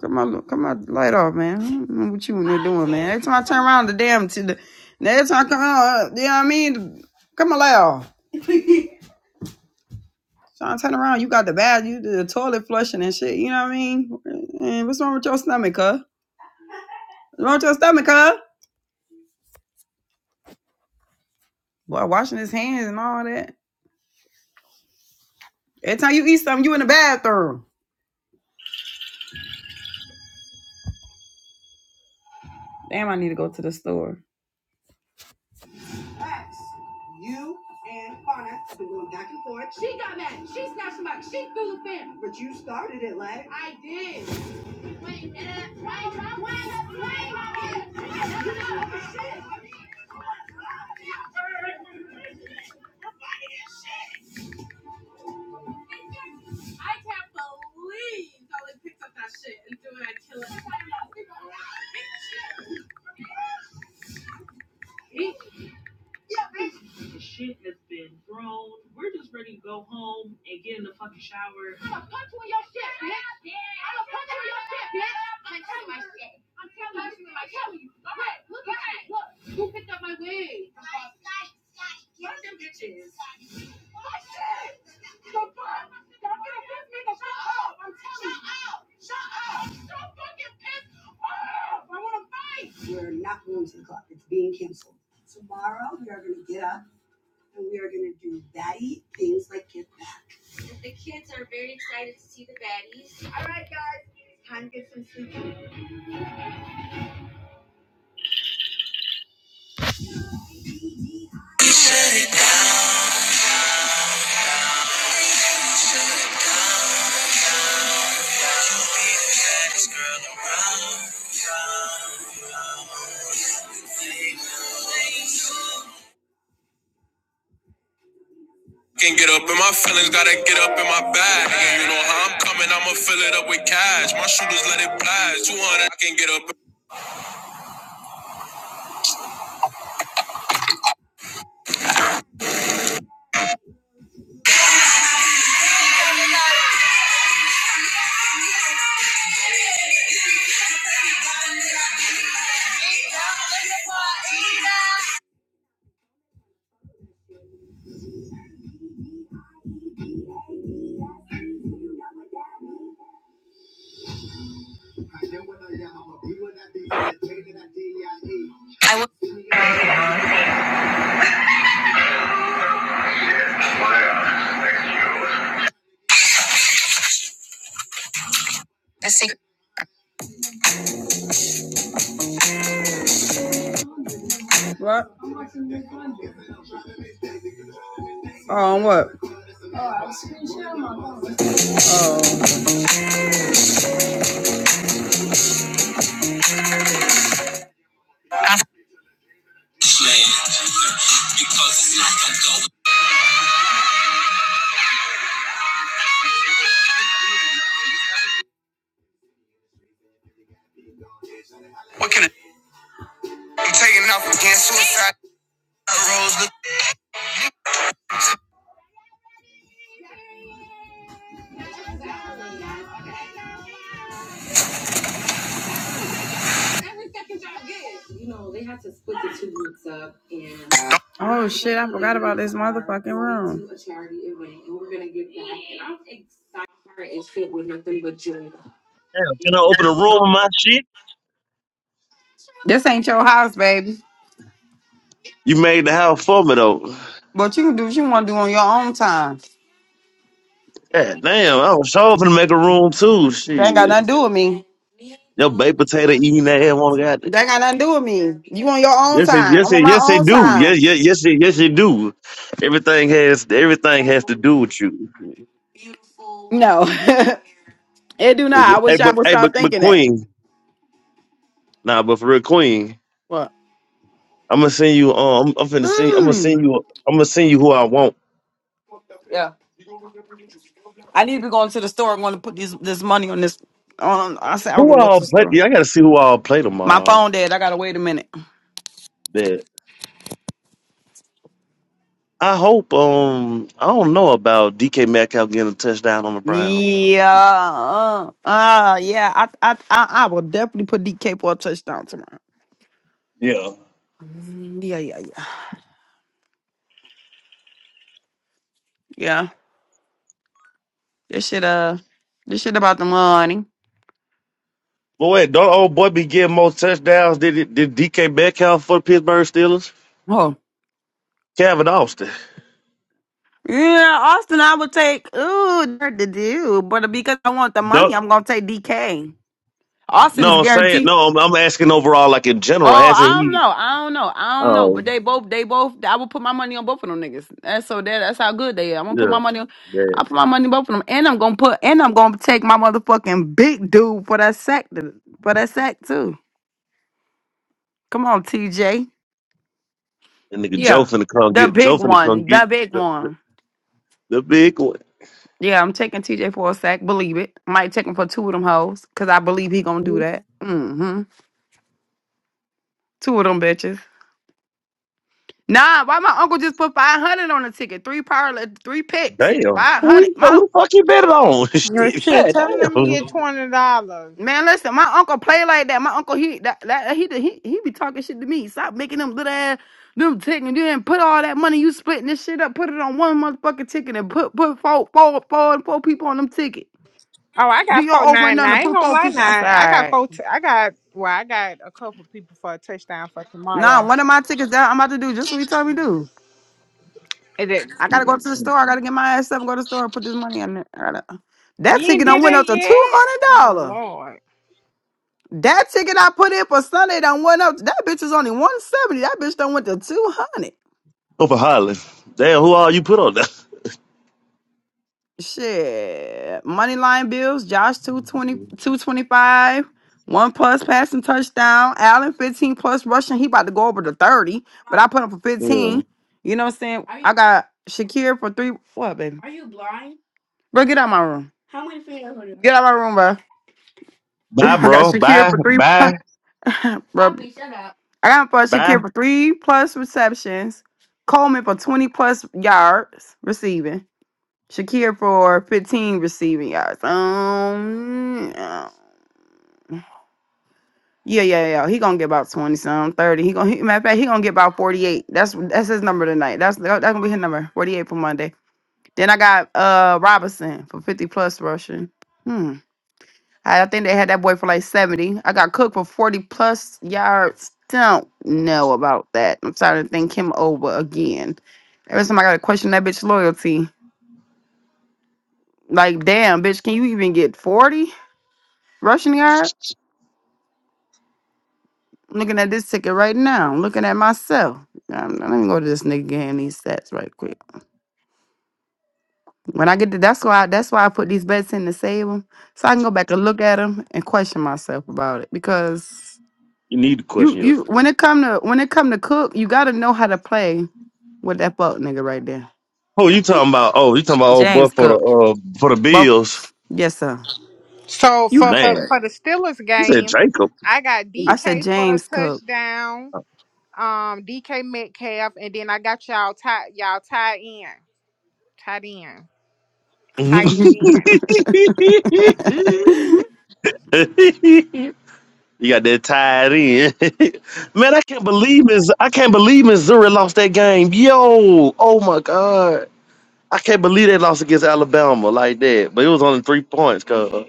Come on, come on, light off, man. I don't know what you in there doing, man. Every time I turn around, the damn to the every time I come out, uh, you know what I mean? come on, light off. Trying I turn around, you got the bad. you the toilet flushing and shit. You know what I mean? And what's wrong with your stomach, huh? What's wrong with your stomach, huh? Boy, washing his hands and all that. Every time you eat something, you in the bathroom. Damn, I need to go to the store. Can't get up in my feelings, gotta get up in my bag. And you know how I'm coming, I'ma fill it up with cash. My shooters let it blast. 200, I can get up. What? Oh, what? Oh. What can I? I'm taking off against suicide roads. Can I open a room with my shit? This ain't your house, baby. You made the house for me though. But you can do what you want to do on your own time. God damn, I was sure gonna make a room too. They ain't got Shit, nothing to do with me. your baked potato eating that ass want to got it. They ain't got nothing to do with me. You on your own Yes, it, time. yes, I'm on it, my yes, they own do. Yes, time. yes, yes, it, yes, they do. Everything has, everything has to do with you. No, it do not. It- I Hey, wish I but, would hey, but, stop but thinking that. Queen, nah, but for real, Queen, What? I'm gonna send you. Um, I'm, I'm finna send. You, I'm gonna Mm. send you. I'm gonna send you who I want. Yeah. I need to be going to the store. I'm going to put this this money on this. On I said I was Who gonna go to I'll the play? store. Yeah, I gotta see who I'll play My tomorrow. phone dead. I gotta wait a minute. Yeah. I hope. Um, I don't know about DK Metcalf getting a touchdown on the Browns. Yeah. Uh, uh, yeah. I, I I I will definitely put DK for a touchdown tomorrow. Mm, Yeah, yeah, yeah. Yeah. This shit uh this shit about the money. Boy, don't old boy be getting more touchdowns than did DK Metcalf for the Pittsburgh Steelers? Oh. Calvin Austin. Yeah, Austin, I would take ooh, hard to do. But because I want the money, Don't, I'm gonna take DK. Austin's no, I'm saying guaranteed no. I'm, I'm asking overall, like in general, Oh, hasn't I don't he? know. I don't know. I don't know. But Oh, they both, they both. I will put my money on both of them niggas. That's so that. That's how good they are. I'm gonna put my yeah, money on. I man. put my money on both of them, and I'm gonna put, and I'm gonna take my motherfucking big dude for that sack, to- for that sack too. Come on, TJ. And nigga Joe Yeah, finna come the get Joe big finna come one, get the big the, the, one. the big one. Yeah, I'm taking TJ for a sack. Believe it. Might take him for two of them hoes, cause I believe he gonna do that. Mm-hmm. Two of them bitches. Nah, why my uncle just put five hundred on the ticket? Three parlay, three picks, Damn, five who, he, hundred. My who the fuck you bet it on? Well, Shit, shit, god tell them let me damn. get twenty dollars. man, listen, my uncle play like that. My uncle he that, that he, he he be talking shit to me. Stop making them little ass them ticket. You didn't put all that money you splitting this shit up. Put it on one motherfucking ticket and put put four four four four people on them ticket. Oh, I Do got your four four over nine and nine. under. I ain't Put gonna four lie, people. I said, nine. all I got right. four. T- I got well, I got a couple people for a touchdown for Nah, tomorrow. one of my tickets that I'm about to do just what you told me to do. Is it, I gotta go to the Mm, store. I gotta get my ass up and go to the store and put this money in there. I gotta. That you ain't ticket done did went up it to two yet. hundred Oh dollar. lord. That ticket I put in for Sunday done went up. That bitch was only 170. That bitch done went to 200. Over Holland. Damn, who all you put on that? Shit. Money line bills, Josh two twenty two twenty five. One plus passing touchdown. Allen 15 plus rushing. He about to go over to 30. But I put him for Yeah. 15. You know what I'm saying? I got Shakir for three. What, baby? Bro, get out my room. Get out my room, bro. Bye, I got bro. Shakir Bye. for three. Bye. Bro, I got for Bye. Shakir for three plus receptions, Coleman for 20 plus yards receiving, Shakir for 15 receiving yards. Um, yeah, yeah, yeah. yeah. He gonna get about 20 some, 30. He gonna he, matter of fact, he gonna get about 48. That's that's his number tonight. That's that's gonna be his number, 48 for Monday. Then I got uh Robinson for 50 plus rushing. Hmm. I think they had that boy for like 70. I got cooked for 40 plus yards. Don't know about that. I'm starting to think him over again. Every time I got to question that bitch loyalty. Like, damn, bitch, can you even get 40 rushing yard? I'm looking at this ticket right now. I'm looking at myself. Um, let me go to this nigga game these stats right quick. When I get to that's why that's why I put these bets in to save them, so I can go back and look at them and question myself about it because You need to You question you yourself. when it come to when it come to Cook, you gotta know how to play with that fuck nigga right there. Who you talking about? Oh, you talking about old James butt for the Cook. uh for the Both bills. yes, sir. So You for for Man, for the Steelers you said game, Jacob. I got I said DK for a James Cook. touchdown. Um, DK Metcalf, and then I got y'all tie y'all tie in, tied in, you tightening in. got that tied in. Man, I can't believe Miss I can't believe Missouri lost that game. Yo, oh my God. I can't believe they lost against Alabama like that. But it was only three points, cause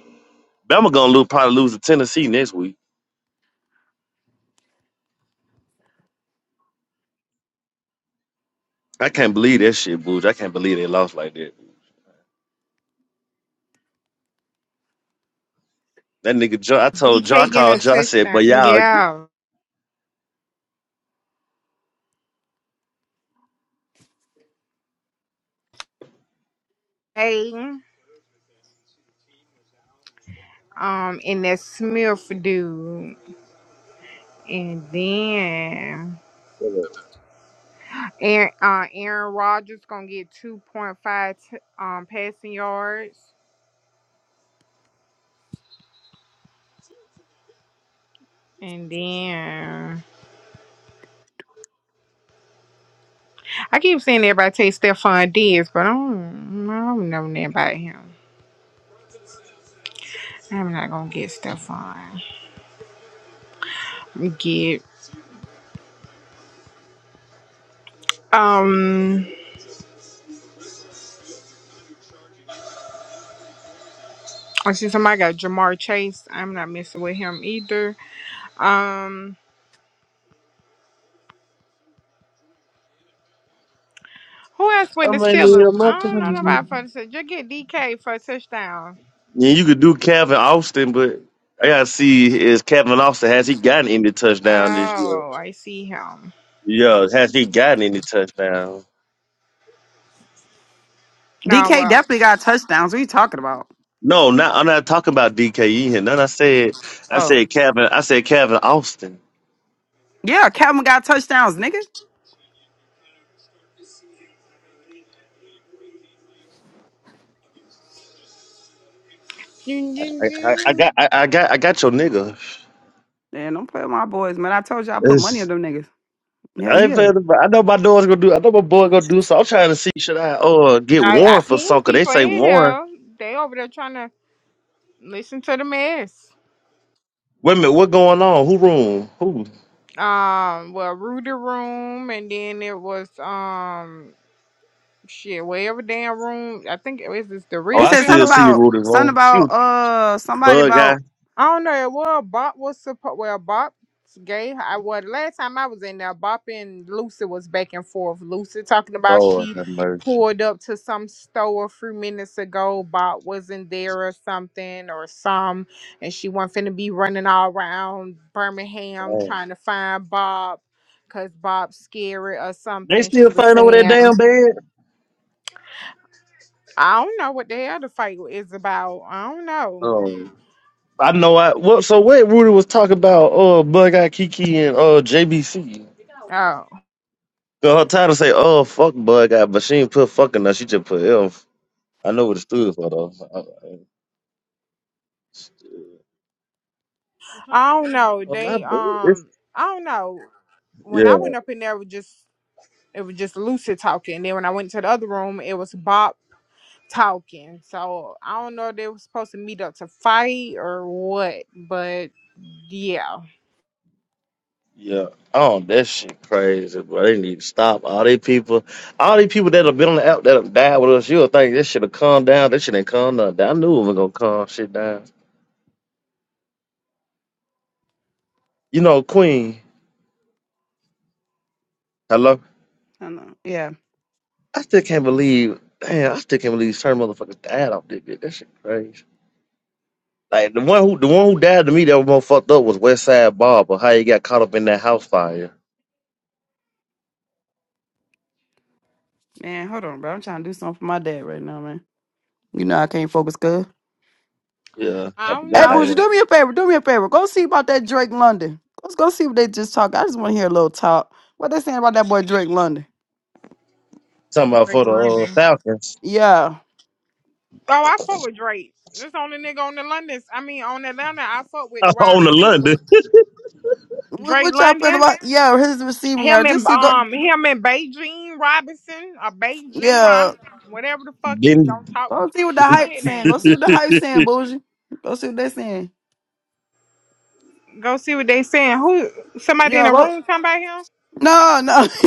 Bama gonna lose, probably lose to Tennessee next week. I can't believe that shit, Booge. I can't believe they lost like that. That nigga Joe, I told Joe, I DK getting called a Joe, I said, touchdown. but y'all, Yeah. Hey. um and that Smith dude. And then I Aaron, uh, Aaron Rodgers gonna get 2.5 t- um passing yards. And then I keep saying everybody take Stephon Diggs, but I don't, I don't know nothing about him. I'm not gonna get Stephon. Get um I see somebody got Jamar Chase. I'm not messing with him either. Um who else with the mean, yeah, Steelers? my I don't know God. nobody for the Steelers. Just get DK for a touchdown. Yeah, you could do Calvin Austin, but I gotta see is Calvin Austin has he gotten any touchdown this year? Oh, I see him. Yeah, has he gotten any touchdown? Now DK well. definitely got touchdowns. What are you talking about? No, not I'm not talking about DKE here. None. I said, I Oh. said Calvin. I said Calvin Austin. Yeah, Calvin got touchdowns, nigga. Dun, dun, I, I, I dun. got, I, I got, I got your nigga. Man, don't play with my boys, man. I told you I put money on them niggas. Hell I ain't yeah. playing. the- I know my daughter's gonna do. I know my boy gonna do. So I'm trying to see should I uh get Now I Warren for ping something? 'Cause they people in say Warren. here. They over there trying to listen to the mess. Wait a minute, what going on? Who room? Who? Um, well, Rudy room, and then it was um, shit, whatever damn room. I think it was this the Oh, They rich I said still something fella. see about Rudy something room. She about was uh somebody bug guy. about I don't know. Well, Bop was supposed. Well, Bop's gay. I was last time I was in there. Bop and Lucy was back and forth. Lucy talking about Lord she have mercy. pulled up to some store a few minutes ago. Bop wasn't there or something or some, and she wasn't finna be running all around Birmingham Man. trying to find Bob. Cause Bob's scary or They something, still she was fighting over that saying. damn bed. I don't know what the hell the fight is about. I don't know. Oh, I know. I what? So what? Rudy was talking about uh bug guy Kiki and uh JBC. Oh, 'Cause her title say oh fuck bug guy, but she ain't put fucking. Now she just put F. I know what it stood for though. I, I, I don't know. I, They um, I, I don't know. I, when I went up in there, it was just it was just Lucid talking. And Then when I went to the other room, it was Bob talking. So I don't know if they were supposed to meet up to fight or what, but yeah, Yeah. Oh, that shit crazy, bro. They need to stop. All these people, all these people that have been on the app that have died with us, you'll think this should have calmed down. This shit ain't calmed down. I knew it was gonna calm shit down. You know, Queen, hello. I don't know. Yeah. I still can't believe damn, I still can't believe certain motherfuckers died off this bitch. That shit crazy. Like the one who the one who died to me that was more fucked up was Westside Side Barber, how he got caught up in that house fire. Man, hold on, bro. I'm trying to do something for my dad right now, man. You know I can't focus good. Yeah, I I don't Hey, forgot how he know. Bougie, do me a favor. Do me a favor. Go see about that Drake London. Let's go see what they just talk. I just want to hear a little talk. What they saying about that boy Drake London? Talking about Drake for the uh, London. Falcons Yeah. Oh, I fuck with Drake. This only nigga on the London. I mean, on Atlanta, I fuck with the wide on the London. receiver, What, Drake what y'all feel London. about? Yeah, his receiving Him yard. Just and see go. um, him and Beijing Robinson or Beijing Yeah. Robinson, whatever the fuck is. Don't Didn't talk. Go see what the What hype his saying. Go name? see what the hype saying, Bougie. Go see what they saying. Go see what they saying. Who? Somebody in Yeah. the Go. room talking about him? No, no.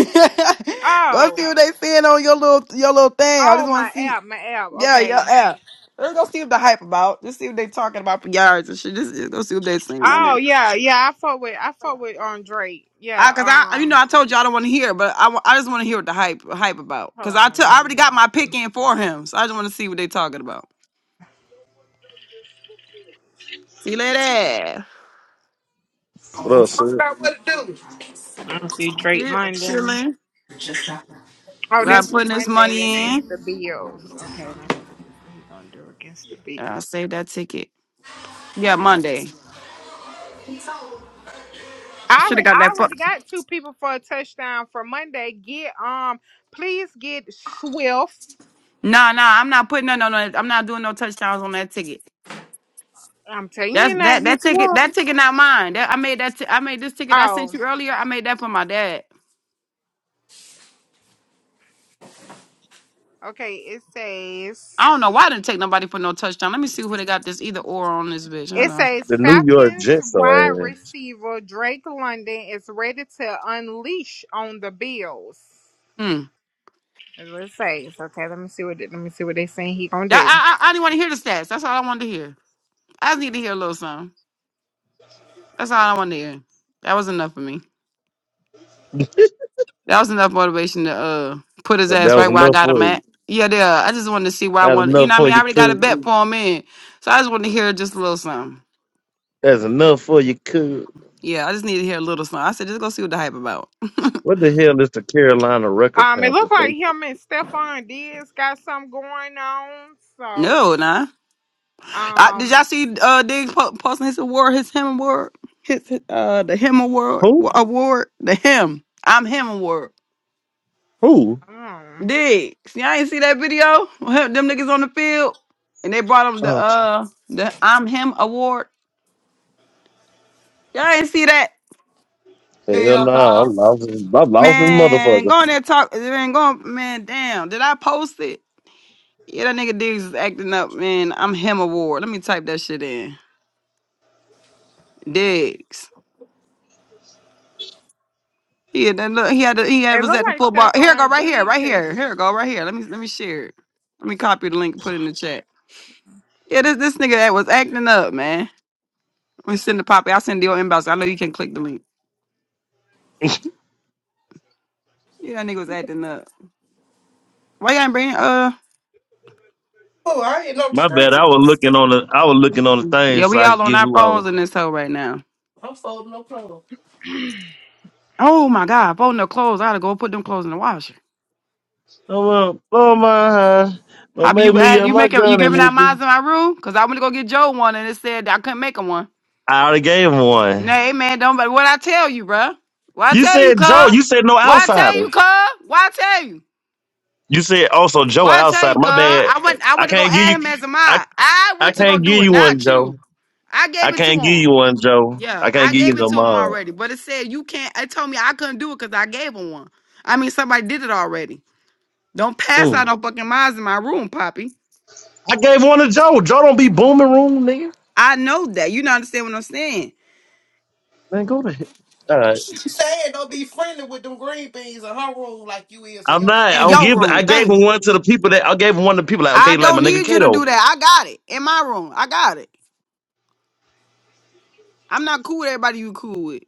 go see Oh, what they saying on your little your little thing. I oh, just my want to see. app, my app. Yeah, yeah, Okay. yeah. Let's go see what the hype about. Let's see what they talking about for yards and shit. Just, just go see what they saying on there. Oh yeah, yeah. I fought with, I fought with um Drake. Yeah. I, cause I, you know, Um, I told you I don't want to hear, but I, wa- I just want to hear what the hype, hype about. hold Cause I took, I on. already got my pick in for him, so I just want to see what they talking about. See you later. what else? I forgot what to I don't see Drake Shit, London. chilling. Oh, that's Got the putting this Monday money against in. the Bills. Okay, let me. What he gonna do against the I Bills? saved that ticket. Yeah, Monday. I Should have already, got I that. But already got two people for a touchdown for Monday. Get um, please get Swift. nah, nah, I'm not putting no, no, no. I'm not doing no touchdowns on that ticket. I'm telling That's you, not that that get ticket. That Swift. ticket not mine. That I made that. T- I made this ticket I Oh, sent you earlier. I made that for my dad. okay. It says. I don't know why I didn't take nobody for no touchdown. Let me see who they got this either or on this bitch. Hold It on. says The New York Falcons Jets wide are ass. receiver Drake London is ready to unleash on the Bills. Hmm. That's what it says. Okay, let me see what they- let me see what they saying he gonna do. I, I, I I didn't want to hear the stats. That's all I wanted to hear. I just need to hear a little something. That's all I wanted to hear. That was enough for me. That was enough motivation to uh put his But that ass right was where I enough got him for you. at. Yeah, there. I just wanted to see where I That's wanted. You enough know, what I for mean, I you, already got a cool. bet do. for him in, so I just wanted to hear just a little something. That's enough for you, cool. Yeah, I just need to hear a little something. I said, just go see what the hype about. What the hell is the Carolina Record Um, it Panthers? looked They like him and Stephon Diggs got something going on. So, no, nah. I, did y'all um, see uh Diggs po- posting his award, his him award, his uh the him award who? award the him. I'm him award. Who? um Dig. See, I ain't see that video. Them niggas on the field, and they brought them the Oh uh the I'm Him award. Y'all ain't see that, hell Hell no! no. I'm lost. in- I'm lost in man. motherfucker. Go on there talk. Man, go on, man. Damn, did I post it? Yeah, that nigga Diggs is acting up, man. I'm Him award. Let me type that shit in. Diggs. He had that look. He had. The, he had, it was looked at the like football. Here it go. Stephon Right here. Right Diggs here. Here it go. Right here. Let me. Let me share it. Let me copy the link and put it in the chat. Yeah, this this nigga that was acting up, man. Let me send the poppy. I'll send the inbox. I know you can click the link. Yeah, that nigga was acting up. Why y'all ain't bring uh? Oh, I ain't no My screen. bad. I was looking on the. I was looking on the thing Yeah, so we I all could on get our who I was. phones in this hole right now. I'm folding no clothes. and Oh my god, folding the clothes. I gotta go put them clothes in the washer. Oh well, blow my high. Don't Poppy, make you me add, up you my making you gun in giving this. out bitch. mines in my room? Cause I went to go get Joe one and it said I couldn't make him one. I already gave him one. Nah, hey, man, don't. But what I tell you, bruh? What I You tell you, said Joe. cuz? You said no Why I tell you, outsiders. cuz? Why I tell you? You said also Joe Why I tell outside. you, cuz? My bad. I went I I went to go can't give add you. him as a I. mod. I I went to go can't give do it, you one, not Joe. you. I I gave it to can't him. give you one, Joe. I Yeah, can't I give you gave it no to him mod. already, but it said you can't. It told me I couldn't do it because I gave him one. I mean, somebody did it already. Don't pass out Mm. no fucking minds in my room, Poppy. I gave one to Joe. Joe don't be booming room, nigga. I know that. You do not understand what I'm saying. Man, go to hell. All right. She said don't be friendly with them green beans in her room like you is in I'm yours. not. I In don't your give. room, I gave him thanks. one to the people that I gave him one to the people like I okay, like my don't nigga need you to Kato. do that. I got it in my room. I got it. I'm not cool with everybody you cool with.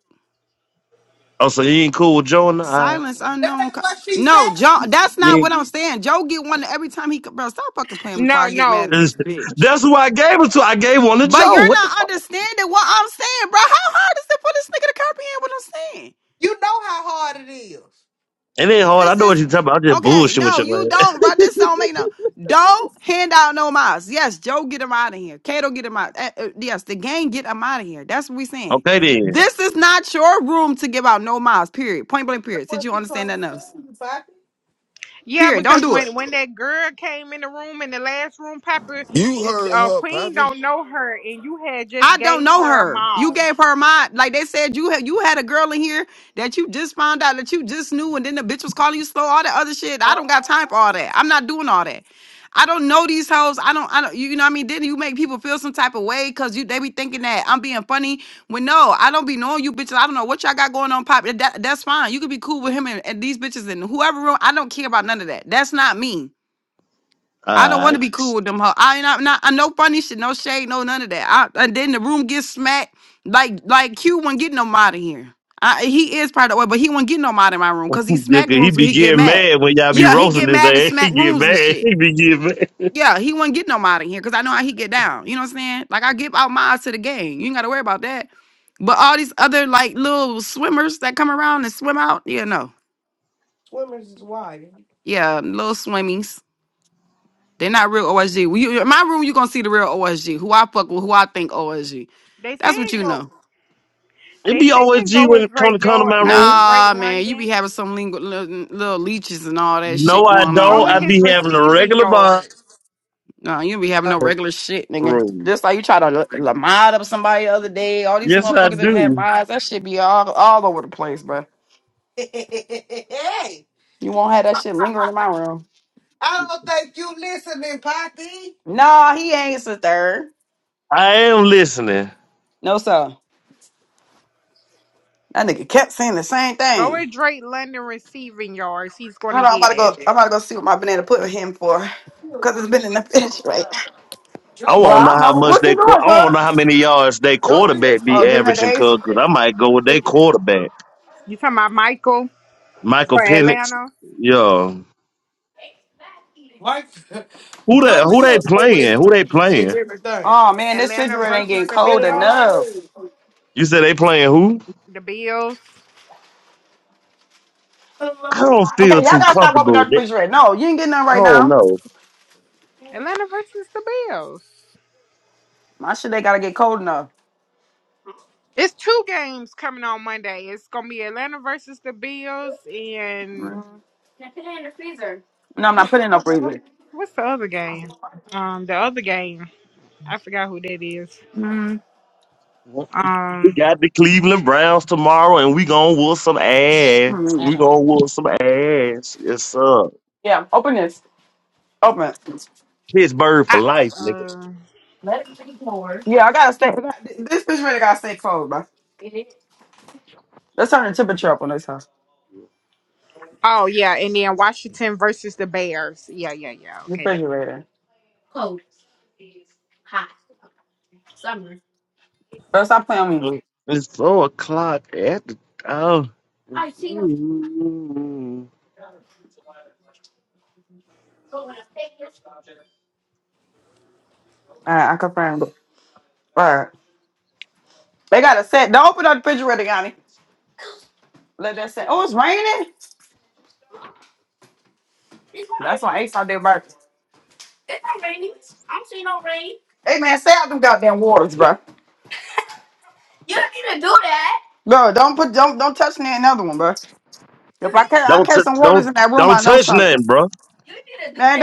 Oh, so you ain't cool with Joe and I. Silence That unknown. ain't co- what she No, said. Joe. That's not Yeah. what I'm saying. Joe get one every time he. co- Bro, stop fucking playing before no, I get mad no, at this bitch. That's who I gave it to. I gave one to But Joe. you're What the not fuck? understanding what I'm saying, bro. How hard is it for this nigga to comprehend what I'm saying? You know how hard it is. It ain't hard. I This know what is you are talking about. I'm just okay. bullshitting with No, your you man. don't, bro. This don't make no. Don't hand out no miles. Yes, Joe, get him out of here. Kato, get him out. Uh, uh, yes, the gang, get him out of here. That's what we saying. Okay then. This is not your room to give out no miles. Period. Point blank. That's Period. Did what you she trying understand to that? tell Else. you, Poppy. yeah, Period. Don't because do it. when when that girl came in the room in the last room, Papa, You heard uh, her, Queen Poppy. don't know her, and you had just I don't gave know her a her. You mall. gave her my like they said you had you had a girl in here that you just found out that you just knew, and then the bitch was calling you slow, all that other shit. I Uh, don't got time for all that. I'm not doing all that. I don't know these hoes. I don't. I don't. You know what I mean? Then you make people feel some type of way because you they be thinking that I'm being funny. When no, I don't be knowing you bitches. I don't know what y'all got going on. Pop. That, that's fine. You could be cool with him and, and these bitches and whoever room. I don't care about none of that. That's not me. All I don't want to right. be cool with them. Ho- I ain't not, not I no funny shit, no shade, no none of that. I, and then the room gets smacked like like Q won't get no out of here. I, he is part of the way, but he won't get no out in my room because he Yeah, smack 'cause he rooms where be he get getting mad. mad when y'all be Yeah, he roasting get his mad at ass. He smack get rooms and mad. shit. He be getting mad. Yeah, he won't get no out in here because I know how he get down. You know what I'm saying? Like I give out my eyes to the game. You ain't gotta worry about that. But all these other like little swimmers that come around and swim out, yeah, no. swimmers is wild. Yeah, little swimmies. They're not real OSG. When you, in my room, you gonna see the real OSG. Who I fuck with, who I think OSG. They That's what saying you go. know. It They be always saying go when with it come to Drake come to Yard. my I mean room. Drake Nah, man, you be London. having some lingu- little, little leeches and all that No, shit I going on, Go don't. with I his be man. having a receiving regular bar yards. Nah, you be having no regular shit, nigga. room. Just like you try to li- li- mod up somebody the other day. All these Yes, I motherfuckers that have do. mods, that shit be all all over the place, bro. hey, You won't have that shit lingering in my room. I don't think you listening, Poppy. Nah, he ain't sister. I am listening. No, sir. That nigga kept saying the same Go thing. with Drake London receiving yards. He's going to Hold on, I'm about get to go. it. I'm about to go see what my banana put him for, cause it's been in the fridge, right? I Joe Well, want I to know don't how know much is. what you they. quar- doing, I want to cuz. know how many yards they quarterback be Oh, Joe giving it the averaging. ace. Cause 'cause I might go with their is. quarterback, You talking about Michael Michael for Penix. Atlanta? Yeah. Like Who they? Joe Who they Will playing? Who situation they is playing? everything. Oh man, this Atlanta refrigerator ain't getting versus the cold Bills. enough. You said they playing who? The Bills. I don't Okay, feel y'all too gotta stop opening comfortable. with up the it. refrigerator. No, you ain't getting none I right don't now. know. Atlanta versus the Bills. My shit ain't gotta get cold enough. It's two games coming on Monday. It's gonna be Atlanta versus the Bills and No, I'm not what's putting it this in no called? the other? freezer. What's the other game? Um, the other game. I forgot who that is. Mm-hmm. We Um, got the Cleveland Browns tomorrow, and we gonna whoop some ass. I We don't. gonna whoop some ass. Yes, sir. Yeah, open this. Open. it. Pittsburgh for I, life, nigga. uh, Yeah, I gotta stay. I got- This refrigerator gotta stay cold, bro. Let's turn the temperature up on this house. oh yeah, and then Washington versus the Bears. Yeah, yeah, yeah. Okay. that- Refrigerator. Bro, stop playing with me. Uh, It's four o'clock at the oh. Mm. All right, I confirmed. All right. They got a set. Don't open up the refrigerator, Yanni. Let that set. Oh, it's raining. That's why Ace out there burping. Hey man, stay out them goddamn waters, bro. Bro, don't put don't don't touch me another one, bro. If I catch I Don't t- catch some waters don't in that room, don't I know touch something. nothing, bro.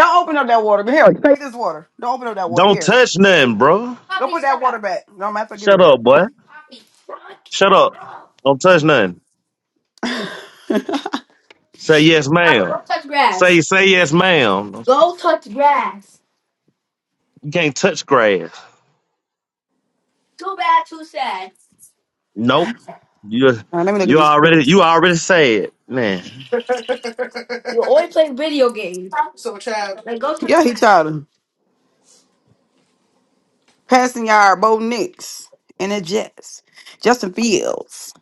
Don't open up that water. But here, take this water. Don't open up that water. Don't Here. touch nothing, bro. Put it back. No matter give Shut it. up, boy. Shut up. Don't touch nothing. Say yes, ma'am. Say say yes, ma'am. You can't touch grass. Nope. You All right, let me look at you these already pics. you already said, man. so child. Charlie. Passing yard, Bo Nix. And the Jets. Justin Fields.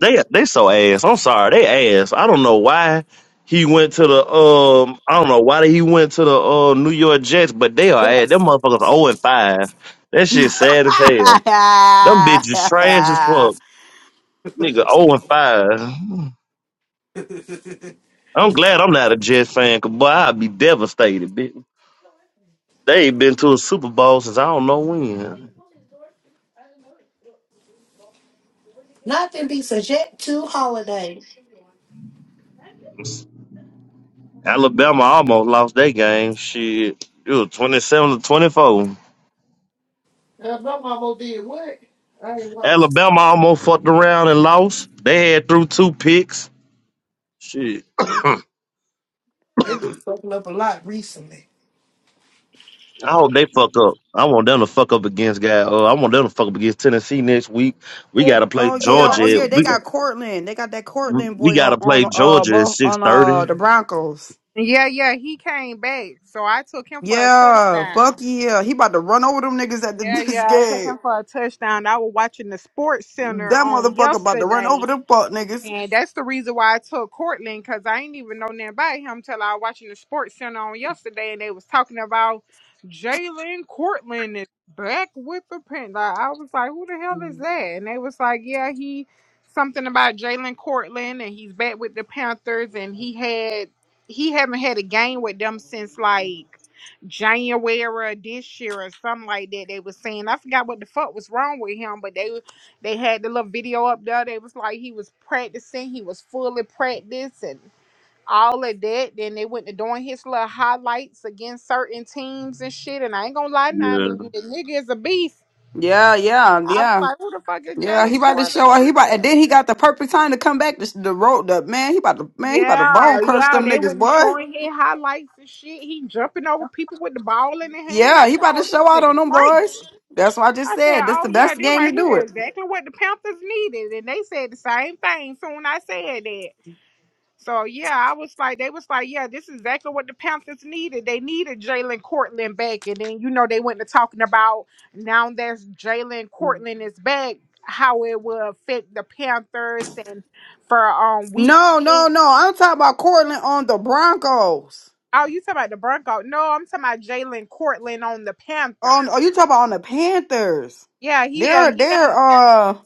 They they so ass. I'm sorry, they ass. I don't know why he went to the um I don't know why he went to the uh New York Jets, but they are ass. Them motherfuckers 0 and 5. That shit sad as hell. Them bitches trash as That fuck. Nigga 0 and 5. I'm glad I'm not a Jets fan, cause boy, I'd be devastated, bitch. They ain't been to a Super Bowl since I don't know when. Nothing be subject to holiday. Alabama almost lost that game. Shit, it was 27 to 24. Yeah, my mama did what? I ain't watching. Alabama almost fucked around and lost. They had through two picks. Shit, I They've been fucking up a lot recently. hope they fuck up. I want them to fuck up against guy. Uh, I want them to fuck up against Tennessee next week. We They gotta play Oh been yeah, oh Georgia. watching. yeah, At, they we got Cortland. They got that Cortland we boy on gotta play on uh Georgia at both six on uh thirty. the Broncos. yeah, yeah. He came back, so I took him for a Yeah, touchdown. fuck yeah. He about to run over them niggas at the, Yeah, this yeah. I took game. him for a touchdown. I was watching the Sports Center That on motherfucker about to run yesterday. over them fuck niggas. And that's the reason why I took Courtland because I ain't even know nothing about him till I was watching the Sports Center on yesterday and they was talking about Jalen Courtland is back with the pen. Like, I was like, who the hell is that? And they was like, yeah, he something about Jalen Courtland and he's back with the Panthers and he had he haven't had a game with them since like January of this year or something like that. They was saying I forgot what the fuck was wrong with him, but they they had the little video up there. They was like he was practicing. He was fully practiced and all of that. Then they went to doing his little highlights against certain teams and shit. And I ain't gonna lie, nah, Yeah, the, the nigga is a beast. Yeah, yeah, I was yeah. like, who the fuck is Yeah, he Jalen about to Corlin? That show he about and nigga. then he got the perfect time to come back to the road up, man. He about to man, he about to Yeah, bone curse yeah. them They niggas, went to boy. showing his highlights and shit. He jumping over people with the ball in the hand. I Yeah, he said, about to oh, show this out on nigga them crazy. boys. That's what I just I said, said. That's the oh yeah, best they game right to do it. here is exactly what the Panthers needed, and they said the same thing. Soon I said that. So yeah, I was like, they was like, yeah, this is exactly what the Panthers needed. They needed Jalen Cortland back, and then you know they went to talking about now that Jalen Cortland is back, how it will affect the Panthers and for um week No, no, six. no. I'm talking about Cortland on the Broncos. Oh, you talking about the Broncos? No, I'm talking about Jalen Cortland on the On oh, Panthers. you talking about on the Panthers? Yeah, he's on They're the. Pan- they're uh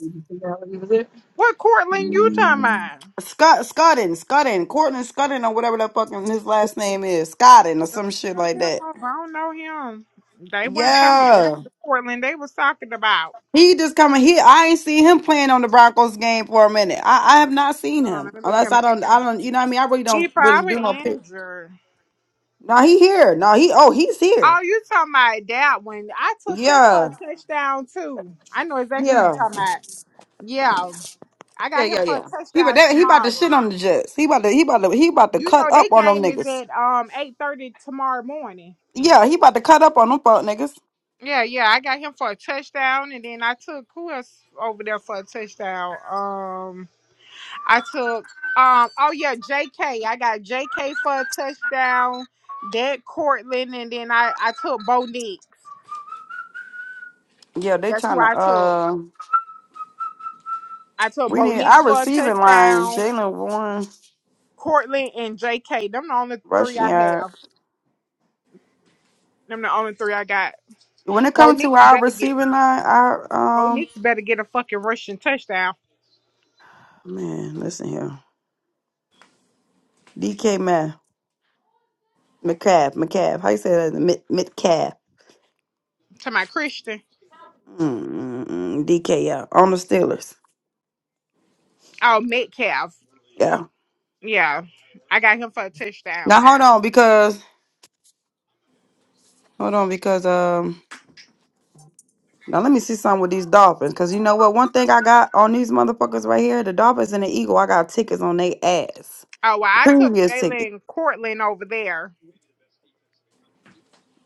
what Cortland you talking Mm, about? Scott Scotten Scotten Cortland Scotten or whatever that fucking his last name is Scotten or some shit like that. I don't know him. They weren't talking. That ain't Yeah, the Cortland they was talking about. he just coming. He I ain't seen him playing on the Broncos game for a minute. I, I have not seen Hold on, him let me look him. unless I don't I don't you know what I mean. I really He don't really do no probably pick. injured. No, he here. No, he oh he's here. Oh, you talking about that one? I took him for Yeah, a touchdown too. I know exactly who you yeah. talking about. Yeah, I Yeah, got him yeah, for a yeah. He about touchdown that, he about to tomorrow. shit on the Jets. He about to he about to he about to You cut know that up on them game is niggas. at um eight thirty tomorrow morning. Yeah, he about to cut up on them fuck niggas. Yeah, yeah, I got him for a touchdown, and then I took who else over there for a touchdown? Um, I took um oh yeah, J.K. I got J.K. for a touchdown. That Cortland, and then I I took Bo Nix. Yeah, they That's who trying to I took. uh I took we Bo need Nix our for a receiving line, touchdown. Jalen Warren, Cortland and JK. Them the only three rushing I yard. have. Them the only three I got. When it Bo comes to Nix our better get receiving line, our Bo um Nix better get a fucking rushing touchdown man, listen here. DK Math. McCaff, McCaff. How you say that? Mid McCav. to my Christian. Mm-mm, DK, yeah. On the Steelers. Oh, Metcalf. Yeah. Yeah. I got him for a Now touchdown. hold on because hold on because um Now let me see something with these dolphins, cause you know what? One thing I got on these motherfuckers right here, the dolphins and the eagle, I got tickets on they ass. Oh well, I took Previous tickets. Jalen Cortland over there.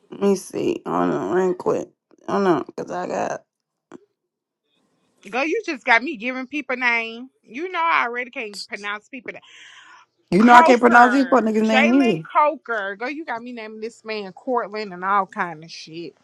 Let me see. Hold on, real quick. Hold on, cause I got. Go, you just got me giving people name. You know I already can't pronounce people name. You know I can't pronounce these fuck Coker. niggas' name Jalen either. Coker. Go, you got me naming this man Cortland and all kind of shit.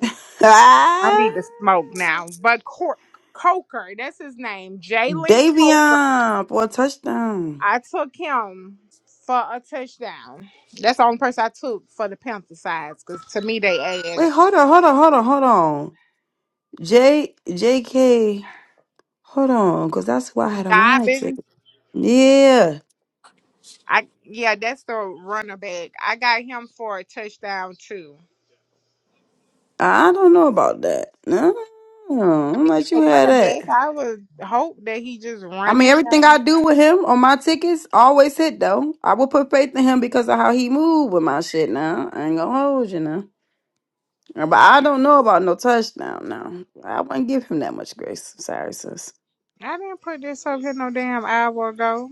I Ah, need to smoke now. But Cor- Coker, that's his name, Jalen Coker. Davion for a touchdown. I took him for a touchdown. That's the only person I took for the Panther sides because to me they ass Wait, hold on, hold on, hold on, hold on. J J K. Hold on, cause that's who I had on my Dobbin. ticket. Yeah. I yeah, that's the runner back. I got him for a touchdown too. I don't know about that. No, I I don't mean, you let a you have runner that. back. I would hope that he just I mean, running. everything Y'all. I do with him on my tickets always hit though. I will put faith in him because of how he moved with my shit. Now I ain't gonna hold you now. But I don't know about no touchdown. Now I wouldn't give him that much grace. Sorry, sis. I didn't put this up here no damn hour ago.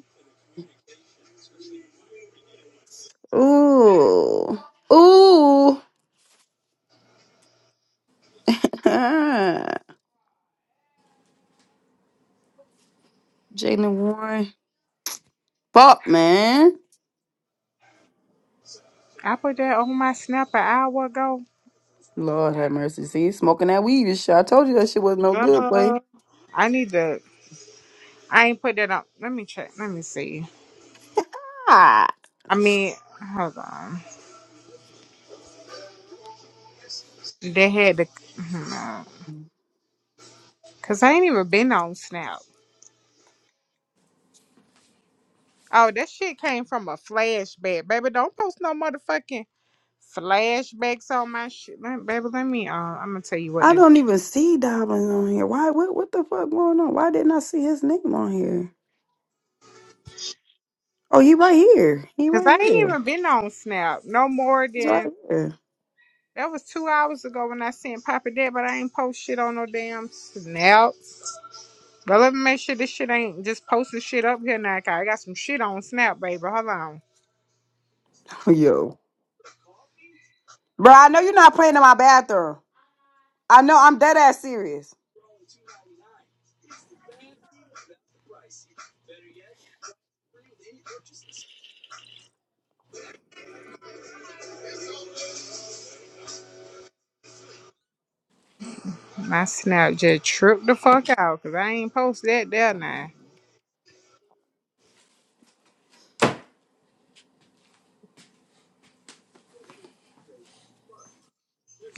Ooh, ooh. Jalen Warren, fuck man. I put that on my snap an hour ago. Lord have mercy. See, smoking that weed and shit. I told you that shit was no good, boy. Girl, I need to. I ain't put that up. Let me check. Let me see. Ah. I mean, hold on. They had the no, cause I ain't even been on Snap. Oh, that shit came from a flashback, baby. Don't post no motherfucking flashbacks on my shit, Let- baby. Let me. Uh, I'm gonna tell you what I to do. don't even see Dobbins on here. Why? What? What the fuck going on? Why didn't I see his name on here? Oh, he right here. He Cause I right ain't here. even been on Snap no more He's right than here. that was two hours ago when I seen Papa Dad, but I ain't post shit on no damn Snap. But let me make sure this shit ain't just posting shit up here now. 'cause I got some shit on Snap, baby. Hold on. Yo, bro, I know you're not playing in my bathroom. I know. I'm dead ass serious. My snap just tripped the fuck out because I ain't post that there now.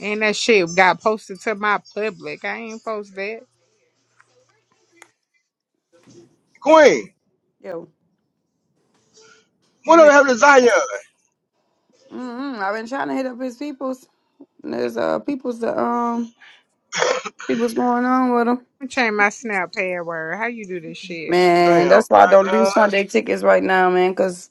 And that shit got posted to my public. I ain't post that. Queen, Yo, And whatever then happened to Zion? mm I've been trying to hit up his peoples. And There's uh peoples that um see what's going on with him. I'm change my snap password. How you do this shit? Damn, Man, that's why I don't do Zion. Sunday tickets right now, man. Cause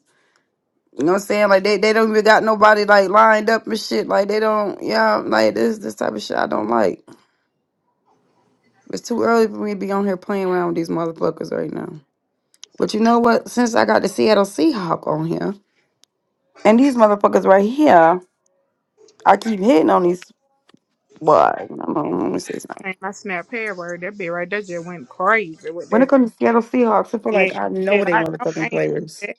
you know what I'm saying? Like they, they don't even got nobody like lined up and shit. Like they don't. Yeah, like this this type of shit I don't like. It's too early for me to be on here playing around with these motherfuckers right now. But you know what? Since I got the Seattle Seahawk on here, and these motherfuckers right here, I keep hitting on these. Boy, I'm on, let me say something. Change my snap password. That bitch right there just went crazy with When it that comes to Seattle Seahawks, I feel like shit. I know Shit, they I know I motherfucking ain't players. that.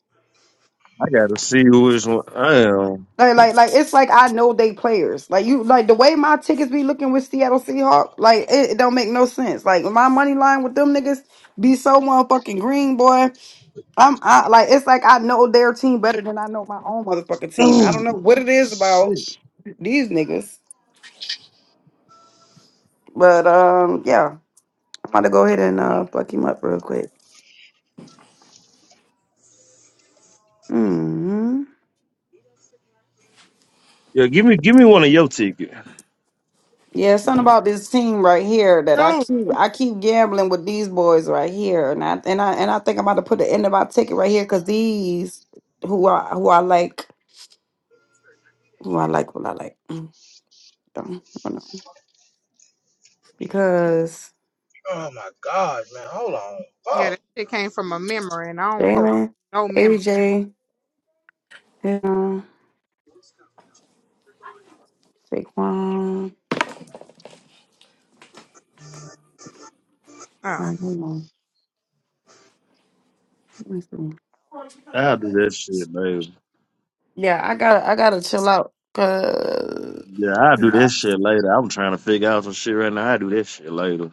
I gotta see who is one. Damn. Like, like, like, it's like I know they players. Like you, like the way my tickets be looking with Seattle Seahawks, like it, it don't make no sense. Like my money line with them niggas be so motherfucking green, boy. I'm I, like, it's like I know their team better than I know my own motherfucking team. I don't know what it is Shit. about these niggas, but um, yeah, I'm about to go ahead and uh fuck him up real quick. Hmm. Yeah, give me give me one of your tickets. Yeah, something about this team right here that I No. keep I keep gambling with these boys right here, and I and I and I think I'm about to put the end of my ticket right here because these who I who I like who I like what I like Mm, don't- I don't know. because Oh my God, man. Hold on. Fuck. Yeah, that shit came from a memory and I don't post Damon, no memory. AJ, you Saquon. All Oh. right, hold on. Let me see. I'll do that shit, man. Yeah, I gotta I gotta chill out. Cause Yeah, I'll do that shit later. I'm trying to figure out some shit right now. I'll do that shit later.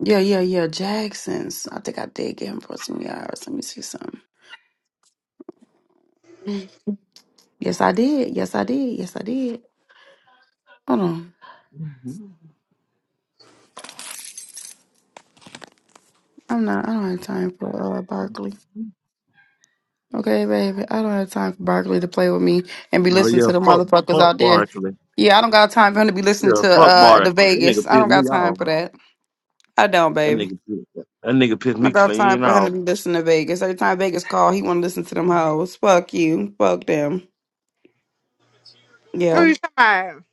yeah, yeah, yeah. Jackson's. I think I did get him for some yards. Let me see something. Yes, I did. Yes, I did. Yes, I did. Hold on. I'm not. I don't have time for uh, Barkley. Okay, baby. I don't have time for Barkley to play with me and be No, listening yeah, to the fuck, motherfuckers fuck out there. Barkley. Yeah, I don't got time for him to be listening Yeah, to fuck uh the Barkley. That Vegas. nigga I pissed don't me got time off. for that. I don't, That baby. nigga pissed, that nigga pissed me About time clean for him off. to be listening to Vegas. Every time Vegas call, he want to listen to them hoes. Fuck you. Fuck them. Who Yeah. you talking about?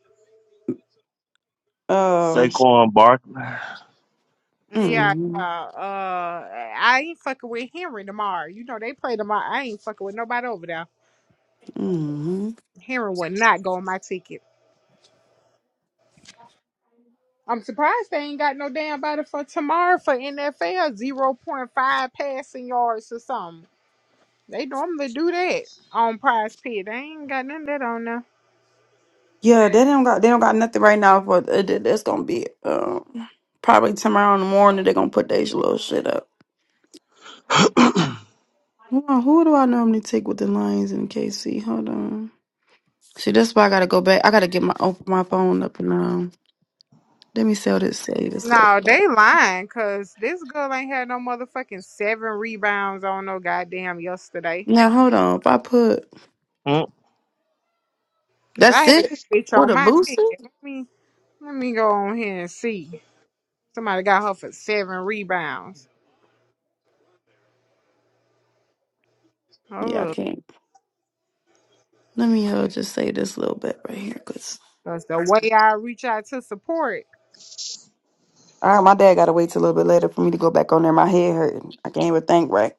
Uh, Saquon Barkley. Yeah, yeah. mm, Uh, I ain't fucking with Henry tomorrow. You know they play tomorrow. I ain't fucking with nobody over there. mm. Heron would not go on my ticket. I'm surprised they ain't got no damn body for tomorrow for NFL zero point five passing yards or something. They normally do that on Prize Pit. They ain't got none of that on there. Yeah, they don't got they don't got nothing right now for uh, that- that's gonna be um probably tomorrow in the morning they're gonna put their little shit up. Hold on, who do I normally take with the Lions in KC? Hold on. See, that's why I gotta go back. I gotta get my open my phone up and um let me sell this save this up. No, they lying because this girl ain't had no motherfucking seven rebounds on no goddamn yesterday. Now hold on. If I put Mm. Cause I that's had it? this bitch What on a my booster? ticket. Let me let me go on here and see. Somebody got her for seven rebounds. Yeah, I Oh, can't. Let me uh, just say this little bit right here, cause that's the way I reach out to support. all right, my dad gotta wait till a little bit later for me to go back on there. My head hurting. I can't even think right.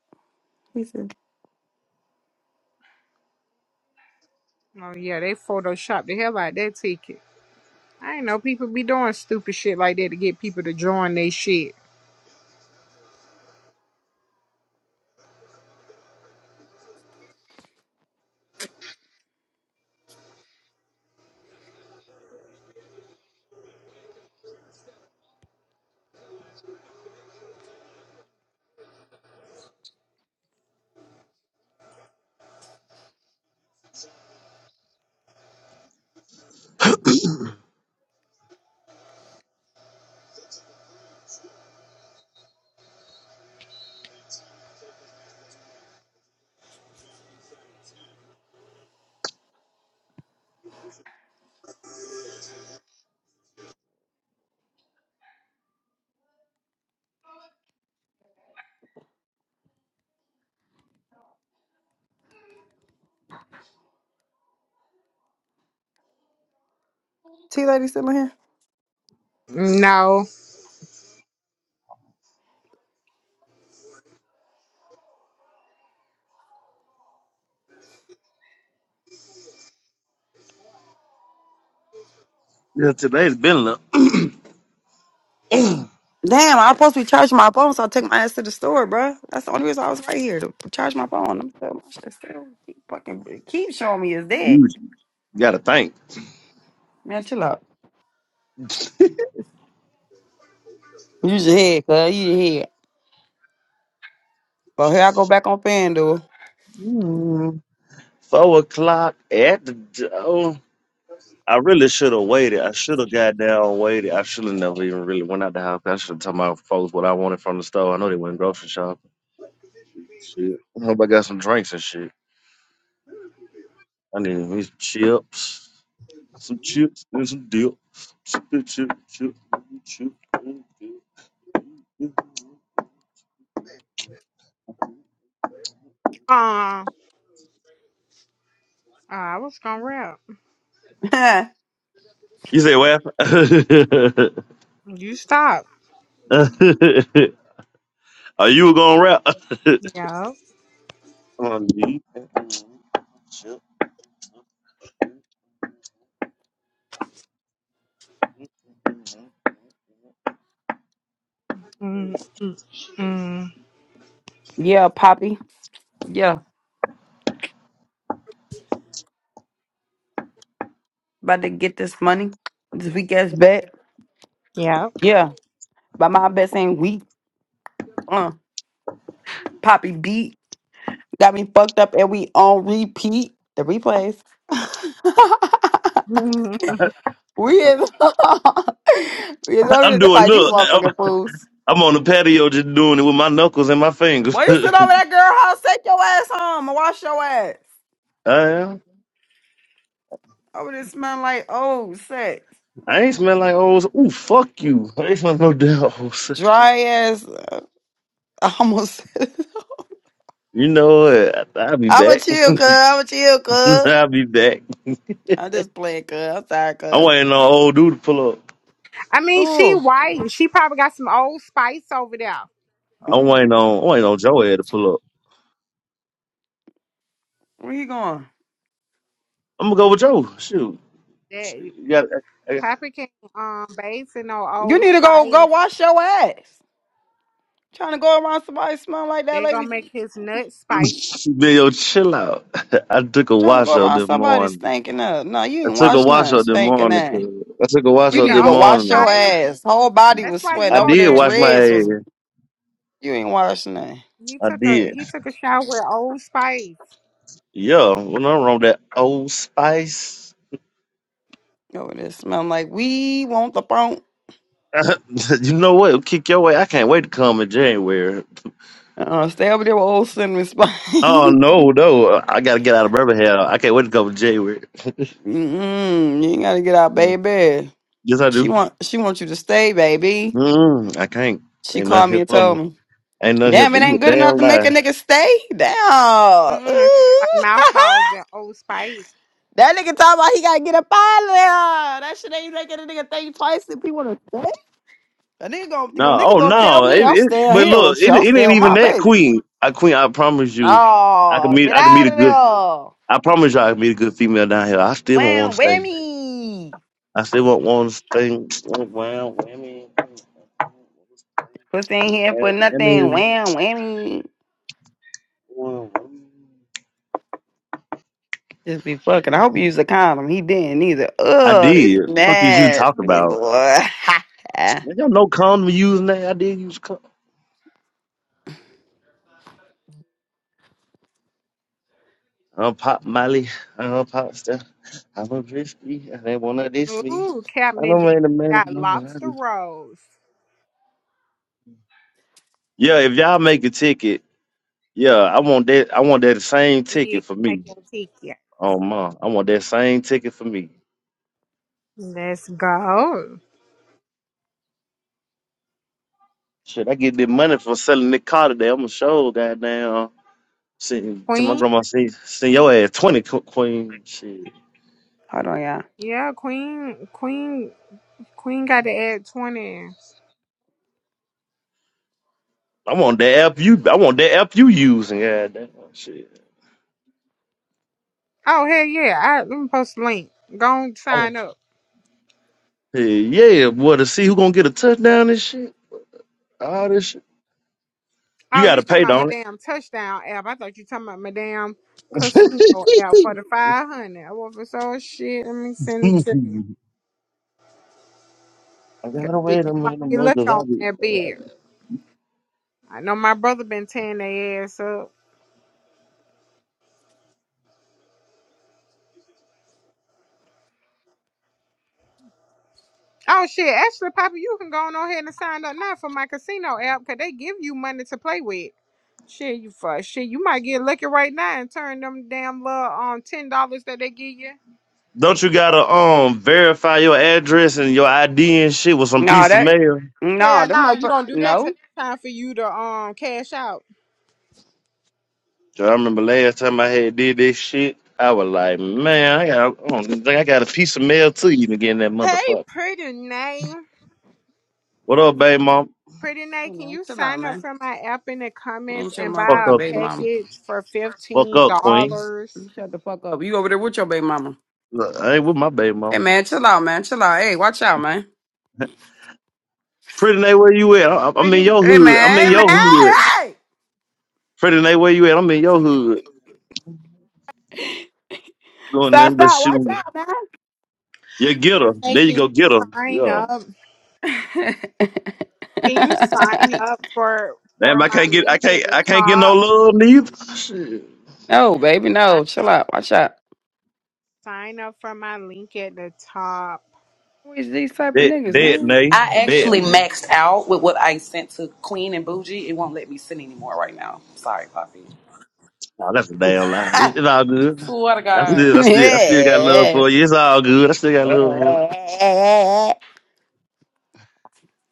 He said, Oh yeah, they Photoshop the hell out that ticket. I ain't know people be doing stupid shit like that to get people to join they shit. "T lady still in here." No. Yeah, today's been a little- Damn, I'm supposed to be charging my phone, so I took my ass to the store, bruh. That's the only reason I was right here to charge my phone. I'm still, my shit still keep fucking keep showing me it's dead. you gotta think. Man, chill out. Use your head, cuz use your head. But here I go back on FanDuel. Mm. Four o'clock at the door. I really should have waited. I should have got down, waited. I should have never even really went out the house. I should have told my folks what I wanted from the store. I know they went grocery shopping. Shit. I hope I got some drinks and shit. I need me some chips, some chips, and some dip. Chip, chip, chip, chip, chip. chip. Uh, uh, I was gonna rap. You say what? You stop. Are you gonna rap? Yeah. I need chips. Mm, mm, mm. yeah, Poppy. Yeah, about to get this money, this weak ass bet. Yeah. Yeah, but my bets ain't weak. Poppy beat got me fucked up, and we on repeat the replays. we is we is over I'm there. They're doing like these look. I'm, motherfucking fools. I'm on the patio just doing it with my knuckles and my fingers. Boy, you sit over that girl house, take your ass home and wash your ass. I am. Over there smelling like old sex, I ain't smell like old. Ooh, fuck you. I ain't smell no damn old dry ass. uh, I almost. said it. You know what? I'll be I'ma back. chill, cuz. I'ma chill, cuz. I'll be back. I'm just playing, cuz. I'm sorry, I'm cuz. waiting on old dude to pull up. I mean, she Ooh. white. She probably got some old spice over there. I'm waiting on I'm waiting Mm. on Joe Ed to pull up. Where you going? I'm gonna go with Joe. Shoot, That you got Papa can um base in no You old need to go spice. go wash your ass. Trying to go around somebody smelling like that They gonna lady. make his nut spice yo chill out. I took a Trying to wash go out around this somebody morning. stinking up. No, you I ain't took a wash wash nothing out this stinking morning. Cause that. I took a wash You with out need the to this go old morning, wash man. your spice. ass. Whole body That's was why sweating. you I Over over did there, there wash my jittering. dreads was. ass. You ain't wash nothing. He I took a did. he took a shower with Old Spice. Yo, well, nothing wrong with that old spice. Over there smelling like we want the phone. you know what? It'll kick your way. I can't wait to come in January. Uh, stay over there with old cinnamon spice. Oh no, no! I gotta get out of Birmingham. I can't wait to go to January. Mm-mm, you ain't gotta get out, Yeah. baby. Yes, I She do. want she wants you to stay, baby. Mm, I can't. She Ain't nothing called me here and for told me. me, Ain't nothing here "Damn, for it you. A ain't good enough damn to make a lie. nigga stay." Damn. Mm-mm, Ooh. like mouth balls and Old Spice. That nigga talking about he gotta get up out of there. That shit ain't making a nigga think twice if he wanna stay. A nigga gonna, a No. nigga Oh gonna tell no. me It, I'm it, staying but here look, with you. it, I'm it staying ain't with even my that baby. queen. I queen. I promise you, I can No, meet. get I can meet out a of good. there. I promise you, I can meet a good female down here. I still won't want Wham, to stay. whammy. I still won't want to stay. Well, women. Pussy ain't here for Well, nothing. women. Wham, whammy. Well, women. Just be fucking. I hope you use a condom. He didn't either. I Ugh, it's did. fuck is you talking nasty, about? boy. Y'all know condom using that. I did use condom. I'm Pop Molly. I'm Pop Stuff. I'm a risky. I did want to diss me. Ooh, I Captain don't D ain't the man of got lobster mine. rolls. Yeah, if y'all make a ticket, yeah, I want that. I want that same ticket We for me. making tequila. Oh my, I want that same ticket for me. Let's go, Shit, I get the money for selling the car today. I'm gonna show goddamn. uh, Send to my Queen. grandma. Send, send your ass twenty qu- queen. Shit, Hold on, y'all. Yeah, Queen, Queen, Queen got to add twenty. I want that app you. I want that app you using. Goddamn shit. Oh hell yeah! I let me post the link. Go and sign up. Yeah, yeah, well, to see who gonna get a touchdown and shit. All this shit. You Oh, you gotta talking pay, about my don't it? damn touchdown app? I thought you talking about my damn casino app for the five hundred. I was so shit. Let me send it to you. I 'Cause gotta shit, wait a you might minute, get more, lucky cause I on be. that bed. I know my brother been tearing their ass up. Oh shit, actually, Papa, you can go on ahead and sign up now for my casino app because they give you money to play with. Shit, you fuck. Shit, you might get lucky right now and turn them damn little um ten dollars that they give you. Don't you gotta um verify your address and your ID and shit with some No, piece of that, mail? no, Hell the no, you motherfucker, don't do that till no. it's time for you to um cash out. 'Cause I remember last time I had did this shit, I was like, man, I got, I don't think I got a piece of mail to even get in that Hey, motherfucker. pretty name. What up, baby mom? Pretty You Nate, can know, you chill out, sign up man. for my app in the comments Ain't your and Fuck buy a motherfucking up, baby mama. package for fuck fifteen up, queen. dollars? You shut the fuck up. You over there with your baby mama. Look, I ain't with my baby Hey mom. man, chill out, man. Chill out. Hey, watch out, man. Pretty Nate, where you at? I, I'm in pretty? your Hey hood. I'm man, hey in sign man, up your hood. for my hey! Freddie Nay, where you at? I'm in your hood doing Stop, nothing but stop, watch shooting. out, You get her. hey, There you can you go, get her. sign Yeah. up? man. Can you sign up for Damn, for I my can't get I link can't at the I can't get no top? love neither. Shit. no, baby, Sign no. Chill up out. Watch out. sign up for my link at the top. Who is these type of Bet niggas, bet man? Nate, I Bet actually Nate. maxed out with what I sent to Queen and Bougie. It won't let me send anymore right now. Sorry, Poppy. Oh, that's a damn lie. It's all good. What a I god. still I still I still got love yeah. for you. It's all good. I still got love for you.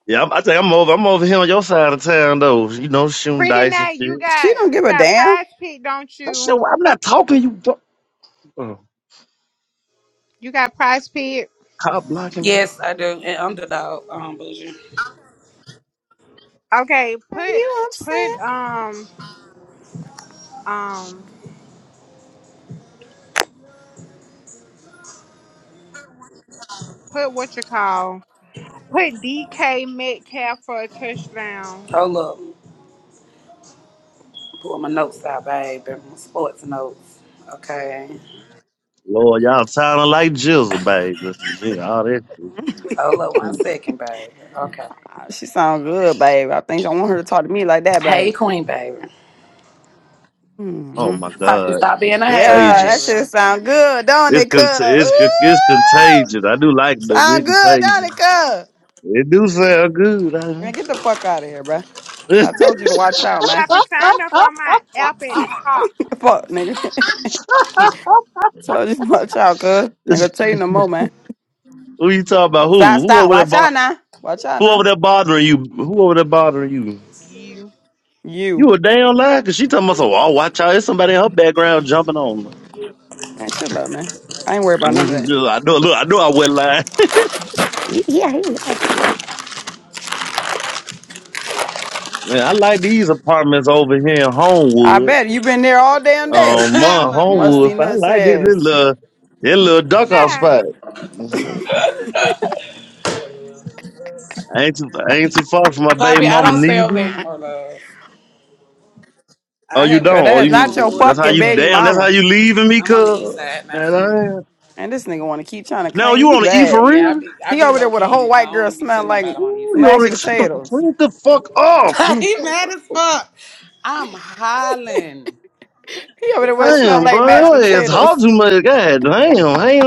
Yeah, I'm, I think I'm over I'm over here on your side of town though. You know, shooting Pretty dice and Nat, you shit. she got don't you give a got damn. prize pit, don't That shit you? I'm not talking you do- oh, You got prize pit. cop blocking that. yes, I do. And underdog, um, Bougie. Okay, Are put you put upset? um um put what you call put DK Metcalf for a touchdown. Hold up. Pull my notes out, baby. My sports notes. Okay. Lord, y'all sounding like jizzle, baby. Gee, all that shit. Hold up one Mm-hmm. second, baby. Okay. Ah, She sound good, babe. I think I want her to talk to me like that, Hey, babe. Queen, baby. Oh hmm my Poppy, God, stop being a hater, Yeah, that contagious! shit baby. sound good, don't It's it, cuz? con- it's con- it's Ooh, contagious. I do like them. Sound It's good, don't contagious. it, cuz? It do sound good. I- Man, get the fuck out of here, bruh. So I told you to watch out, man. Papa sign up for my app at the top. fuck, nigga. told you to watch out, cuz. Nigga, tell you no more, man. who you talking about? Who Stop, who stop. over there? Watch Bo- out now. Watch out who now. over there bothering you? Who over there bothering you? You You. You a damn liar. Cause she talking about so. Oh, watch out! There's somebody in her background jumping on. her." Man, shut up, man. I ain't worried about none of Mhm. Yeah, I know. Look, I know. I went lying. that. Yeah. Man, I like these apartments over here in I Homewood. bet you been there all damn day. Um, my oh my Homewood. Musty God. I nuts like this, this ass. little, this little duck off yeah, spot. Mm-hmm. I ain't too, I ain't too far from my baby Poppy, I mama don't stay over neither. there anymore, love. Oh, I you haven't don't? But Oh, stayed that's in not your you? Homewood That's in how fucking you over a baby damn. That's how mama. year. you leaving me, I'm cuz. on the east side now, And sweetie. I And this nigga wanna keep trying to now claim you you on the E bad. for Yeah, I real? be I He be over there low with a whole key. I white girl don't be smelling telling like nobody I'm on his Ooh, you side. on mashed the shut the potatoes. bring the fuck off? he Damn, mad as fuck. I'm hollering. He over there It's with it smell okay, like mashed bro, It's Poppy. ass potatoes. hot too much. God damn, I ain't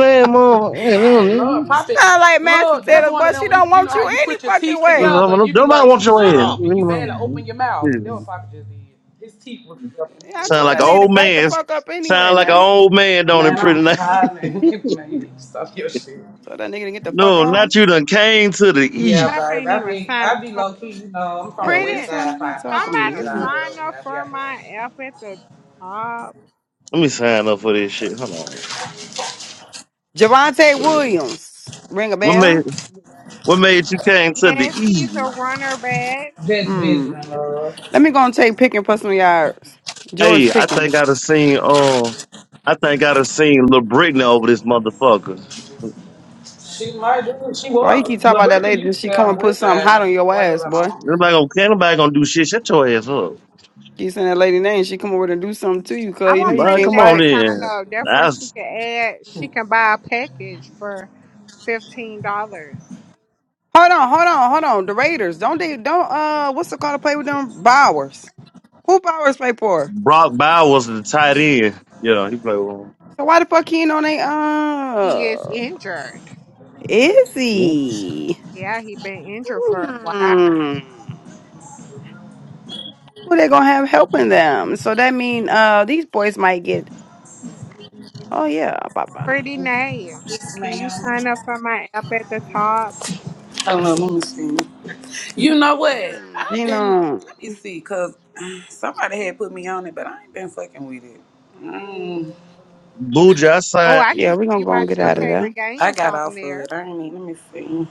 that motherfucker. Hey, little My lord, nigga. Poppy. Sound like Master Look, that's Taylor, one of but them she when you, don't you want know how you you any put your fucking teeth way. together and you be Nobody like, wants your shut ass. Leave up, me and you barely alone, open your mouth. man. That's what Shit. Poppy just did. His teeth was together. when he Yeah, I did Sound told like it. that an nigga to old back the man. fuck up anyway, Sound like an man. old man, don't it? Man, I'm Pretty nice. hollering. Man, you need to stop your shit. Told that nigga to get the fuck No, not on. you. Done came to the Yeah, E. Papa babe. ain't I even be signed I be up. low key. You know, I'm from the Yeah, west just Pretty, this side, to be Poppy. I talking don't be about. with somebody This all one. that sign over up here. I be for out the way. my F at the top. Let me sign up for this shit. Hold Javante on. Williams. Ring a What made bell? what made you came to the Yes, he's a E? runner back. That's visiting Hmm. her. Let me go and take Pickens for some yards. George Hey, I think Pickens. I'd have seen um I think I'd have seen Lil Britney over this motherfucker. She might do it. She Why you was. keep talking about that LaBritta, lady? you She stay come on the and put west something side. hot on Nothing to your worry ass, about my boy. mama. Nobody gonna can't nobody gonna do shit. Shut your ass up. Keep saying that lady name. She come over to do something to you, I cuz you know want you Man, Pretty can't come Nate on to fight. sign in. up. Therefore, she That's can add, she can buy a package for fifteen dollars. Hold on, hold on, hold on. The Raiders. Don't they don't uh what's the call to play with them Bowers? Who powers play for? Brock Bowers the tight end. Yeah, he played with him. So why the fuck he ain't on they He is uh injured. is Yeah. he? Yeah, he been injured for a while. Hmm. Who they gonna have helping them? So that mean uh these boys might get oh yeah, papa. Pretty Nate, can Ma'am. you sign up for my app at the top? Hold on, let me see. You know what? Hmm, I've You been, know let me see, because somebody had put me on it, but I ain't been fucking with it. Mm, Booja, I Oh, signed I can Yeah, give we gonna you go my and get two up out of for- it. there. favorite I games got on off of there. it. I ain't even, let me see.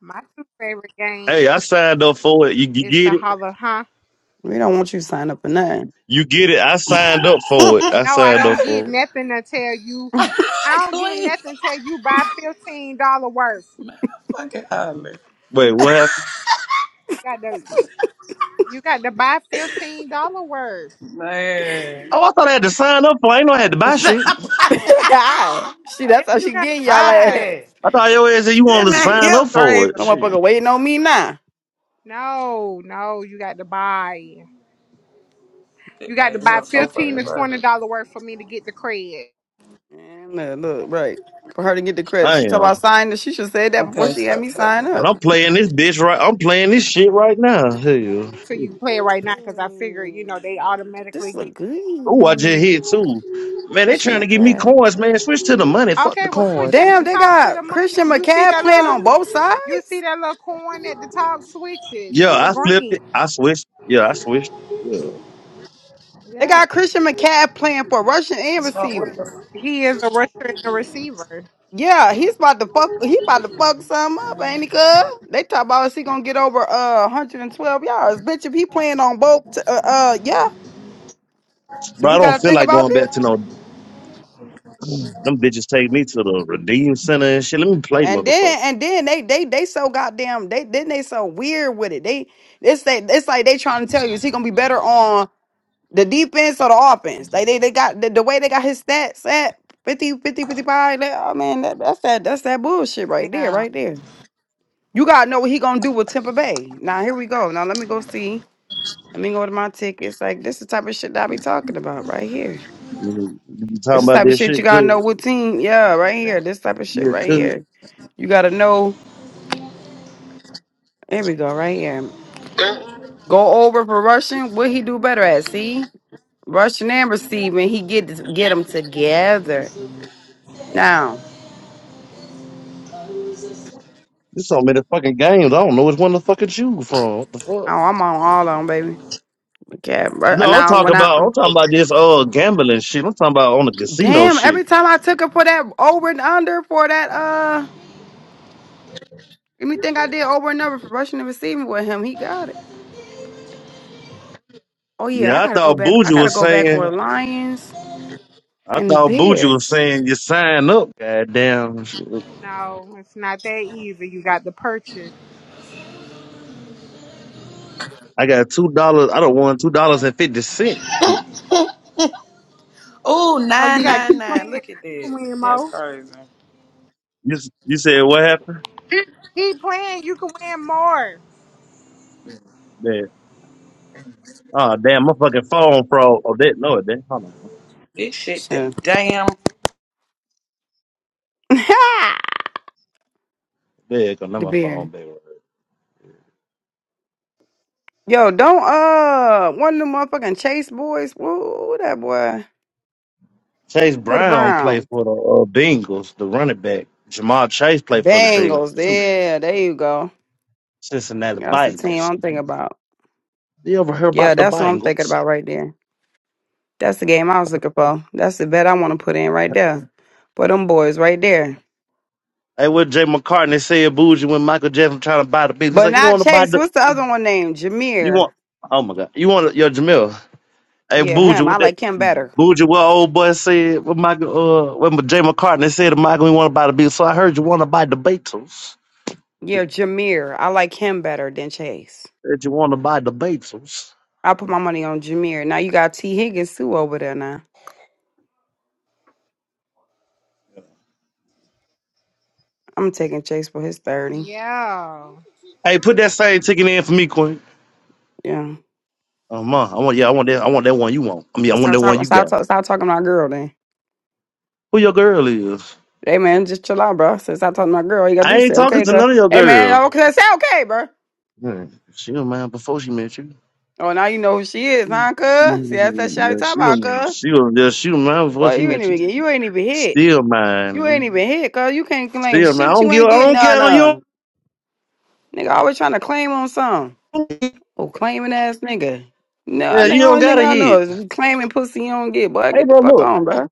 My two favorite games Hey, I signed up for it. You, you is the get it? Hollow, huh? We don't want you to sign up for nothing. You get it. I signed up for it. I No, I signed up don't get for it. nothing until you. I don't get Clean. nothing until you buy fifteen dollar worth. Man, I'm fucking hollering. Wait, what happened? You got to. You got to buy fifteen dollar worth. Man. Oh, I thought I had to sign up for. it. I ain't know I had to buy shit. she Yeah, that's how you she got getting to y'all buy. ass. Poppy. I thought your ass said you wanted This to man, You- you sign up for crazy, it. No man. Shit. motherfucker waiting on me now. No, no, you got to buy. You This got to man, buy you so fifteen fucking to Okay. twenty brother. dollar worth for me to get the credit. And look, look, right. For her to get the credit. I She talking about am. signing she should have said that before Okay, she had so me sign covered. up. And I'm playing this bitch right. I'm playing this shit right now. Hell. So you can play it right now because I figure you know they Ooh, automatically This get. look Oh, I just good. hit too. Man, they Christian trying to give me McCaffrey. coins, man. Switch to the money. Fuck the Okay, well switch coins. at the Damn, they top to the got money. Christian You see McCaffrey that playing little. on both You see sides. that little coin at the top? Switch it to Yeah, the I flipped green. it. I switched. Yeah, I switched. Yeah. They Yeah. got Christian McCaffrey playing for rushing and So what receiving. the He is a rusher and a receiver. Yeah, he's about to fuck. He about to fuck some up, ain't he? Cuz they talk about is he gonna get over uh 112 yards? Bitch, if he playing on both, t- uh, uh, yeah. Do Bro, we I don't gotta feel think like about going this? back to no. Them bitches take me to the redeem center and shit. Let me play, And motherfucker. then, and then they they they so goddamn they then they so weird with it. They it's they it's like they trying to tell you is he gonna be better on? The defense or the offense? like they, they got the, the way they got his stats at 50 50 55. That, oh man, that, that's that that's that bullshit right there, Yeah. right there. You gotta know what he gonna do with Tampa Bay. Now here we go. Now let me go see. Let me go to my tickets. Like this is the type of shit that I be talking about right here. Mhm. You This talking is the about type of that shit you shit? gotta Good. know what team. Yeah, right here. This type of shit Yeah, right cool. here. You gotta know. Here we go, right here. Go over for rushing. What he do better at? See, rushing and receiving. He get get them together. Now There's so many fucking games. I don't know which one to fucking choose from. What the Oh, fuck? I'm on all of them, baby. Okay. bro. No, I'm Now, talking when I about I'm talking about this uh gambling shit. I'm talking about on the casino damn, shit. every time I took her for that over and under for that uh anything I did over and under for rushing and receiving with him, he got it. Oh yeah, I Yeah, I gotta go thought back. I Bougie gotta was go back on saying the lions I and the thought Bougie was bears. saying you sign up. Goddamn shit. No, it's not that easy. You got to purchase. I got two dollars I don't want two dollars and fifty cents. You Oh, Oh, you nine, nine, nine. got to keep playing. Look at You can that. win That's more. crazy. s- you said what happened? Keep playing. You can win more. Yeah. Oh damn, my fucking phone froze. Oh that no it didn't. Hold on. This shit done Sure. damn the There you go, now my phone bear. baby. Yo, don't uh one of them motherfucking chase boys. Woo, that boy Chase for the Brown played Browns, for the uh, Bengals, the running back. Jamal Chase the played for the Bengals Bengals. too. Yeah, there you go. Cincinnati That's the team Bengals. I'm thinking about. You ever hear about Yeah, the that's what I'm thinking Bengals? about right there. That's the game I was looking for. That's the bet I want to put in right there. For them boys right there. Hey, what Jay McCartney said, "Bougie," when Michael Jackson trying to buy the Beatles. He's But like, "You not want to buy Chase. the? What's the other one named? You want? Jameer. Oh my God, you want your Jamil? Hey, Yeah, Bougie, him. I what that? like him better. Bougie, what old boy said? What Michael? Uh, what Jay McCartney said to Michael, he want to buy the Beatles. So I heard you want to buy the Beatles. Yeah, Jameer. I like him better than Chase. Said you want to buy the Beatles. I put my money on Jameer. Now you got T. Higgins too over there now. I'm taking Chase for his 30. Yeah. Hey, put that same ticket in for me, Queen. Yeah. Oh man, I want yeah, I want that. I want that one you want. I mean, I Well, want stop that one talking you stop, got. talk, stop talking to my girl then. Who your girl is? Hey man, just chill out, bro. Since I talking to my girl, all you gotta do I is ain't say talking okay, to cuz. none of your Hey girls. man, okay, say okay, bro. Yeah, she was mine before she met you. Oh, now you know who she is, huh, cuz? See, that's that Yeah, shawty talk she about, was, cuz. she was, yeah, she was mine before Boy, she you ain't met you. even get, you ain't even hit. Still You ain't mine. even hit, cause you can't claim Still mine. I shit. don't You give, ain't I getting don't none care. You of. Nigga always trying to claim on something. don't, Oh, claiming ass nigga. No, I yeah, think you don't only got thing a I head. know is we claiming pussy you don't get. Boy, Hey, get the bro, fuck look. on, bro.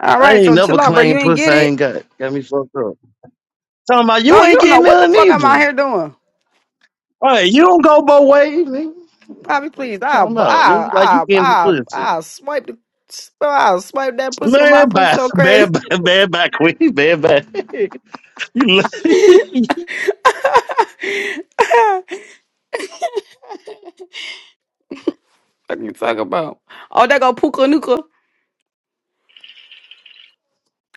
All I right, ain't so never chill out, bro. You claimed ain't pussy get I it. ain't got. Got me fucked up. Talking about you No, you ain't don't know getting what the none fuck I'm either. out All here doing. right, you don't go both ways, nigga. Poppy, please. Talking I'll, about, I'll, nigga, like you I'll, getting the I'll, pussy. I'll swipe the, so I'll swipe that pussy with my Man, pussy bye. so crazy. Bad, bye, bad, bye, quick. Bad, bye. you, lo- what you talking about? Oh, that go Puka Nuka.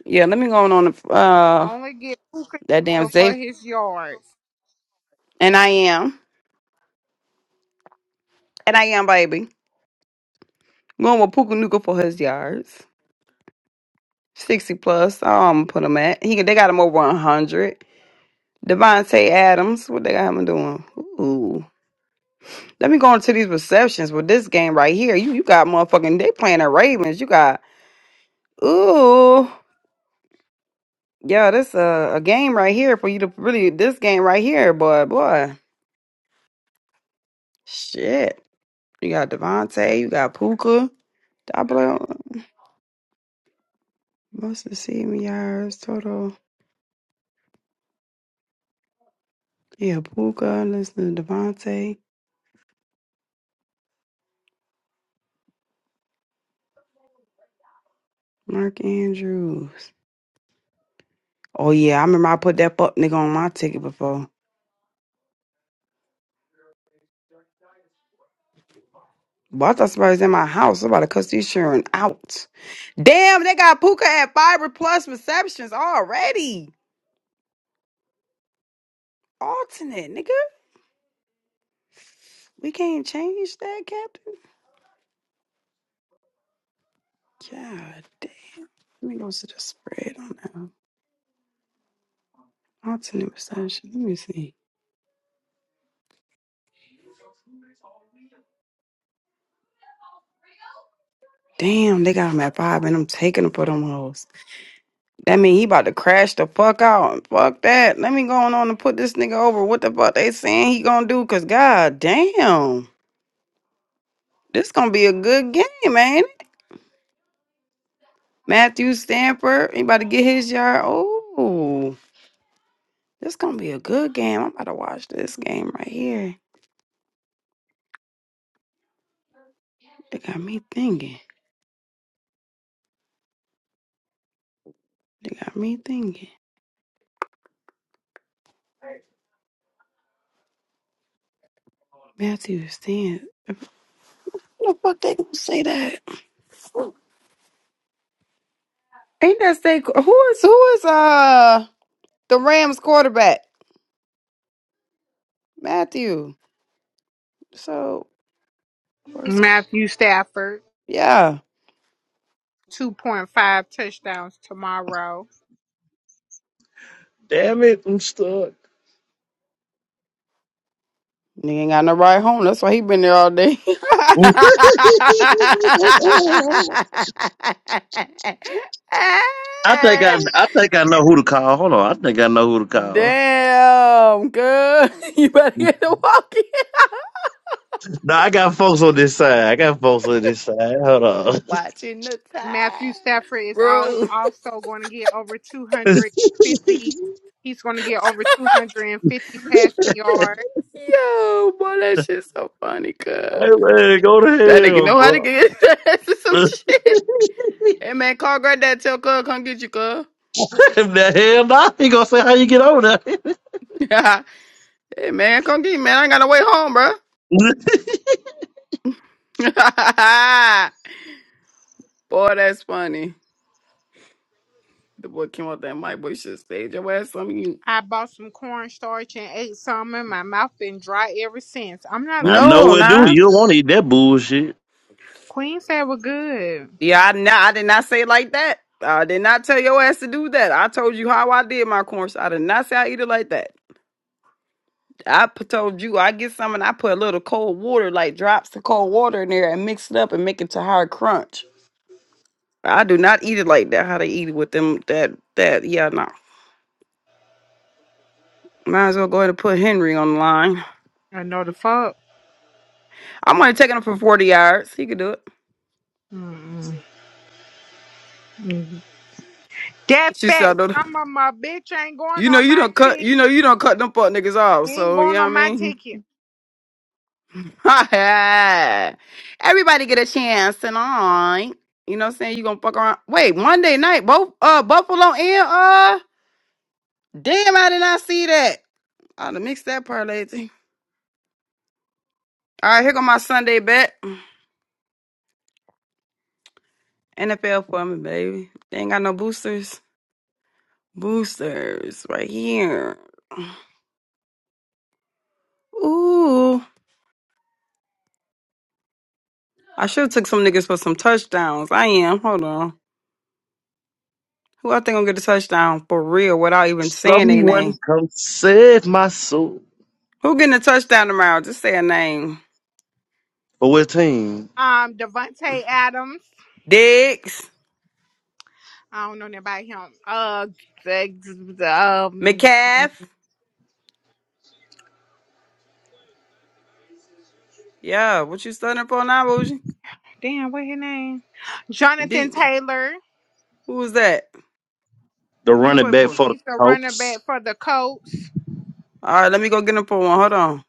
Yeah, let me go on, on the, uh Only get Puka that damn Nacka for Zay. his yards. And I am. And I am, baby. Going with Puka Nuka for his yards. 60 plus. I'm put him at. He they got him over 100. Devontae Adams. What they got him doing? Ooh. Let me go into these receptions with this game right here. You you got motherfucking they playing the Ravens. You got ooh. Yeah, this a, a game right here for you to really this game right here, boy, boy. Shit. You got Devontae, you got Puka. Most of the season yards total. Yeah, Puka, listen to Devontae, Mark Andrews. Oh yeah, I remember I put that fuck nigga on my ticket before. But I thought somebody was in my house. Somebody cussed the insurance out. Damn, they got Puka at fiber plus receptions already. Alternate, nigga. We can't change that, Captain. God damn. Let me go to the spread on that. Alternate reception. Let me see. Damn, they got him at five and I'm taking them for them hoes. That mean he about to crash the fuck out. Fuck that. Let me go on and put this nigga over. What the fuck they saying he gonna do? Cause god damn, this gonna be a good game, ain't it? Matthew Stanford, he about to get his yard. Oh, this gonna be a good game. I'm about to watch this game right here. They got me thinking. They got me thinking. Matthew Stanford. Who the fuck they gonna say that? Ain't that say who is who is uh the Rams quarterback? Matthew. So. first Matthew Stafford, Yeah. 2.5 touchdowns tomorrow. damn it, I'm stuck. Nigga ain't got no ride home. That's why he been there all day. I think I, I think I know who to call. Hold on, I think I know who to call. Damn, good. You better get to walking. No, I got folks on this side. I got folks on this side. Hold on. Watching the Matthew time. Stafford is al- Bro. also going to get over hey 250. He's going to get over 250 passing yards. Yo, boy, that shit so funny, cuz. man, go to That nigga hell, know how to bro. get his ass to some shit. Hey man, call granddad, tell cuz come get you, cuz. the hell, nah. He gonna say how you get over there. hey man, come get me, man. I ain't got no way home, bro. Boy, that's funny. The boy came out there, my boy should stage your ass something you I bought some cornstarch and ate some, and my mouth been dry ever since. I'm not I listening. know No, what do. nah. You don't want to eat that bullshit. Queen said we're good. Yeah, I nah, I did not say it like that. I did not tell your ass to do that. I told you how I did my corn. I did not say I eat it like that. I p- told you I get some and I put a little cold water, like drops of cold water in there and mix it up and make it to hard crunch. I do not eat it like that, how they eat it with them that that yeah, no. Might as well go ahead and put Henry on the line. I know the fuck. I'm only taking him for 40 yards. He could do it. Mm-mm. That She fat settled. some of my bitch ain't You going know on you my don't cut you know ticket. you don't cut them fuck niggas off, He ain't so you going know on my what ticket. I mean? Everybody get a chance tonight. you know what I'm saying? You gonna fuck around. Wait, Monday night, both uh Buffalo and uh damn I did not see that. I'd mixed that parlay thing. All right, here go my Sunday bet. NFL for me, baby. They ain't got no boosters. Boosters right here. Ooh. I should have took some niggas for some touchdowns. I am. Hold on. Who I think gonna get a touchdown for real without even saying their Someone name? come save my soul. Who getting a touchdown tomorrow? Just say a name. But what team? Um, Devontae Adams. Diggs, I don't know nothing about him. Uh, the, the, um, McCaff. Yeah, what you studying for now, Bougie? damn, what his name? D. Jonathan Taylor. Who was that? The Who you running play back for? for the He's the running Colts. back for the Colts. All right, let me go get him for one. Hold on.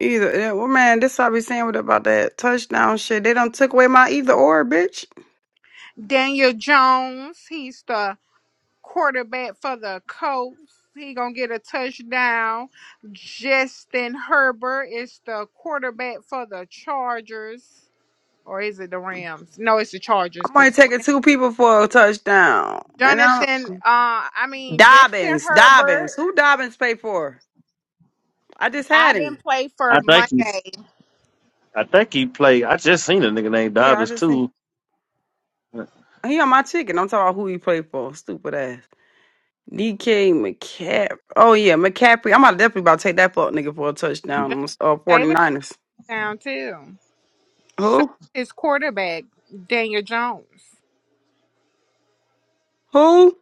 Either yeah, well, man, this I be saying what about that touchdown shit. They done took away my either or, bitch. Daniel Jones. He's the quarterback for the Colts. He gonna get a touchdown. Justin Herbert is the quarterback for the Chargers, or is it the Rams? No, it's the Chargers. I'm 'cause only taking two people for a touchdown. And I'm Jonathan, uh, I mean Justin Dobbins. Herbert. Dobbins. Who Dobbins played for? I just had I've been him. played for I think he. Monday. I think he played. I just seen a nigga named Yeah, I Dobbs just too. he on my chicken. I'm talking about who he played for. Stupid ass. DK McCaffrey. Oh yeah, McCaffrey. I'm about definitely about to take that fuck nigga for a touchdown. John on s- Uh, Taylor is 49ers. down too. So Who? his quarterback Daniel Jones. Who?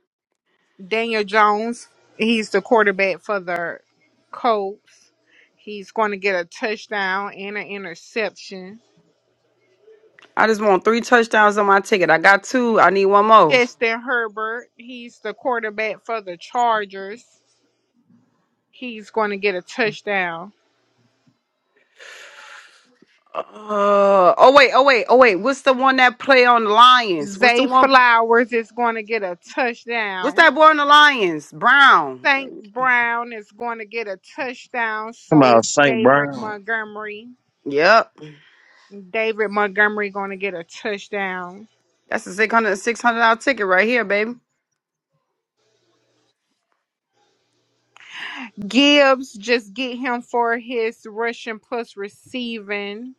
Daniel Jones. He's the quarterback for the Colts. He's going to get a touchdown and an interception. I just want three touchdowns on my ticket. I got two. I need one more. Justin Herbert. He's the quarterback for the Chargers. He's going to get a touchdown. Uh oh wait, oh wait, oh wait. What's the one that play on the Lions? What's the Zay one Flowers is going to get a what's touchdown. that boy on the Lions? Brown. St. Brown is going to get a touchdown. Talking So is about St. David Brown. Montgomery. Yep. David Montgomery going to get a touchdown. That's a six hundred six hundred dollar ticket right here, baby. Gibbs, just get him for his rushing plus receiving,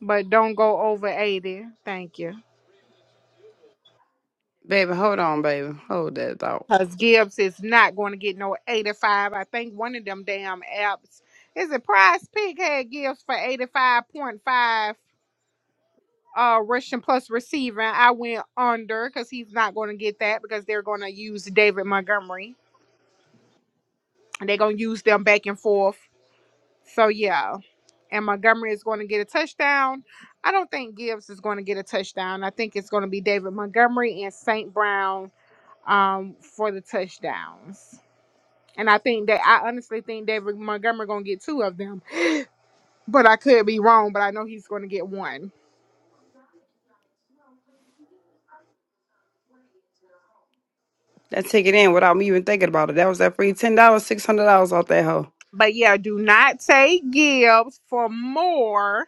but don't go over 80. Thank you. Baby, hold on, baby. Hold that thought. Because Gibbs is not going to get no 85. I think one of them damn apps is a prize pig had Gibbs for 85.5 uh rushing plus receiving. I went under because he's not going to get that because they're going to use David Montgomery and they're going to use them back and forth. So, yeah. and Montgomery is going to get a touchdown. I don't think Gibbs is going to get a touchdown. I think it's going to be David Montgomery and St. Brown um, for the touchdowns. And I think that I honestly think David Montgomery going to get two of them, but I could be wrong. But I know he's going to get one. That ticket in without me even thinking about it. That was that free $10, $600 off that hoe. But yeah, do not take Gibbs for more.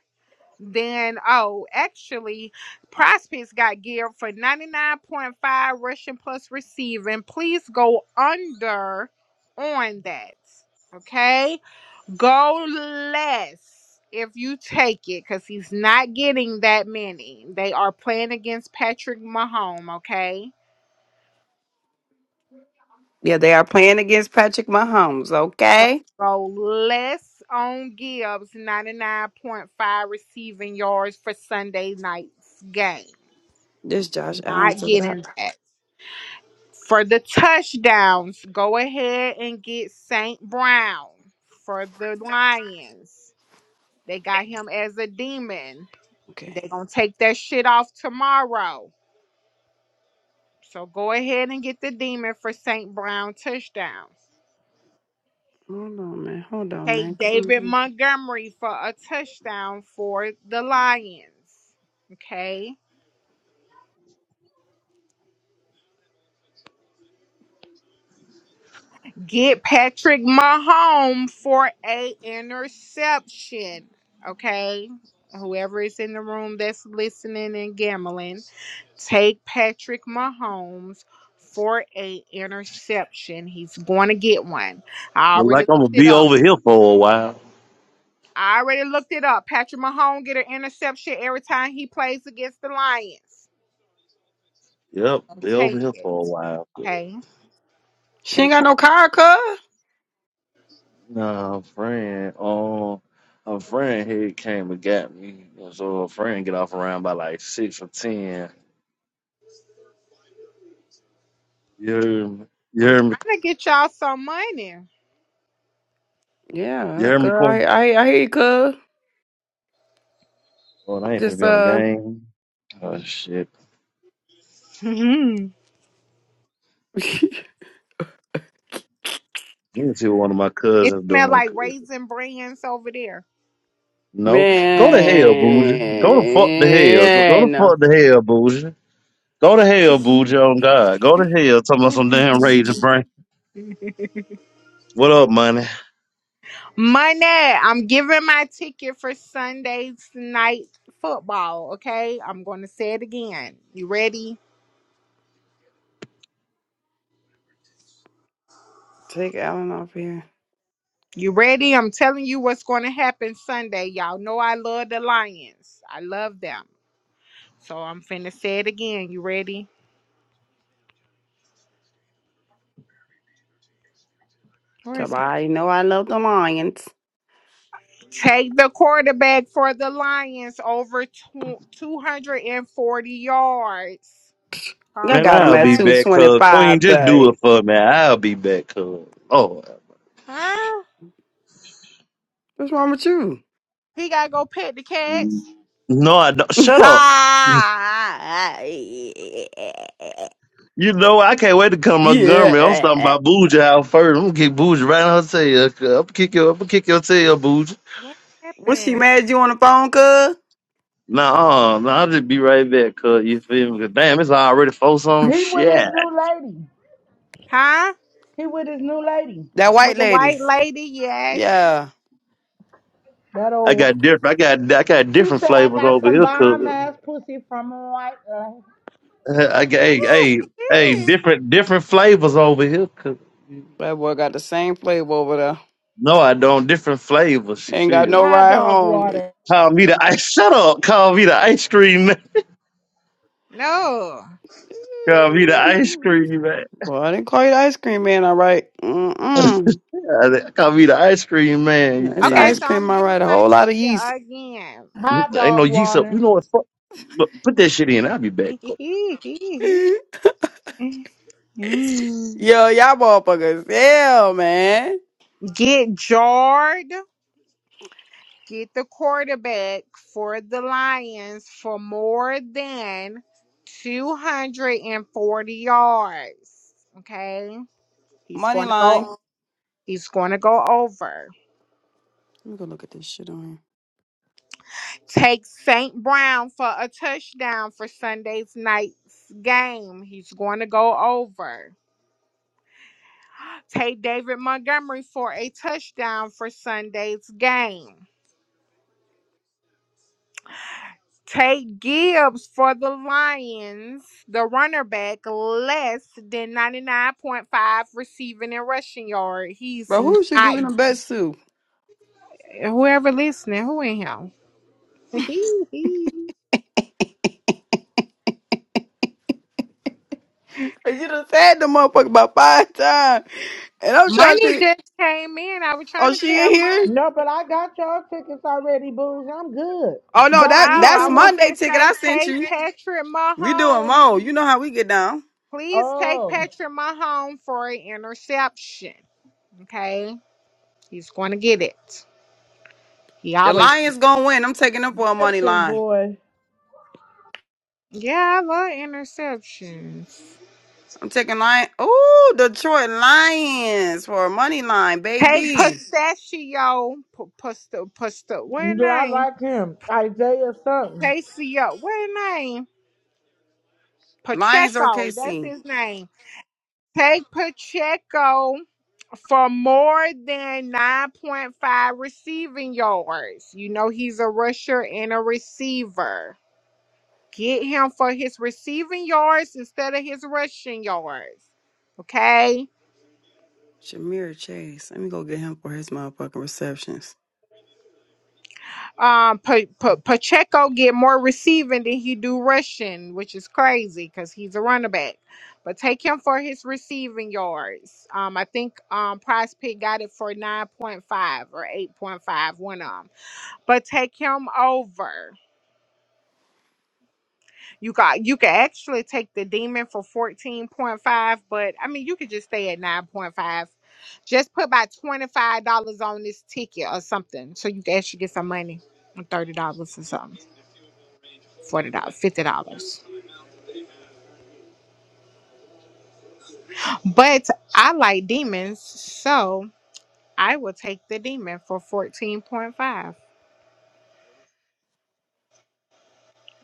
Then, oh, actually, Prospects got geared for 99.5 rushing plus receiving. Please go under on that. Okay? Go less if you take it because he's not getting that many. They are playing against Patrick Mahomes. Okay? Yeah, they are playing against Patrick Mahomes, So okay? go less on Gibbs 99.5 receiving yards for Sunday night's game. This He's Josh Allen not took it out. getting that. For the touchdowns, go ahead and get St. Brown for the Lions. They got him as a demon. Okay. they going to take that shit off tomorrow. So go ahead and get the demon for St. Brown touchdowns. Hold on, man. Hold on, man. Take Come David on. Montgomery for a touchdown for the Lions. Okay. Get Patrick Mahomes for a interception. Okay. Whoever is in the room that's listening and gambling, take Patrick Mahomes for a interception. He's going to get one. I Look like already I'm gonna looked it be up. over here for a while. I already looked it up. Patrick Mahomes get an interception every time he plays against the Lions. Yep, So be over take here it. for a while. Okay. She ain't Take got Pat- no car, cuz. Nah, a friend. Um, a friend here came and got me. And So a friend get off around by like six or ten. You hear me? You I'm hear me? trying to get y'all some money. You Yeah, hear me, girl, I Corn? I, I hear you, cuz. Oh, I ain't finna Just be on the uh, game. Oh shit. Let me see what one of my It cousins smelled doing. like raisin brands over there. No, go to hell, bougie. Go to fuck the hell. Go, go to man, fuck the hell, bougie. Go to hell, bougie. On God, go to hell. Talking about some damn raging brain. What up, money? Money, I'm giving my ticket for Sunday's night football. Okay, I'm going to say it again. You ready? take Alan off here. You ready? I'm telling you what's going to happen Sunday. Y'all know I love the Lions. I love them. So I'm finna say it again. You ready? Where Tell her is my- I know I love the Lions. Take the quarterback for the Lions over tw- two, 240 yards. I Come Man, got him I'll at be two Sunday. back, twenty cuz. Queen, five, just do babe. it for me. I'll be back, cuz. Oh. Huh? What's wrong with you? He gotta go pet the cats mm. No, I don't. Shut up. You know, I can't wait to come to Montgomery. I'm talking yeah. about Bougie out first. I'm gonna kick Bougie right on her tail. cuz. I'm gonna kick your, I'm gonna kick your tail, Bougie. What Was she happened? mad at you on the phone, cuz? Nah, uh, nah, I'll just be right back, cuz. You feel me? 'Cause Damn, it's already four some He with shit. his new lady. Huh? He with his new lady. That with white the lady. white lady. Yes. Yeah, That I old. got different, I got, I got He different said I flavors got over some here, bomb cuz. ass pussy from a white uh, I got, hey, hey, hey, different, different flavors over here, that boy got the same flavor over there. No, I don't. Different flavors, you Ain't got no feel. hot ride dog home. water. Call me the ice. Shut up. Call me the ice cream man. no. Call me the ice cream man. Well, I didn't call you the ice cream man, all right? Mm-mm. Uh, they- Call me the ice cream man, you It's Okay, feel. ice so I'm cream, all giving right? A my whole lot of ticket yeast. again. me? Hot Ain't no dog yeast up. You water. know what? Fuck. Look, Put that shit in. I'll be back. Yo, y'all motherfuckers. Hell, man. get jarred. Get the quarterback for the Lions for more than 240 yards. Okay. He's Money going to line. go. He's going to go over. Let me go look at this shit on here. Take St. Brown for a touchdown for Sunday's night's game. He's going to go over. Take David Montgomery for a touchdown for Sunday's game. Take Gibbs for the Lions, the runner back, less than 99.5 receiving and rushing yard. He's Bro, who should not. giving the best to? Whoever listening, who in him? And you done said the motherfucker about five times. And I'm trying to Money think, just came in. I was oh, trying to she tell in Money. here? No, but I got y'all tickets already, booze. I'm good. Oh, no, Y'all, that you Oh, that's I see me? want Monday to ticket I say, sent take you. Patrick We doing Mahomes. more. You know how we get down. Please take Oh, Patrick Mahomes for an interception. Okay, he's going to get it. He The always. Lions gonna win. I'm taking them for a money Egyptian line. boy. Yeah, I love interceptions. I'm taking Lion. Oh, Detroit Lions for a money line, Hey, baby. Pistachio, P- Pista, Pista, what his Yeah, I name? like him. Isaiah something. Pistachio, what his name? Lions or Pacheco, that's KC. his name. Take Pacheco. for more than 9.5 receiving yards. You know, he's a rusher and a receiver. Get him for his receiving yards instead of his rushing yards. Okay. Shamir Chase. Let me go get him for his motherfucking receptions. Um, Pa- Pa- Pacheco get more receiving than he do rushing, which is crazy because he's a running back. But take him for his receiving yards. Um, I think um Prize Pick got it for nine point five or eight point five, one of them. But take him over. You got you could actually take the demon for 14.5, but I mean you could just stay at 9.5. Just put about $25 on this ticket or something. So you can actually get some money. $30 or something. $40, dollars, $50. But I like demons, so I will take the demon for 14.5.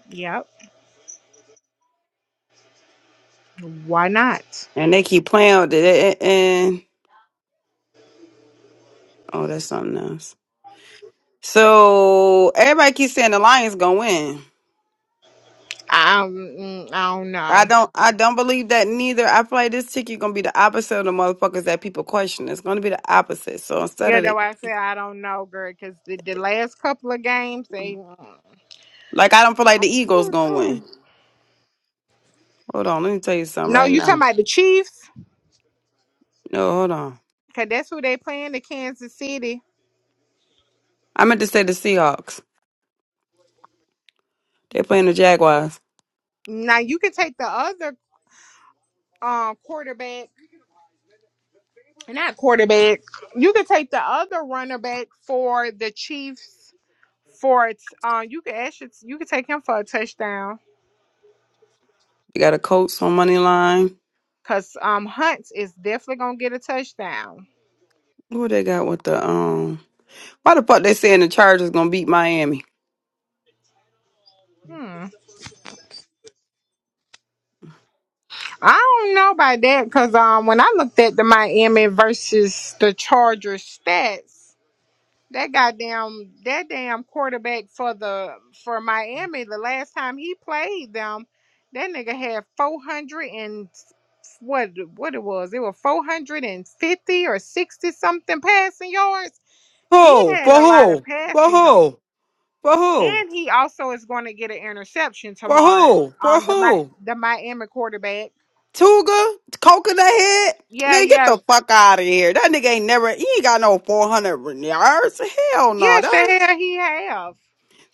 Yep. Why not? And they keep playing with it. And oh, that's something else. So everybody keeps saying the Lions gonna win. Um, mm, I don't I know. don't I don't believe that neither. I feel like this ticket gonna be the opposite of the motherfuckers that people question. It's gonna be the opposite. So instead Yeah, of that's the why I said I don't know, girl, because the, the last couple of games, they. like I don't feel like the Eagles gonna Mm. win. Hold on, let me tell you something No, right you now. talking about the Chiefs? No, hold on. Cause that's who they playing, the Kansas City. I meant to say the Seahawks. They're playing the Jaguars. Now you can take the other um quarterback, not quarterback. You can take the other runner back for the Chiefs for it. Uh, you can actually you can take him for a touchdown. They got a Colts on money line. Cause um Hunt is definitely gonna get a touchdown. Who they got with the um Why the fuck they saying the Chargers gonna beat Miami? Hmm. I don't know about that because um when I looked at the Miami versus the Chargers stats. That goddamn that damn quarterback for the for Miami the last time he played them, that nigga had four hundred and what what it was? It was four hundred and fifty or sixty something passing yards. He Who? had For a lot of who? For passing yards, who? For who? and he also is going to get an interception For tomorrow. who? For Um, the Mi- who? the Miami quarterback. Tuga, coconut head. Yeah, Man, get yeah, the fuck out of here. That nigga ain't never, he ain't got no 400 yards. Hell no. yes, the That hell he have.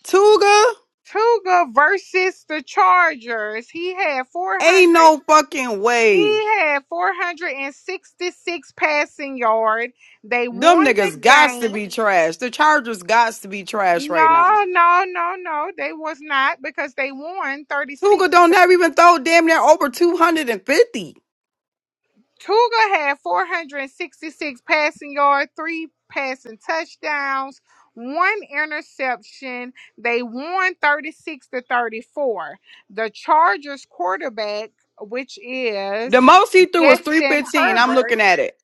Tuga, Tuga versus the Chargers. He had ain't 400. no fucking way. He had 466 passing yard. They Them won the niggas gots to game. be trash. The Chargers gots to be trash right now. No, no, no, no. They was not because they won Tuga 36. don't never even throw damn near over 250. Tuga had 466 passing yard, three passing touchdowns, one interception. They won 36 to 34. The Chargers quarterback, which The is most he threw was Justin 315. I'm Herbert, looking at it.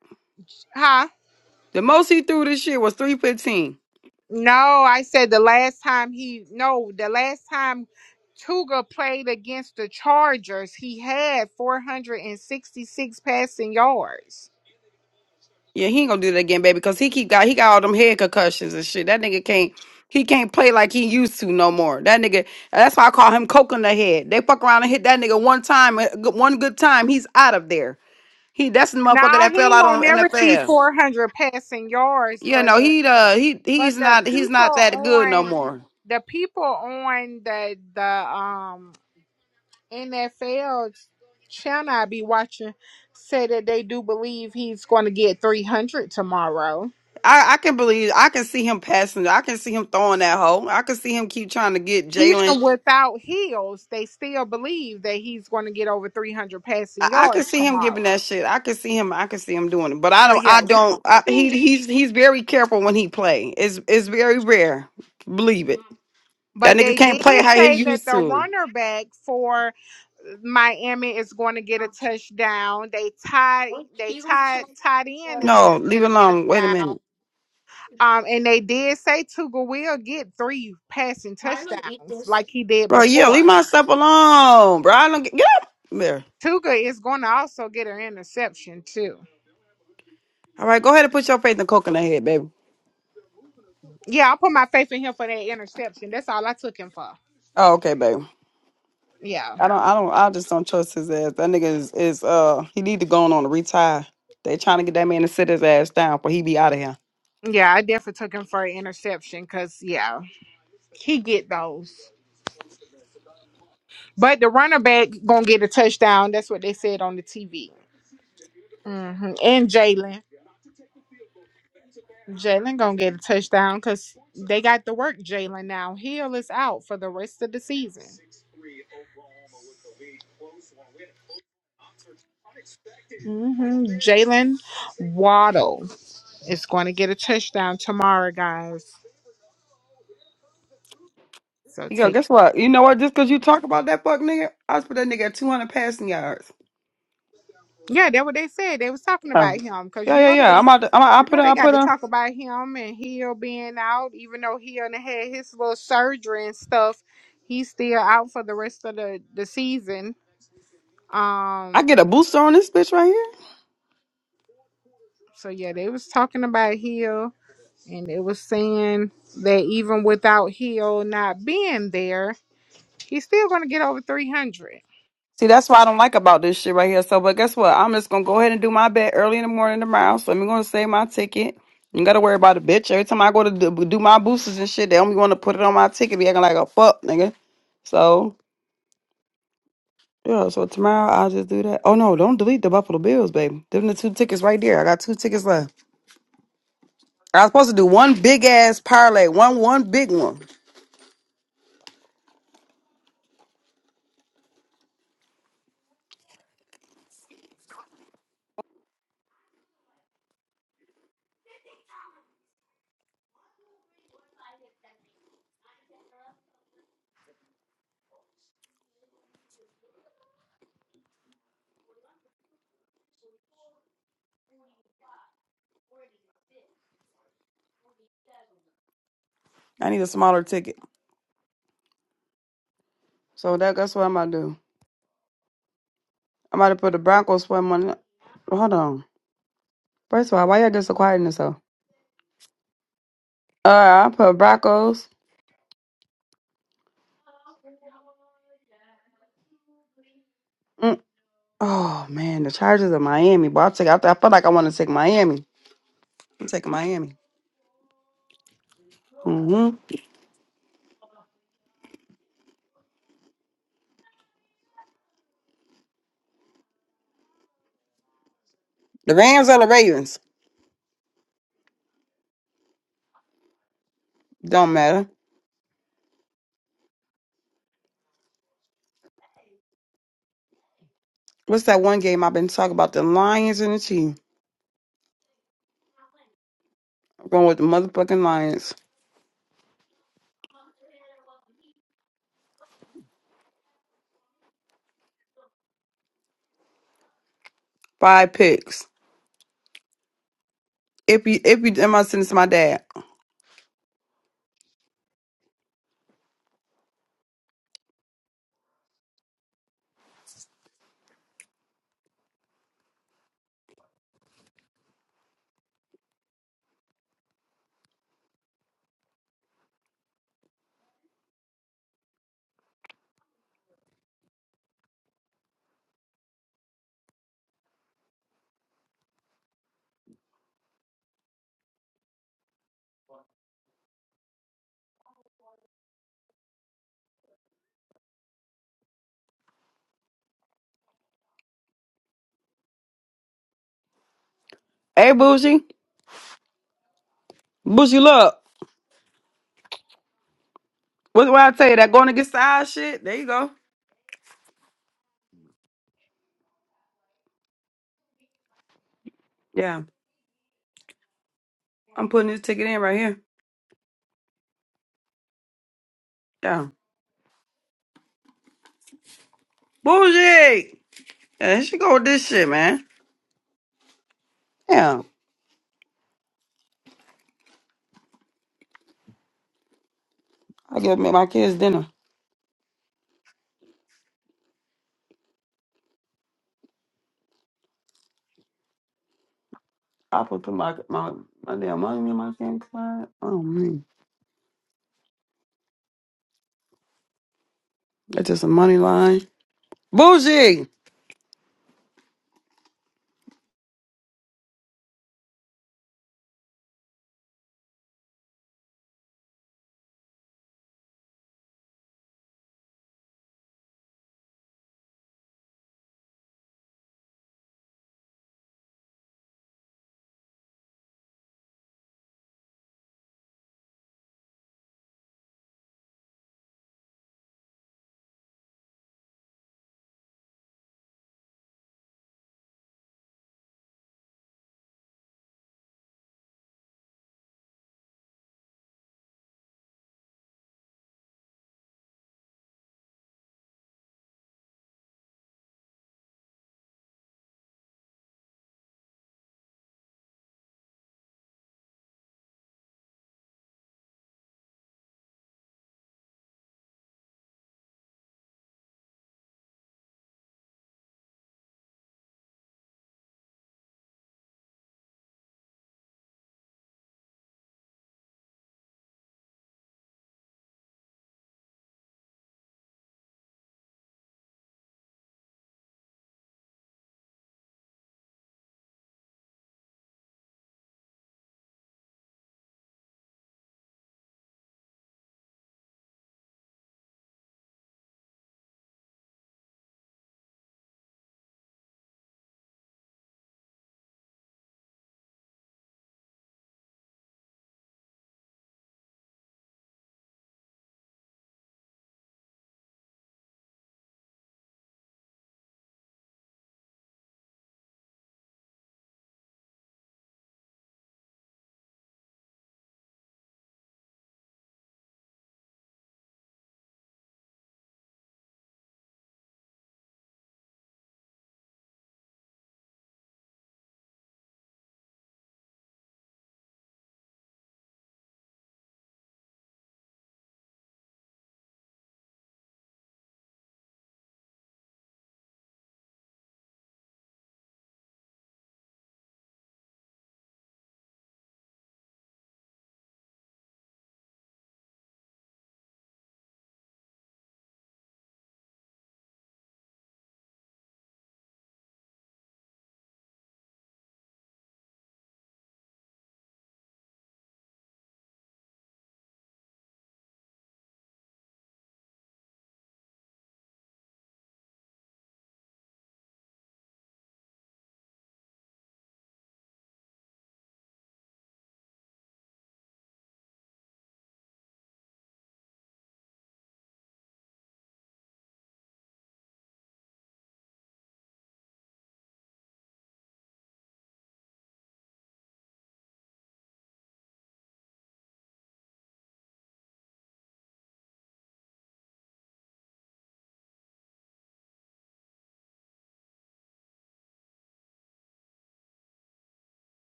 huh? The most he threw this year was 315. No, I said the last time he no, the last time Tuga played against the Chargers, he had 466 passing yards. Yeah, he ain't gonna do that again, baby, because he keep got he got all them head concussions and shit. That nigga can't he can't play like he used to no more. That nigga that's why I call him coconut head. They fuck around and hit that nigga one time, a good- one good time, he's out of there. He that's the motherfucker Now that he fell ain't out gonna on never see NFL. 400 passing yards, Yeah, but no, the he uh he he's but the not he's not people that good no on more. the people on the the um NFL channel I be watching say that they do believe he's going to get 300 tomorrow. I, I can believe I can see him passing. I can see him throwing that hole. I can see him keep trying to get Jalen. even without heels, they still believe that he's going to get over 300 passing I, I could yards see him tomorrow. giving that shit. I could see him. I could see him doing it. But I So don't. yeah, I we don't. don't I, he see. he's he's very careful when he play. It's it's very rare. Believe it. That But nigga they can't play did how he say that used the to. runner back for Miami is going to get a touchdown. They tied. They tied. Tied in is going No, to leave it get a alone. Wait a touchdown. minute, Um, and they did say Tuga will get three passing touchdowns like he did bro. Yeah, leave before. my stuff alone, bro. I don't get, get up there. Tuga is going to also get an interception too. All right, go ahead and put your faith in coconut head, baby. Yeah, I put my faith in him for that interception. That's all I took him for. Oh, okay, baby. Yeah. I don't. I don't. I just don't trust his ass. That nigga is is uh. He need to go on, on a retire. They trying to get that man to sit his ass down, but he be out of here. Yeah, I definitely took him for an interception because yeah, he get those. But the running back gonna get a touchdown. That's what they said on the TV. hmm And Jalen, Jalen gonna get a touchdown because they got to work Jalen now. Hill is out for the rest of the season. hmm Jalen Waddle is going to get a touchdown tomorrow, guys. So Yo, take. guess what? You know what? Just because you talk about that fuck nigga, I just put that nigga at 200 passing yards. Yeah, that's what they said. They was talking Oh. about him because Yeah, you yeah, know they, yeah. I'm out. To, I'm out you I put know a, they I got put to a, talk about him and Hill being out, even though he done had his little surgery and stuff. He's still out for the rest of the the season. I Um, get a booster on this bitch right here. so yeah, they was talking about Hill, and it was saying that even without Hill not being there, he's still gonna get over three hundred. See, that's what I don't like about this shit right here. So, but guess what? I'm just going to go ahead and do my bet early in the morning tomorrow. So, I'm going to save my ticket. You got to worry about a bitch. Every time I go to do, do my boosters and shit, they only want to put it on my ticket, be acting like a fuck, nigga. So, yeah, so tomorrow I'll just do that. Oh, no, don't delete the Buffalo Bills, baby. Them the two tickets right there. I got two tickets left. I was supposed to do one big ass parlay, one one big one. I need a smaller ticket. So that, that's what I'm about to do. I'm about to put the Broncos for money. Well, Hold on. First of all, why y'all just so quiet in this hole? Uh, I put Broncos. Mm. Oh man, the Chargers of Miami. But I take. I, I feel like I want to take Miami. I'm taking Miami. mm hmm The Rams or the Ravens. Don't matter. What's that one game I've been talking about? The Lions and the Chiefs. I'm going with the motherfucking Lions. Five picks. If you if you am I sending this to my dad? Hey Bougie. Bushy, look. What what I tell you? That going against the eye shit. There you go. Yeah, I'm putting this ticket in right here. Yeah, Bougie. Yeah, she go with this shit, man. Yeah, I gotta make my kids dinner. I put put my my my damn money in my damn client. Oh man, that's just a money line. Bougie,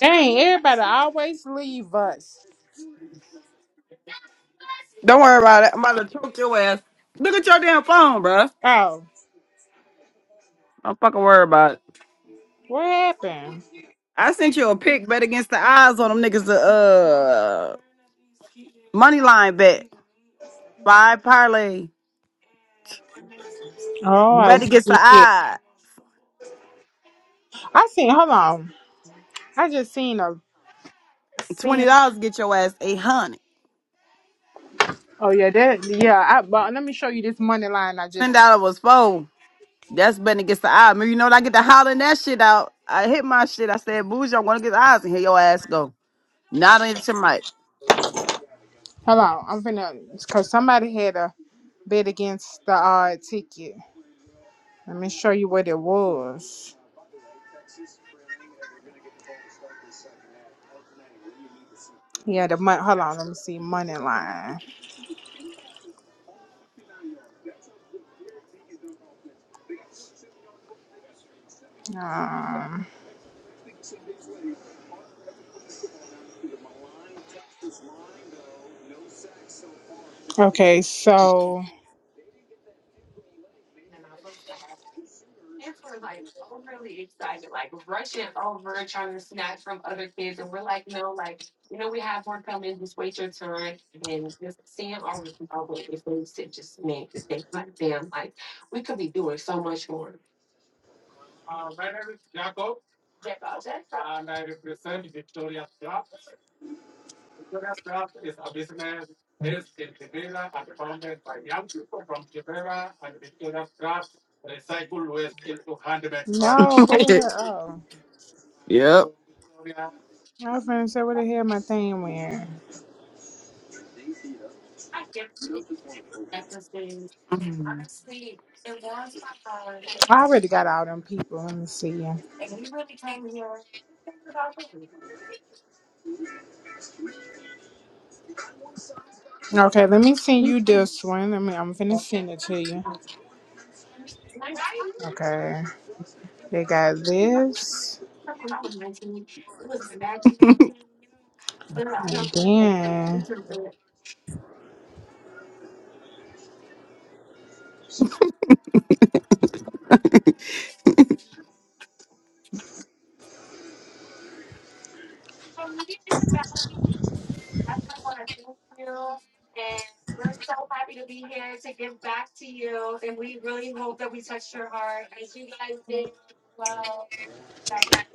Dang, everybody always leave us. don't worry about it. I'm about to choke your ass. Look at your damn phone, bruh. Oh, Don't fucking worry about it. what happened? I sent you a pic bet against the eyes on them niggas. The uh money line bet five parlay. Oh, You I better get the see. it. eye. I seen. Hold on. I just seen a Twenty seen. dollars get your ass eight hundred. Oh yeah, that yeah. I, but let me show you this money line. I Ten just dollars was four. That's better get the eye. Remember, you know when I get to hollering that shit out. I hit my shit. I said, "Bougie, I want to get the eyes and hear your ass go." Not on your mic. hold on. I'm finna because somebody had a bet against the uh ticket. Let me show you what it was. Yeah, the money. Hold on. Let me see money line. Um. Okay, so no, what the hell? yep. Oh, I was finna say what the hell my thing went. I already got all them people. Let me see. Okay, let me send you this one. Let me. I'm finna send it to you. Okay. They got this. And then,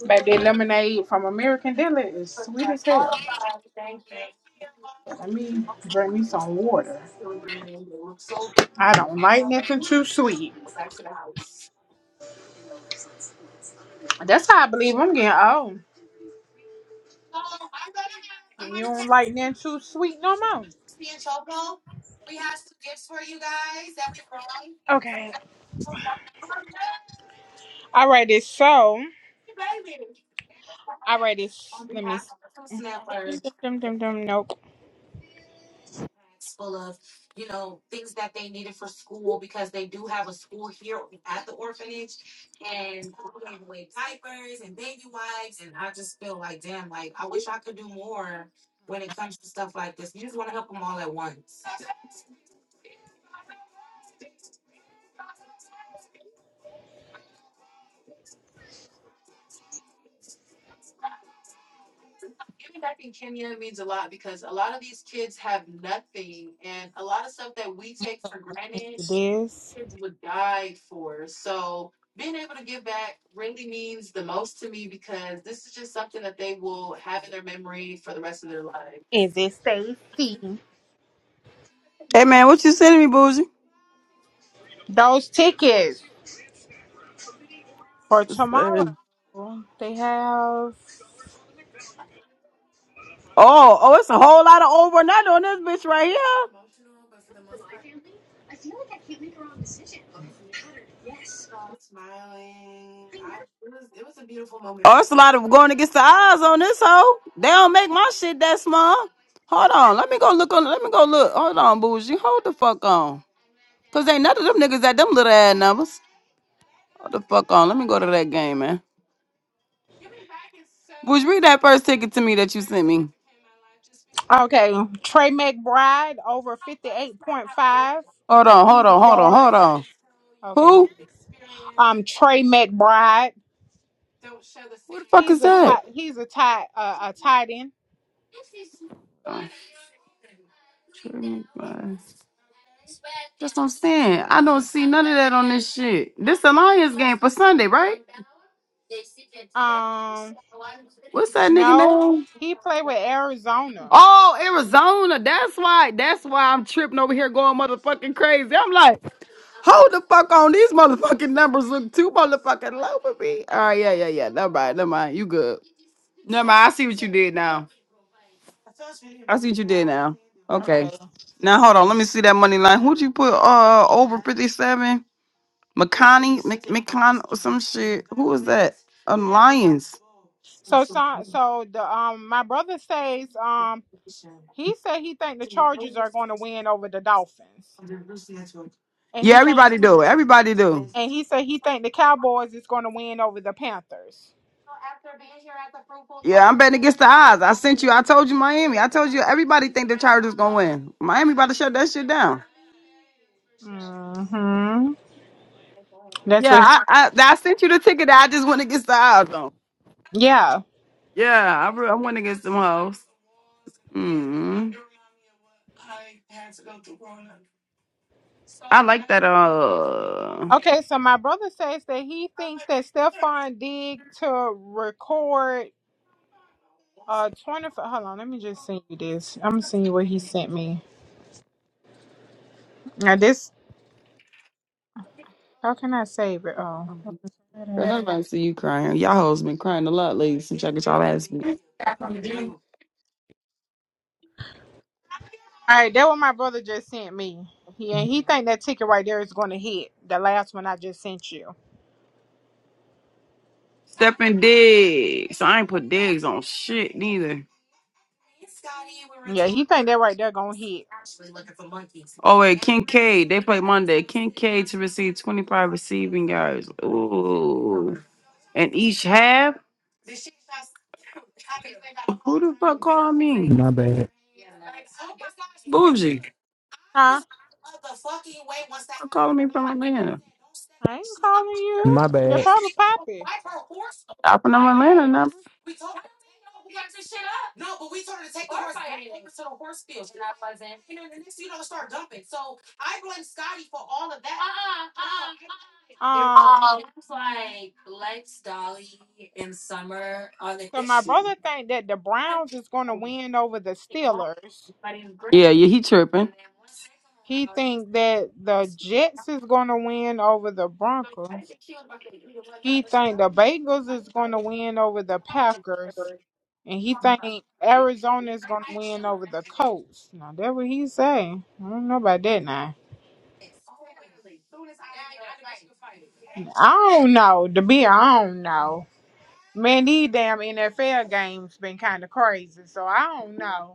baby, the lemonade from American Deli is sweet as hell. Let me drink me some water. I don't like nothing too sweet. That's how I believe I'm getting old. You don't like nothing too sweet no more. Okay. Alrighty, so alrighty, s- let me. s- Dum, dum, dum, dum, dum, nope. This is it. Stacy. Hey man, what you sending me, Bougie? Those tickets for It's, uh, tomorrow. They have. Oh, oh, it's a whole lot of overnight on this bitch right here. It's a lot of going against the eyes on this hoe. They don't make my shit that small. Hold on, let me go look on. Let me go look. Hold on, bougie. Hold the fuck on. Cause ain't none of them niggas at them little ad numbers. Hold the fuck on. Let me go to that game, man. Which read that first ticket to me that you sent. Okay, Trey McBride over fifty-eight point five Hold on, hold receiving on, hold on, yards. hold Okay, um, Trey McBride. He's a tight. on. He's a tight. Uh, a tight end. That's what I'm saying. I don't see none of on this shit. This Alliance game for Sunday, right? Um, What's that nigga no, name? he played with Arizona. Oh, Arizona. That's why. That's why I'm tripping over here going motherfucking crazy. I'm like, hold the fuck on. These motherfucking numbers look too motherfucking low for me. All right, yeah, yeah, yeah. Never mind. Never mind. You good. Never mind. I see what you did now. see what you did Okay. Okay, Now hold on. Let me see that money line. Who'd you put uh over fifty seven? McConaughey, some shit. Um, Lions. so so so the um my brother says um he said he think the Chargers are going to win over the Dolphins, and Yeah, he think everybody do. Everybody do. and he said he think the Cowboys is going to win over the Panthers. Yeah, I'm betting against the odds. I sent you. I told you Miami. I told you everybody think the Chargers gonna win. Miami about to shut that shit down. hmm that's Yeah, what. I I, I sent you the ticket. That I just went against the odds on. Yeah. Yeah, I, re- I went against them hoes. Mm. I like that. Uh, uh, Okay, so my brother says that he thinks that Stefan Digg to record uh 25 hold on, let me just send you this. I'm gonna send you what he sent me. Now this how can I save it? Oh all I see you crying. Y'all hoes been crying a lot lately since I got y'all right, that what my brother just sent me. Yeah, he think that ticket right there is gonna hit. The last one I just sent you. Stepping digs. I ain't put digs on shit neither. Yeah, he think that right there gonna hit. Oh wait, Kincaid. They and each half. My bad. Huh? I ain't calling you. My They're bad. probably poppy. Um, so my brother think that the Browns is gonna win over the Steelers. Yeah, yeah, he tripping. He think that the Jets is gonna win over the Broncos. He think the Bengals is gonna win over the Packers, and he think Arizona is gonna win over the Colts. Now that what he say. I don't know about that now. I don't know. To be, I don't know. Man, these damn NFL games been kind of crazy, so I don't know.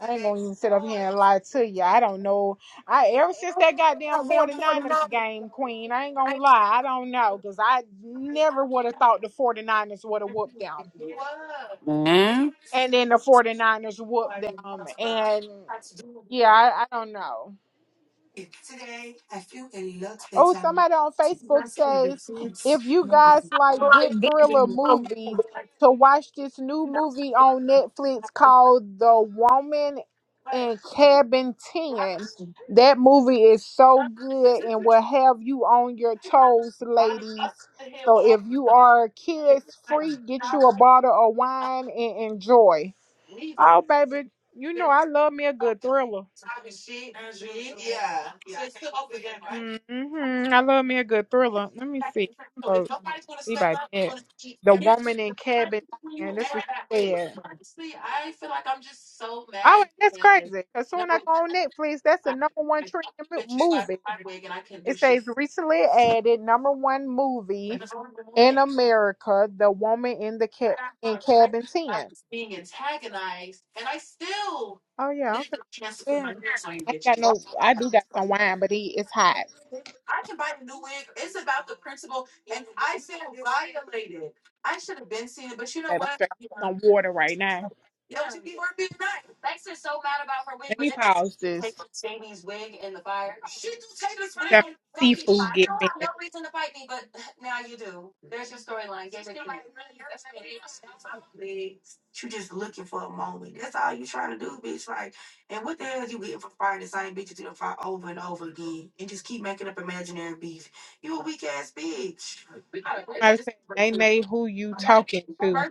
I ain't gonna even sit up here and lie to you. I don't know. I ever since that goddamn 49ers game, Queen, I ain't gonna lie. I don't know because I never would have thought the 49ers would have whooped them. And then the 49ers whooped them. And yeah, I, I don't know. Oh, somebody on Facebook says if you guys like good thriller movies, to watch this new movie on Netflix called The Woman in Cabin 10. That movie is so good and will have you on your toes, ladies. So if you are kids free, get you a bottle of wine and enjoy. Oh, baby, you know I love me a good thriller. hmm I love me a good thriller. Let me see. We right there. The woman in cabin, and that's what she said. Oh, and that's crazy. Cause soon I go on Netflix, that's the number one trending mo- movie. It says recently added number one movie in America, The Woman in the Cat in Cabin Ten. Oh yeah, I'm finna- yeah. I ain't got no. I do got some wine, but it, it's hot. But I'm drinking some water right now. Let me pause this. That seafood get finished. Somebody say, "Nay, nay, who you talking to?"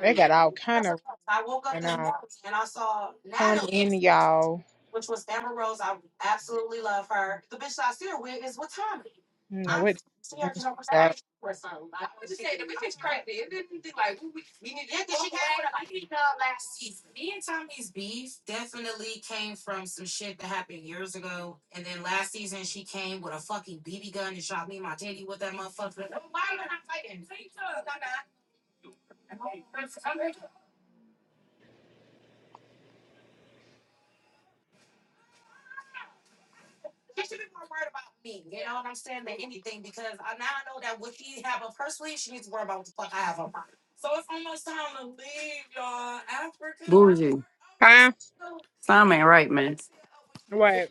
They got all kind of going on. Come in, y'all. You know what? Huh? Something ain't right, man. What?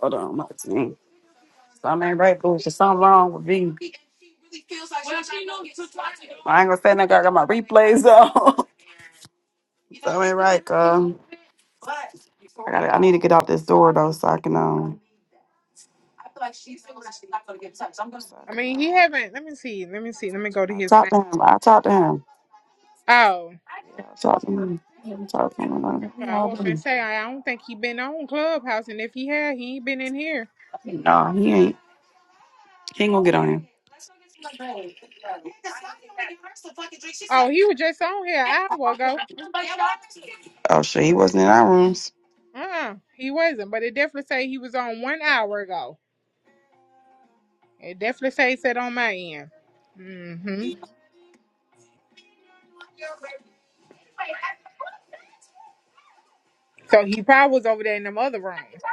Hold on, my team. Something ain't right, boo. There's something wrong with me. I ain't gonna say nothing. I got my replays on. Um, I need to get out this door though, so I can um. So I I can mean, he um. haven't. Let me see. Let me see. Let me go to I his talk name. to him. I talk to him. Oh, Yeah, I talk to him. Yeah, I talk to so I was gonna him. say I I don't think he been on Clubhouse, and if he had, he ain't been in here. No, he ain't. He ain't gonna get. Oh, he was just on here an hour ago. Oh shit, Uh, uh he wasn't. But it definitely say he was on one hour ago. It definitely say said on my end. Mm-hmm. So he probably was over there in them other rooms.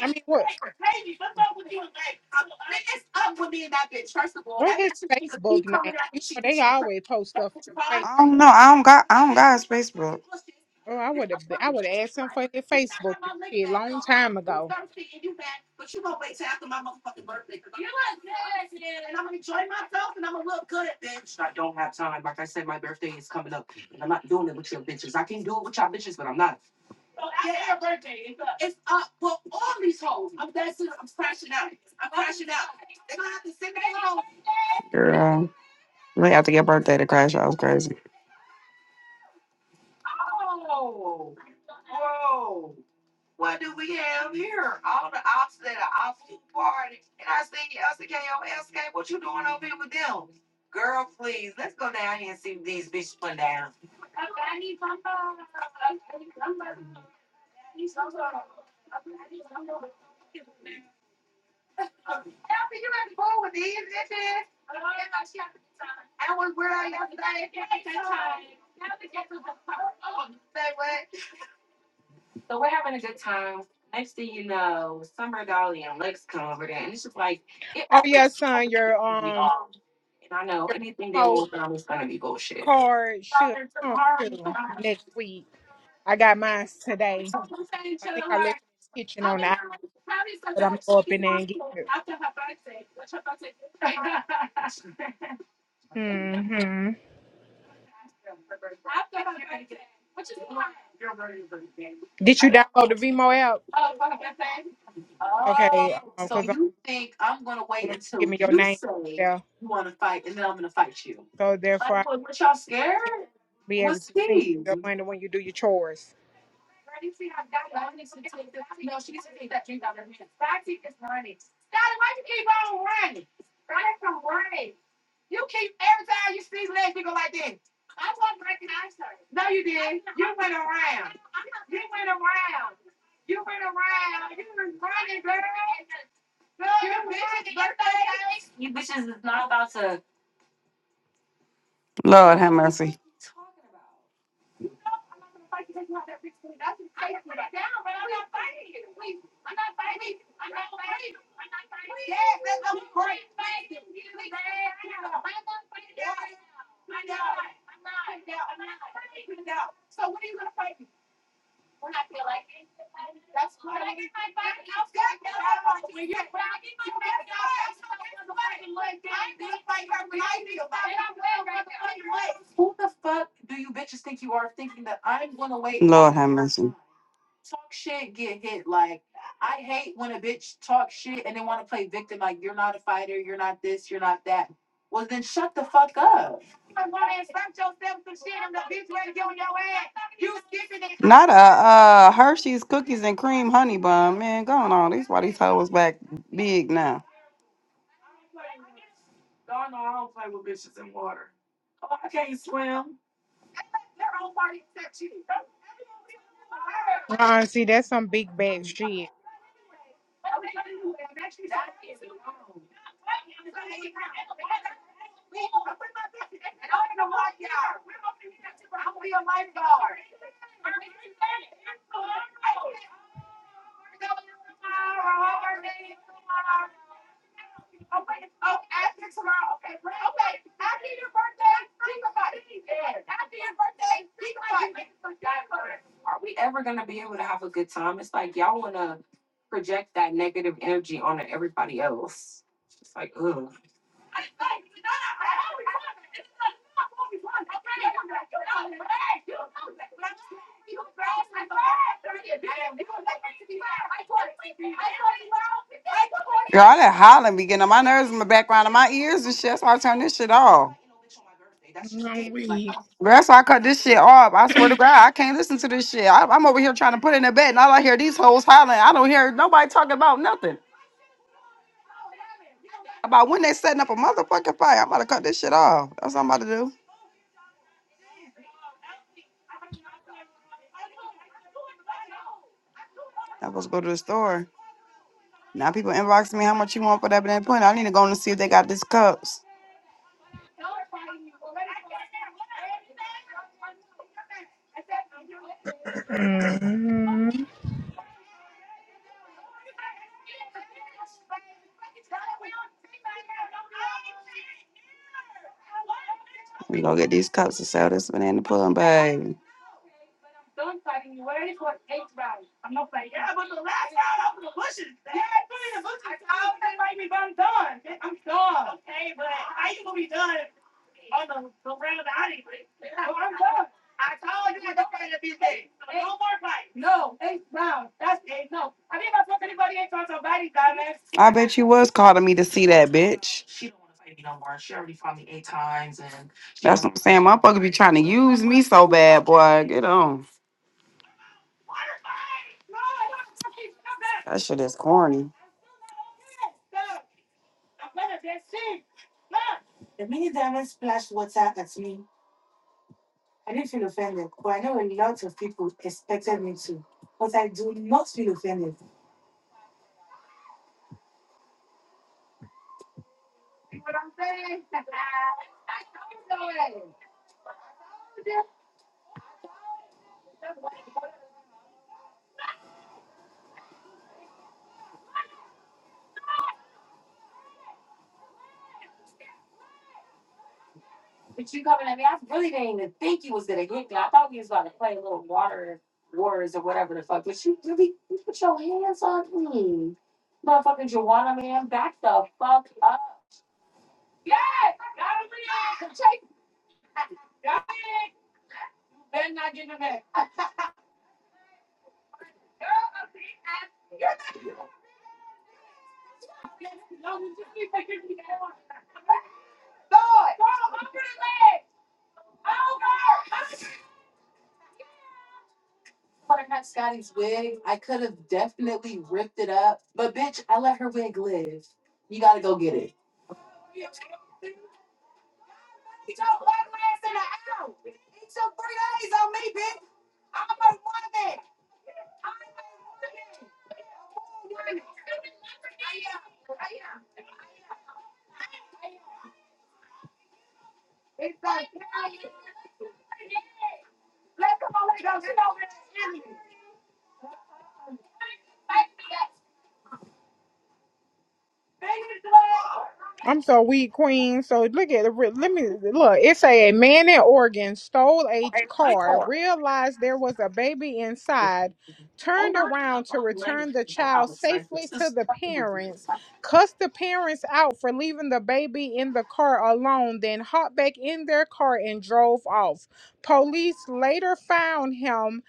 I mean, what? What his Facebook name? You know, they always post stuff on Facebook. Oh, I would have. I would have asked him for his Facebook and shit long time ago. girl. We have to get birthday to crash. I was crazy. Oh yeah, son, your um your remote card should come through next week. I got mine today. I think I left it in the kitchen on the aisle, but I'm gonna go up in there and get it. hmm Did you download the Vimo app? Okay, because I want you to give me your name there, so therefore I can yeah, be able to send you your money when you do your chores. Lord have mercy. Lord have mercy. Not a uh Hershey's cookies and cream honey bun, man. Going on. These why these hoes back big now. Uh, see, that's some big bad shit. All that hollering be getting on my nerves in the background of my ears and shit. That's why I turn this shit off. No weed. That's why I cut this shit off. I swear to God, I can't listen to this shit. I, I'm over here trying to put in a bed, and all I hear these hoes hollering. I don't hear nobody talking about nothing about when they setting up a motherfucking fight. I'm about to cut this shit off. That's what I'm about to do. I'm supposed to go to the store. Now people inboxing me how much you want for that damn point. I need to go in and see if they got these cups. Mm-hmm. We gonna get these cups and sell this banana pudding, baby. I bet you was calling me to see that bitch. I'm Saying motherfucker be trying to use me so bad, boy. Get on. That shit is corny. I'm so weak, Queen. So look at the re- let me look. It say a man in Oregon stole a car, realized there was a baby inside, turned around to return the child safely to the parents, cussed the parents out for leaving the baby in the car alone, then hopped back in their car and drove off. Police later found him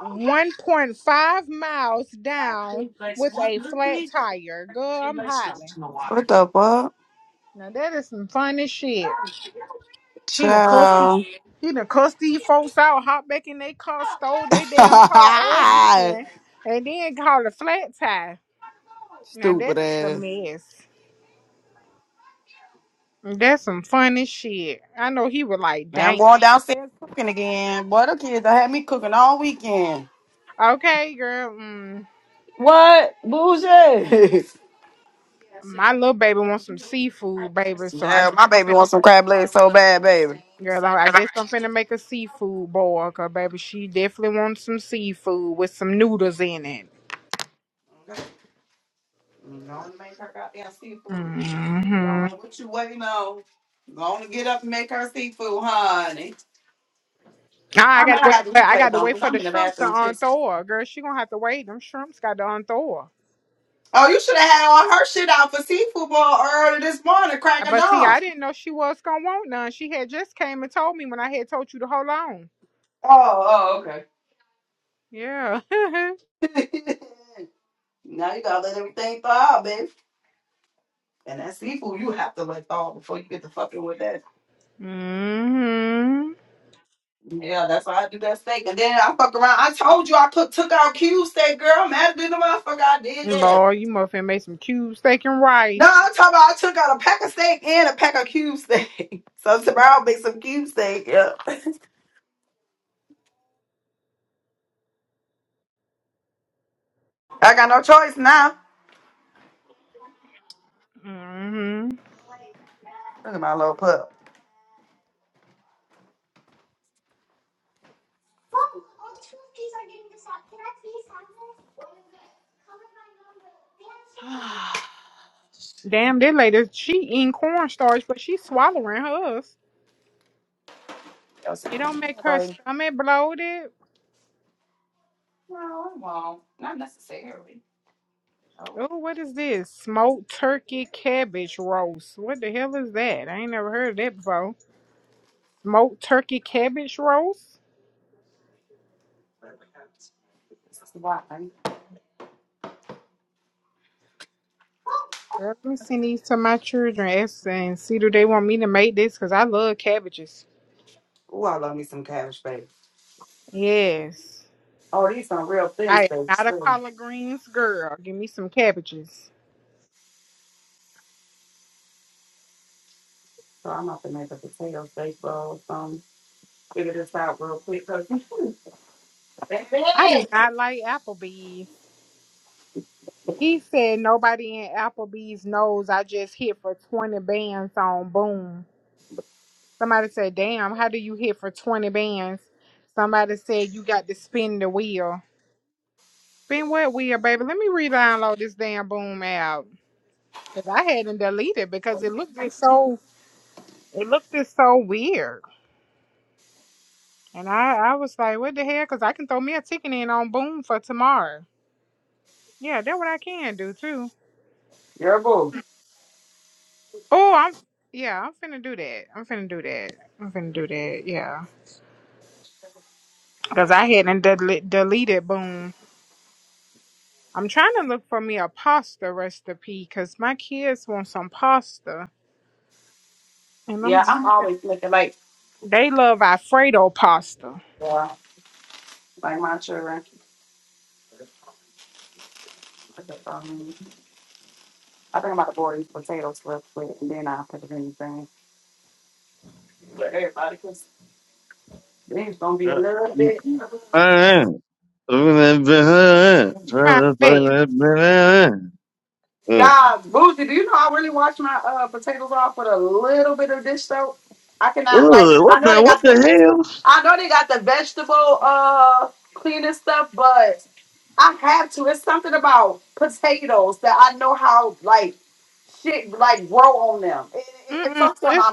1.5 miles down with a flat tire. Girl, I'm hollering. Now that is some funny shit. He done cussed Child. these- he done cussed these folks out, hopped back in their car, stole their damn car again, and then called a flat tire. Now Stupid that is a ass. mess. That's some funny shit. I know he was like, Now I'm dang. going downstairs cooking again. Boy, the kids done had me cooking all weekend. Okay, girl. Mm, What? Bougie. my little baby wants some seafood, baby. So I guess my I'm baby finna, wants girl, I I guess I'm finna make a seafood boil, cause baby, she definitely wants some seafood with some noodles in it. hmm Nah, I gotta wait for I gotta wait for the shrimps to unthaw her. Girl, she gonna have to wait. Them shrimps got to unthaw her. Uh, But see, I didn't know she was gonna want none. She had just came and told me when I had told you to hold on. Yeah. mm-hmm. Lord, you muffin made some cube steak and rice. mm hmm Damn, this lady, she eating cornstarch, but she swallowing hers. It don't make her stomach bloated. Oh, what is this? Smoked turkey cabbage roast. What the hell is that? I ain't never heard of that before. Smoked turkey cabbage roast? Girl, let me send these to my children ask and see do they want me to make this because I love cabbages. Yes. I am not a collard greens girl. Give me some cabbages. I do not like Applebee's. He said nobody in Applebee's knows I just hit for 20 bands on Boom. Somebody said, "Damn, how do you hit for twenty bands?" Somebody said, "You got to spin the wheel." Spin what wheel, baby? Let me re-download this damn Boom app because I hadn't deleted it because it looked it so it looked it so weird, and I I was like, "What the hell?" Because I can throw me a ticket in on Boom for tomorrow. Yeah, that's what I can do too. Oh, I'm yeah, I'm finna do that. I'm finna do that. I'm finna do that. Yeah, because I hadn't del- deleted Boom I'm trying to look for me a pasta recipe because my kids want some pasta, and I'm trying to. They love Alfredo pasta. Yeah. Uh, Ugh, what Find that. the what the hell? Mm-mm. Just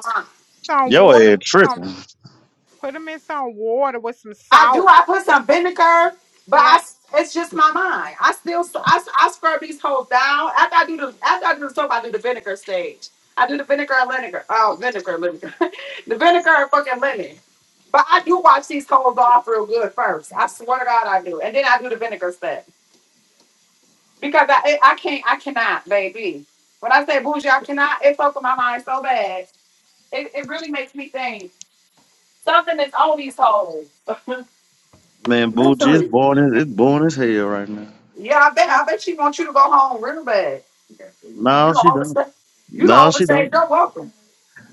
put some Yo water ass with some. tripping. Put them in some water with some salt. Yeah. Man, Boochie is born as it's born as hell right now. I know. No, she don't. No, she don't.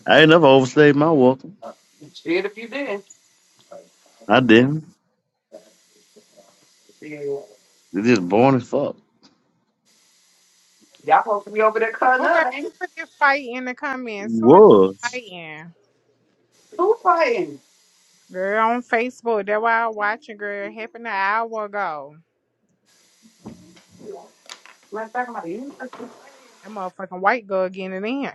I ain't never overstayed my welcome. I didn't. They just born as fuck. Okay. Put this fight in the comments. You So it is was. fighting. Girl on Facebook. That's why I'm watching. Girl, happened an hour ago. That motherfucking white girl getting it in.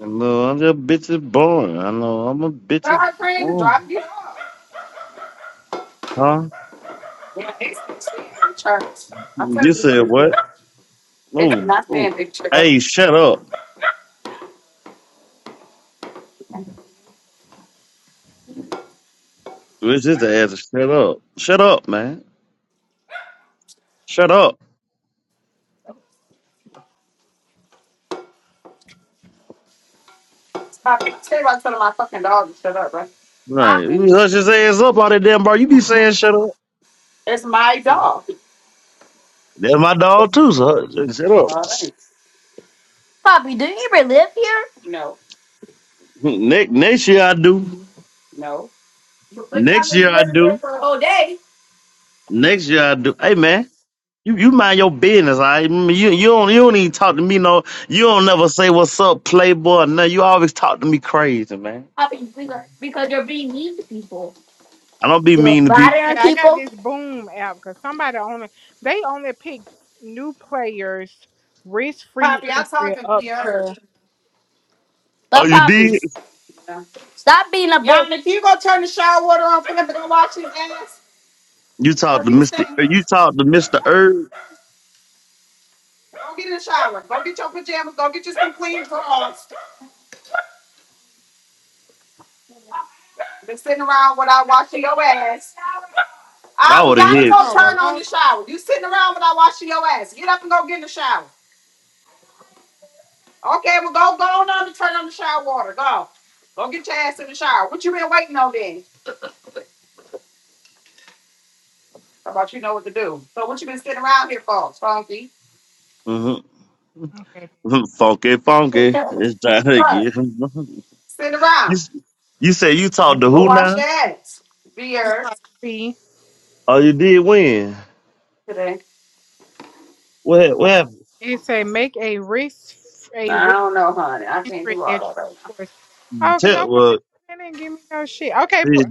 I know I'm just bitches born. I know I'm a bitch born. Huh? You said what? Oh, oh. Hey, shut up. This is the ass. Shut up. Shut up, man. Shut up. Right. You need to hush his ass up out of damn bar. You be saying shut up. That's my dog too, so hush- shut up. Next next year I do. Next year I do. Next year I do. Hey man. You you mind your business, all right? Mm, You you don't you don't even talk to me no you don't never say what's up, playboy, no. You always talk to me crazy, man. I don't be mean to people. Yeah, I got this boom app because somebody only they only pick new players, risk free entry up to Oh, you did? You talked to Mr. Er- You talked to Mr. Erb? I would have hit. oh well log Mm-hmm. okay. Funky, funky. It's time again. you s- you said you talked to who now? She probably be Oh, you did when? What hap- what happened? it say make a risk a risk entry at your choice. Oh, because I Tell, was well, they didn't give me no shit. Okay, P- shit,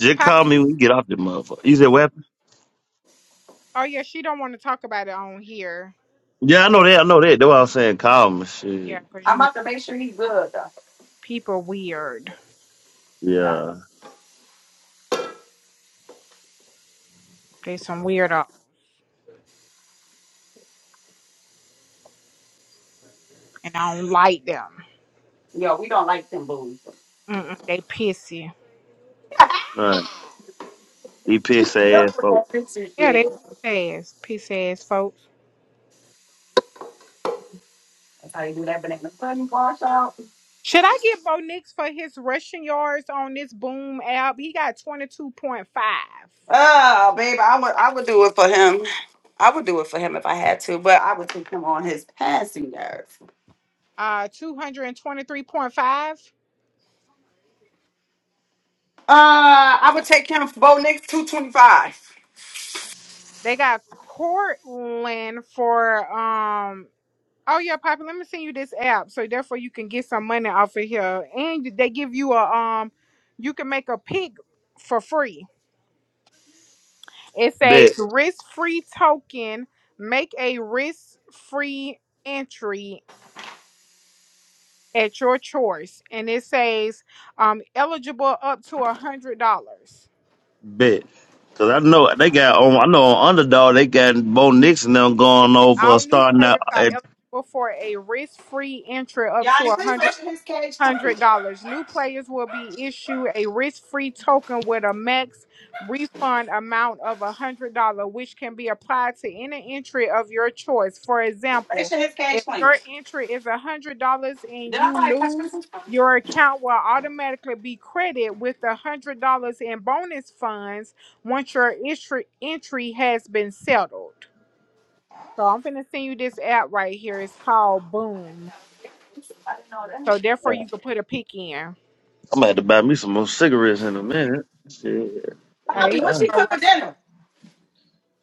just call Poppy, me you when you get off the motherfucker. You said what happened? oh yeah, she don't want to talk about it on here. Yeah, I know that. I know that. That's what I was saying. Call me, shit. Yeah, because you know people weird. Yeah. They some weirdo, and I don't like them. Mm-mm, they pissy. All right. He pissed ass folk. Yeah, they piece ass, piece ass folks. Should I get Bo Nix for his rushing yards on this Boom app? He got twenty two point five, uh, two hundred and twenty three point five. They got Cortland for um. Oh yeah, Poppy. Let me send you this app, so therefore you can get some money off of here, and they give you a um. You can make a pick for free. It Bet, says risk free token. Make a risk free entry at your choice, and it says um, eligible up to a hundred dollars. bet. Cause I know they got on. I know on underdog they got Bo Nix and them It going say over all new starting out. players are At, eligible for a risk-free entry up to $100. hundred dollars. New players will be issued a risk-free token with a max refund amount of a hundred dollar, which can be applied to any entry of your choice. For example, if your entry is a hundred dollars and you lose, your account will automatically be credited with a hundred dollars in bonus funds once your entry entry has been settled. So I'm gonna send you this app right here. It's called Boom. So therefore I'm you can put a pick in. gonna have to buy me some more cigarettes in a minute. Shit. Hey, you Uh, go right here.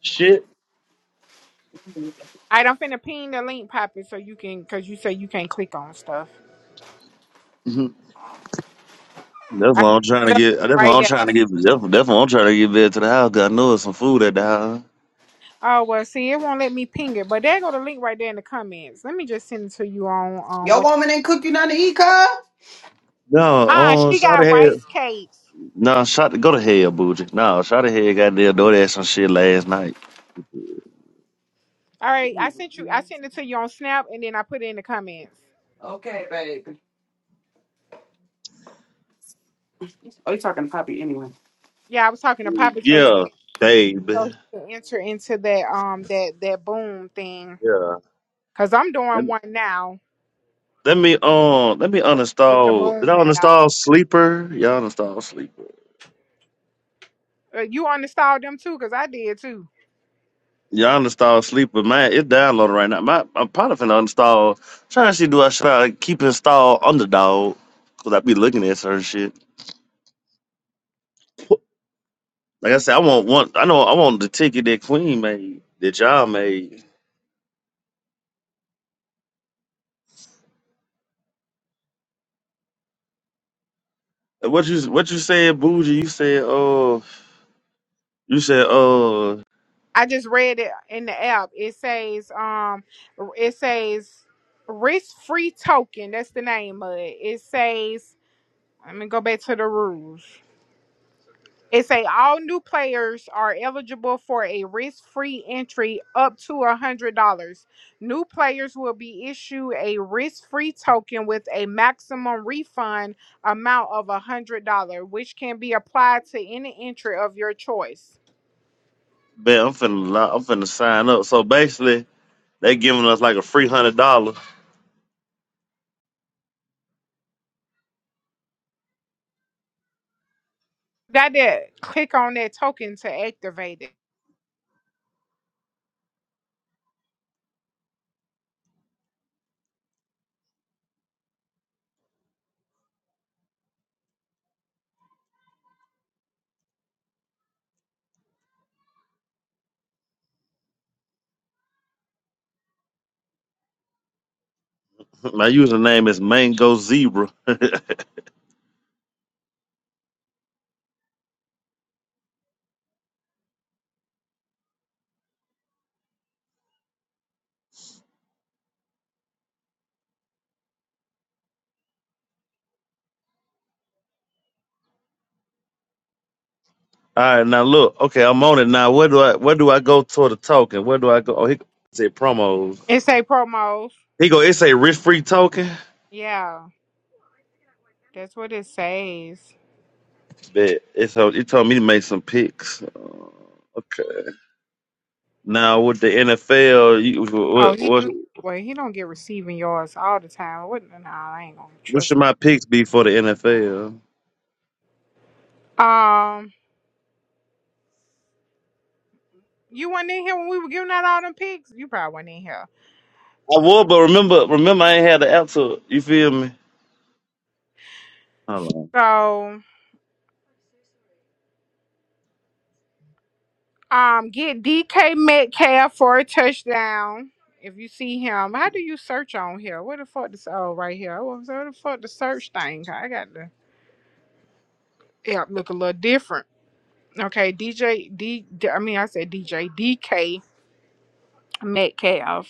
shit. All right, don't finna ping the link, Poppy, so you can, cause you say you can't click on stuff. Mhm. That's I why I'm there trying to go the link get. That's why right I'm trying there. to get. That's, that's why I'm trying to get back to the house. 'cause I know it's some food at the house. Oh well, see, it won't let me ping it, but there go the link right there in the comments. Let me just send it to you on um what. No, Ah, um, she shot got ahead. rice cakes. No, shot. Go to hell, Boogie. No, shot ahead. Got there. Door that some shit last night. All right, I sent you. I sent it to you on Snap, and then I put it in the comments. Yeah, I was talking to Poppy, so he Yeah, can, baby. so he can enter into that um that that boom thing, Yeah. cause I'm doing one now Let me um let me with with the uninstall. Did I boom app. uninstall Sleeper? Y'all uninstall Sleeper. Uh, you uninstalled them too, cause I did too. Y'all uninstall Sleeper. Man, it's downloaded right now. My I'm probably finna uninstall. Trying to see do I should I keep install Underdog? Cause I be looking at certain shit. Like I said, I want one. I know I want the ticket that Queen made, that y'all made. And What you what you said, Bougie? You said uh you said uh I just read it in the app. It says, um, it says risk free token. That's the name of it. It says, let me go back to the rules. It say all new players are eligible for a risk free entry up to a hundred dollars. New players will be issued a risk free token with a maximum refund amount of a hundred dollar, which can be applied to any entry of your choice. man, I'm finna li- I'm finna sign up. So basically, they giving us like a free hundred dollars That it. Click on that token to activate it. My username is Mango Zebra. All right, now look. Okay, I'm on it now. Where do I where do I go toward the token? Where do I go? Oh, he said promos. It say promos. He go. It say risk free token. Yeah, that's what it says. Bet it's so it told me to make some picks. Okay. Now with the NFL, you, Oh, what, he what do. Well, he don't get receiving yards all the time. What? Nah, I ain't gonna what trust. should my picks be for the NFL? Um, you weren't in here when we were giving out all them picks. You probably wasn't in here. I would, but remember remember I ain't had the app to you feel me? Hold on. So, um, get DK Metcalf for a touchdown. If you see him, how do you search on here? Where the fuck this? Oh, right here. What was- Where the fuck the search thing? I got to yeah look a little different. Okay, DJ D. I mean, I said DJ DK Metcalf.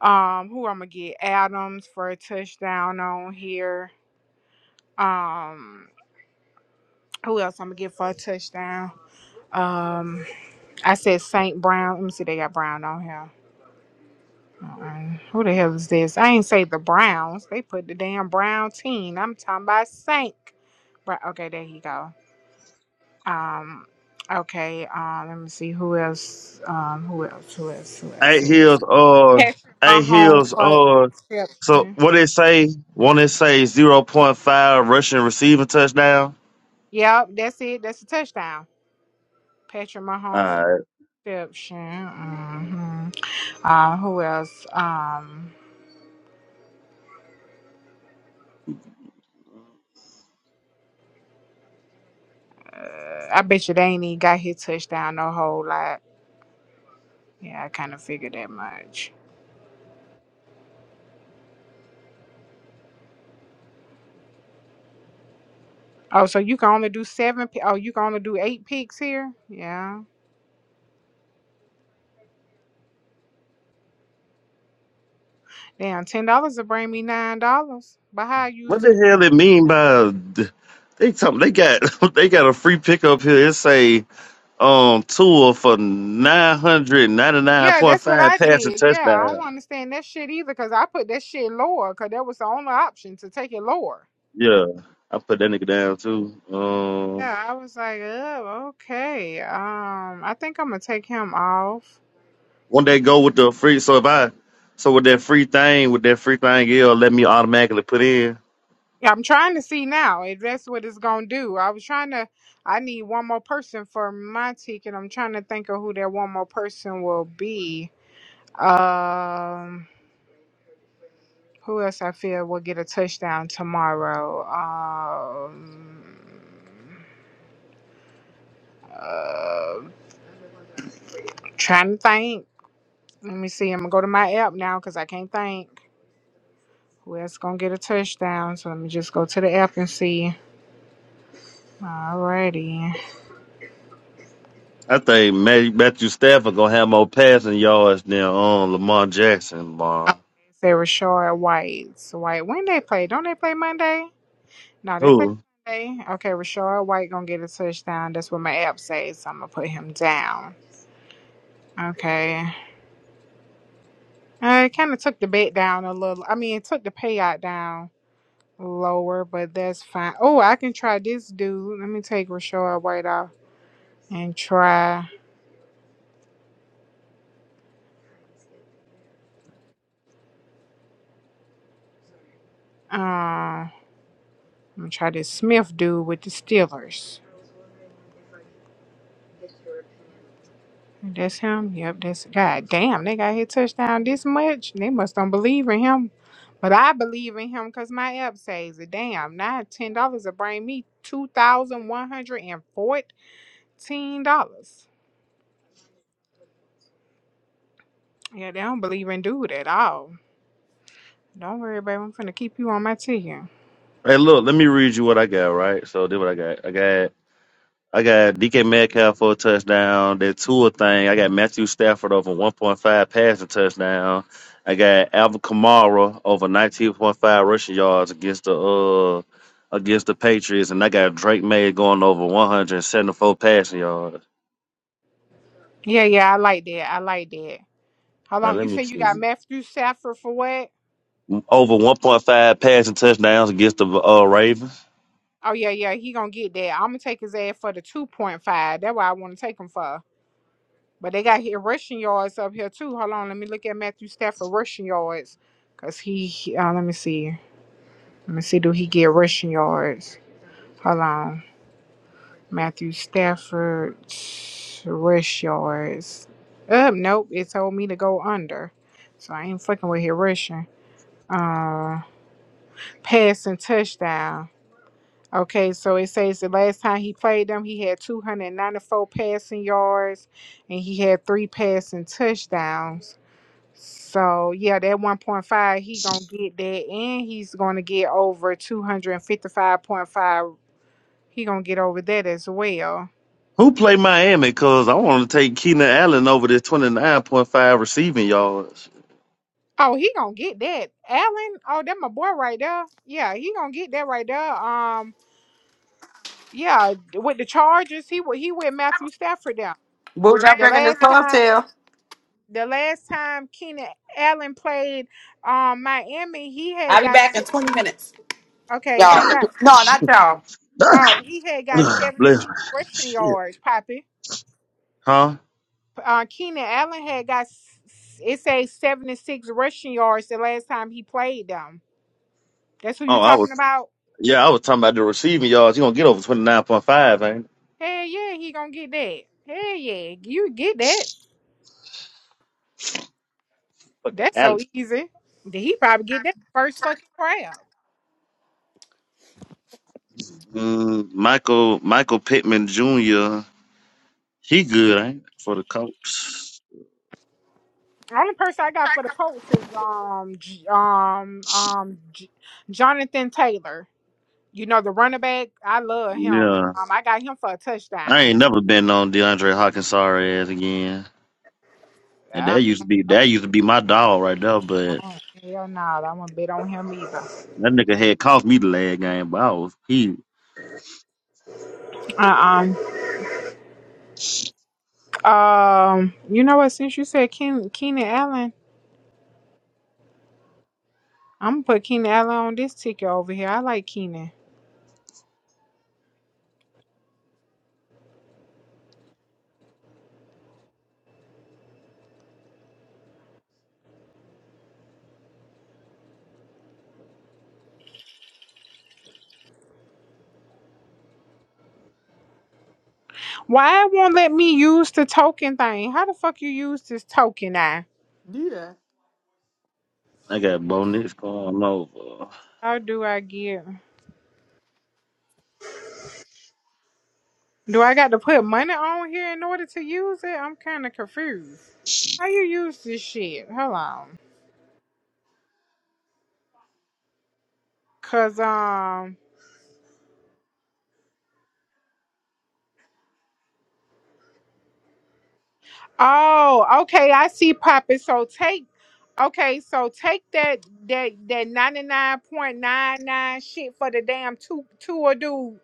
Um, who I'm gonna get? Adams for a touchdown on here. Um, who else I'm gonna get for a touchdown? Um, I said Saint Brown. Let me see, they got Brown on here. Uh-uh. Who the hell is this? I ain't say the Browns. They put the damn Brown team. I'm talking about Saint. Right. Okay, there you go. Um, okay. Um, let me see who else. Um, who else? Who else? Who else? Eight Who else? hills or Patrick eight Mahomes hills for So interception. what they say? One they say zero point five Russian receiving touchdown. Yep, that's it. That's a touchdown. Patrick Mahomes for Uh, reception. hmm Uh, who else? Um, uh, I bet you they ain't even got his touchdown no whole lot. Yeah, I kind of figured that much. Oh, so you can only do seven? pi- Oh, you can only do eight picks here? Yeah. Damn, ten dollars to bring me nine dollars. But how I what used this? the hell it mean by they talking? They got they got a free pickup here. It say um tour for nine hundred ninety nine Yeah, point that's what five I passing did. Yeah, I don't touchdown. understand that shit either because I put that shit lower because that was the only option to take it lower. Yeah, I put that nigga down too. Um, Yeah, I was like, oh, okay. Um, I think I'm gonna take him off. one day go with the free. So if I so with that free thing with that free thing, it'll let me automatically put in. Yeah, I'm trying to see now if that's what it's gonna do. I was trying to. I need one more person for my ticket. I'm trying to think of who that one more person will be. Um, who else I feel will get a touchdown tomorrow? Um, uh, trying to think. Let me see. I'm gonna go to my app now because I can't think. Whoever's gonna get a touchdown? So let me just go to the app and see. Alrighty. I think Matt, Matthew Stafford gonna have more passing yards than um, Lamar Jackson, man. Okay, say Rashard White. So White, when they play? Don't they play Monday? No, they play Who? Monday. Okay, Rashard White gonna get a touchdown. That's what my app says. So I'm gonna put him down. Okay. I kind of took the bet down a little. I mean, it took the payout down lower, but that's fine. Oh, I can try this dude. Let me take Rashard White off and try. Um, I'm gonna try this Smith dude with the Steelers. That's him. Yep, that's God damn, they got his touchdown this much. They must don't believe in him. But I believe in him because my app says it. Damn, now ten dollars will bring me two thousand one hundred and fourteen dollars. Yeah, they don't believe in dude at all. Don't worry, babe. I'm finna keep you on my team. Hey, look, let me read you what I got. Right, so this what I got. I got I got DK Metcalf for a touchdown. That Tua thing. I got Matthew Stafford over 1.5 passing touchdown. I got Alvin Kamara over 19.5 rushing yards against the uh against the Patriots, and I got Drake May going over 174 passing yards. Yeah, yeah, I like that. I like that. Hold Now on, let you me say you got see. Matthew Stafford for what? over 1.5 passing touchdowns against the uh, Ravens. Oh yeah, yeah, he gonna get that. I'm gonna take his ass for the two point five. That's what I want to take him for. But they got here rushing yards up here too. Hold on, let me look at Matthew Stafford rushing yards, cause he he- uh, let me see, let me see, do he get rushing yards? Hold on, Matthew Stafford rush yards. Uh, nope, it told me to go under, so I ain't fucking with here rushing. Uh, passing touchdown. Okay, so it says the last time he played them, he had 294 passing yards, and he had three passing touchdowns. So yeah, that one point five he gonna get that, and he's gonna get over two hundred and fifty five point five. He gonna get over that as well. Who played Miami? Because I want to take Keenan Allen over this 29.5 receiving yards. Oh, he gonna get that, Allen. Oh, that my boy right there. Yeah, he gonna get that right there. Um, yeah, with the Chargers, he wa- he with Matthew Stafford down. The last time, the last time Keenan Allen played, um, Miami, he had got si- okay, he got oh he had got Ugh, seventy Bless six me. rushing Shit. yards, Poppy. Huh? uh, Keenan Allen had got s- s- it says seventy six rushing yards the last time he played them. That's who Oh, you I was, talking about? yeah, I was talking about the receiving yards. you going to get over 29.5, ain't it? Hell yeah, he gonna get that. Hell yeah, you get that. Fucking That's so Allen. easy. Did he probably get that first fucking round? Mm, Michael, Michael Pittman Jr., he good, ain't it, For the Colts. Only person I got for the Colts is um J- um um J- Jonathan Taylor. You know the running back. I love him. Yeah. Um, I got him for a I touchdown. ain't never been on DeAndre Hawkins' sorry ass again. And Yeah. that used to be, that used to be my dog right there, Hell no, I won't bet on him either. That nigga had cost me the last game, but I was he. Uh uh Um, you know what? Since you said Keen, Keenan Allen, I'm gonna put Keenan Allen on this ticket over here. I like Keenan. Why it won't let me use the token thing? How the fuck you use this token? I Do that. I got Bo Nix going over. how do I get? Do I got to put money on here in order to use it? I'm kind of confused. How you use this shit? Hold on, cause um. Oh, okay. I see, Papa. So take, okay. So take that that that ninety nine point nine nine shit for the damn two two or dude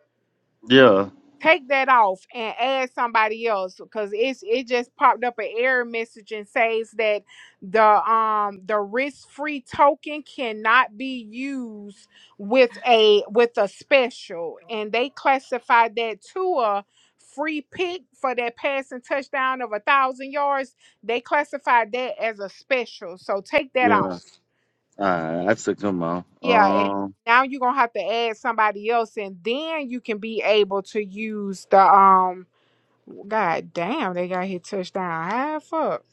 Yeah, take that off and add somebody else because it's it just popped up an error message and says that the um the risk free token cannot be used with a with a special and they classified that to a free pick for that passing touchdown of a thousand yards they classified that as a special so take that yeah. off All right, I took him out. yeah and Um, now you're gonna have to add somebody else and then you can be able to use the um God damn, they got hit touchdown. How the fuck?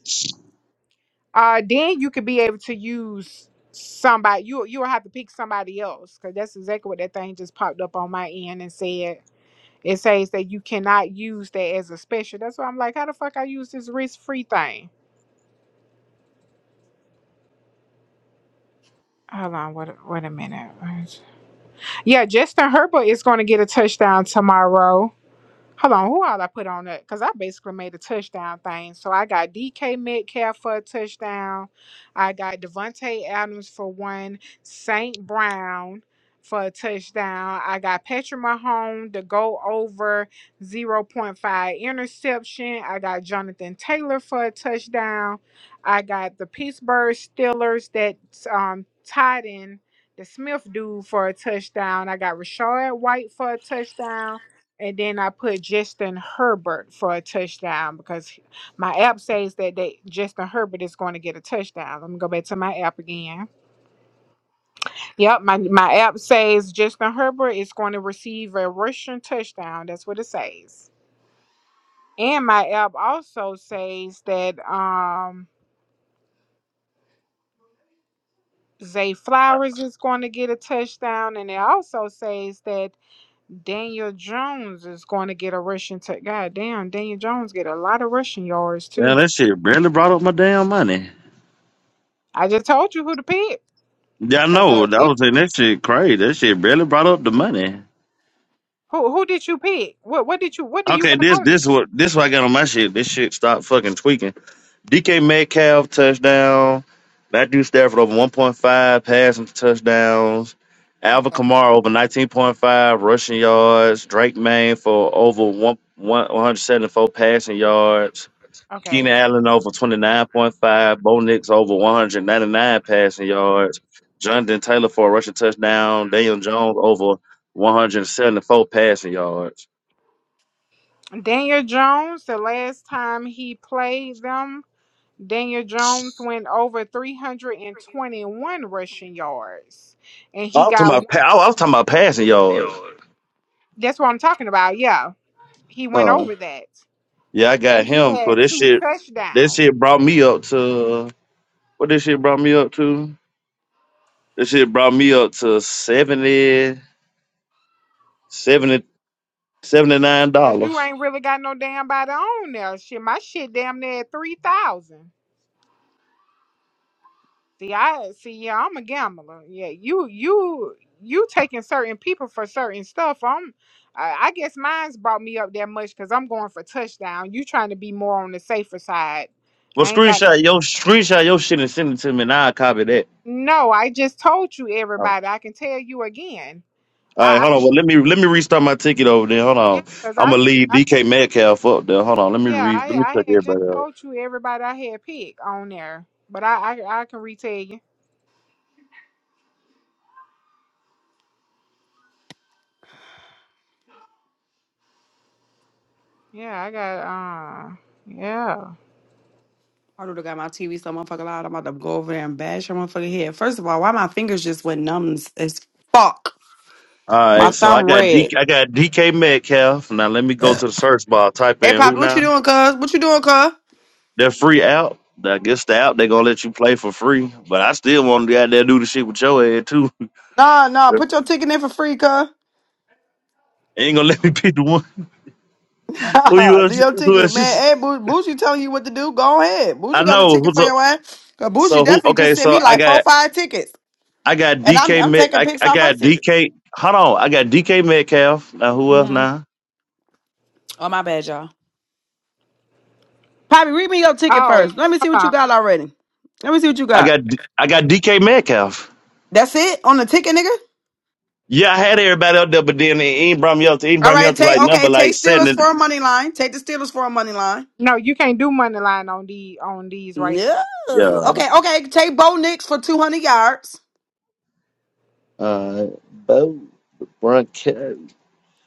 Uh, then you could be able to use somebody. You you will have to pick somebody else because that's exactly what that thing just popped up on my end and said. It says that you cannot use that as a special. That's why I'm like, how the fuck I use this risk free thing? Hold on, wait, a- wait a minute. Yeah, Justin Herbert is going to get a touchdown tomorrow. Hold on, who all I put on that? Because I basically made a touchdown thing. So I got DK Metcalf for a touchdown. I got Devontae Adams for one. Saint Brown for a touchdown. I got Patrick Mahomes to go over zero point 0.5 interception. I got Jonathan Taylor for a touchdown. I got the Pittsburgh Steelers that um, tied in the Smith dude for a touchdown. I got Rashad White for a touchdown. And then I put Justin Herbert for a touchdown because my app says that they Justin Herbert is going to get a touchdown. Let me go back to my app again. Yep, my, my app says Justin Herbert is going to receive a rushing touchdown. That's what it says. And my app also says that um Zay Flowers is going to get a touchdown, and it also says that Daniel Jones is going to get a rushing touchdown. God damn, Daniel Jones get a lot of rushing yards too. yeah, that shit barely brought up my damn money. I just told you who to pick Yeah, I because know. I that it, was saying that shit crazy. That shit barely brought up the money. who who did you pick? What what did you what do you Okay, got this on? it? this what this what I got on my shit. This shit stopped fucking tweaking. DK Metcalf touchdown. Matthew Stafford over 1.5 passing touchdowns. Alvin Okay, Kamara over 19.5 rushing yards. Drake May for over one, 174 passing yards. okay. Keenan Allen over 29.5. Bo Nix over 199 passing yards. Jonathan Taylor for a rushing touchdown. Daniel Jones over 174 passing yards. Daniel Jones. The last time he played them, Daniel Jones went over three hundred and twenty one rushing yards, and I he was talking got. one- about, pa- I was talking about passing yards. That's what I'm talking about. Yeah, he went over that, Yeah, I got and he him. So had this two shit, this touchdowns. shit brought me up to what? This shit brought me up to. This shit brought me up to 70, 70, seventy-nine Cause you dollars. ain't really got no damn body on there. Shit, my shit damn near three thousand. See, I see. Yeah, I'm a gambler. Yeah, you, you, you taking certain people for certain stuff. I'm, I, I guess mine's brought me up that much because I'm going for touchdown. You trying to be more on the safer side. Well, I ain't got screenshot your screenshot your shit and send it to me, and I'll copy that. no. I just told you Oh. All everybody. I can tell you again. I, right, I hold on. Well, let me let me restart my ticket over there. Hold yeah, on. because I'm I gonna just, leave I, DK Metcalf up there. Hold on. Let me yeah, re I, let me check I had just everybody out. told you everybody I had picked on there, but I, I, I can retell you. Yeah, I got, uh, yeah. I don't got my TV so motherfucking loud. I'm about to go over there and bash her motherfucking head. First of all, why my fingers just went numb as as fuck? All My right, so thumb I got red. DK, I got DK Metcalf. Now let me go to the search bar. Type Hey, in who Poppy, what now. you doing, cuz? What you doing, cuz? That free app, I guess the app they gonna let you play for free. But I still want to out there do the shit with your head too. Nah, nah, put your ticket in for free, cuz. ain't gonna let me pick the one. Who you do else? your Who ticket, else? you man. s- Hey, Boo- Boosie telling you what to do. Go ahead. I Boosie got a know. ticket Who's for up? your ass. Cause Boosie So who? definitely Okay, just sent so me I like four, got five tickets. I got And I'm DK. I'm Met, taking I pics I off her got ticket. DK. Hold on, I got DK Metcalf. Now who else? hmm Now Oh, my bad, y'all. Poppy, read me your ticket Oh, first. Let me see hold what on. you got already. Let me see what you I got. got D- I got DK Metcalf. That's it? On the ticket, nigga? Yeah, I had everybody up there, but then he ain't brought me up to he ain't All brought me up right, to take like number okay, like take Steelers seven. for a money line. Take the Steelers for a money line. No, you can't do money line on the on these right. No. Yeah. Okay, okay. Take Bo Nix for 200 yards. All right.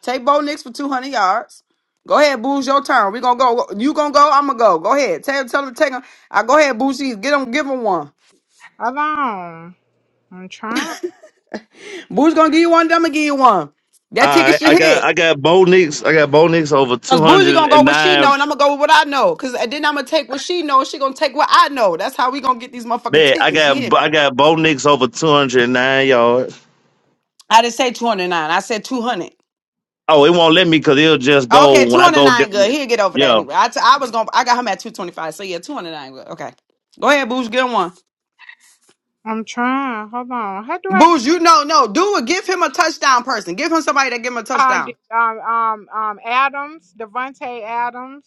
Take Bo Nix for 200 yards. Go ahead, Booze, your turn. We gonna go. You gonna go? I'm gonna go. Go ahead. Tell tell him to take him. I go ahead, Booze. Get him. Give him one. Hold on. I'm trying. Booze gonna give you one. then I'm gonna give you one. All That ticket right, should I got hit. I got Bo Nix. I got Bo Nix over two Cause Bougie hundred gonna go and what she know, nine. and I'm gonna go with what I know. Cause then I'm gonna take what she knows. She gonna take what I know. That's how we gonna get these motherfucking Bet I tickets. You got hear me? I got Bo Nix over two hundred and nine yards. I didn't say 209. I said 200. Oh, it won't let me because it'll just go Okay, when I go. di- 209. Good. He'll get over that Yeah. anyway. I t- I was gonna. I got him at 225. So yeah, 209. Good. Okay. Go ahead, Booze. Get him one. I'm trying. Hold on. How do I get Booz, you no, no. Do it. Give him a touchdown person. Give him somebody that give him a uh touchdown. d- um um um Adams, Devontae Adams?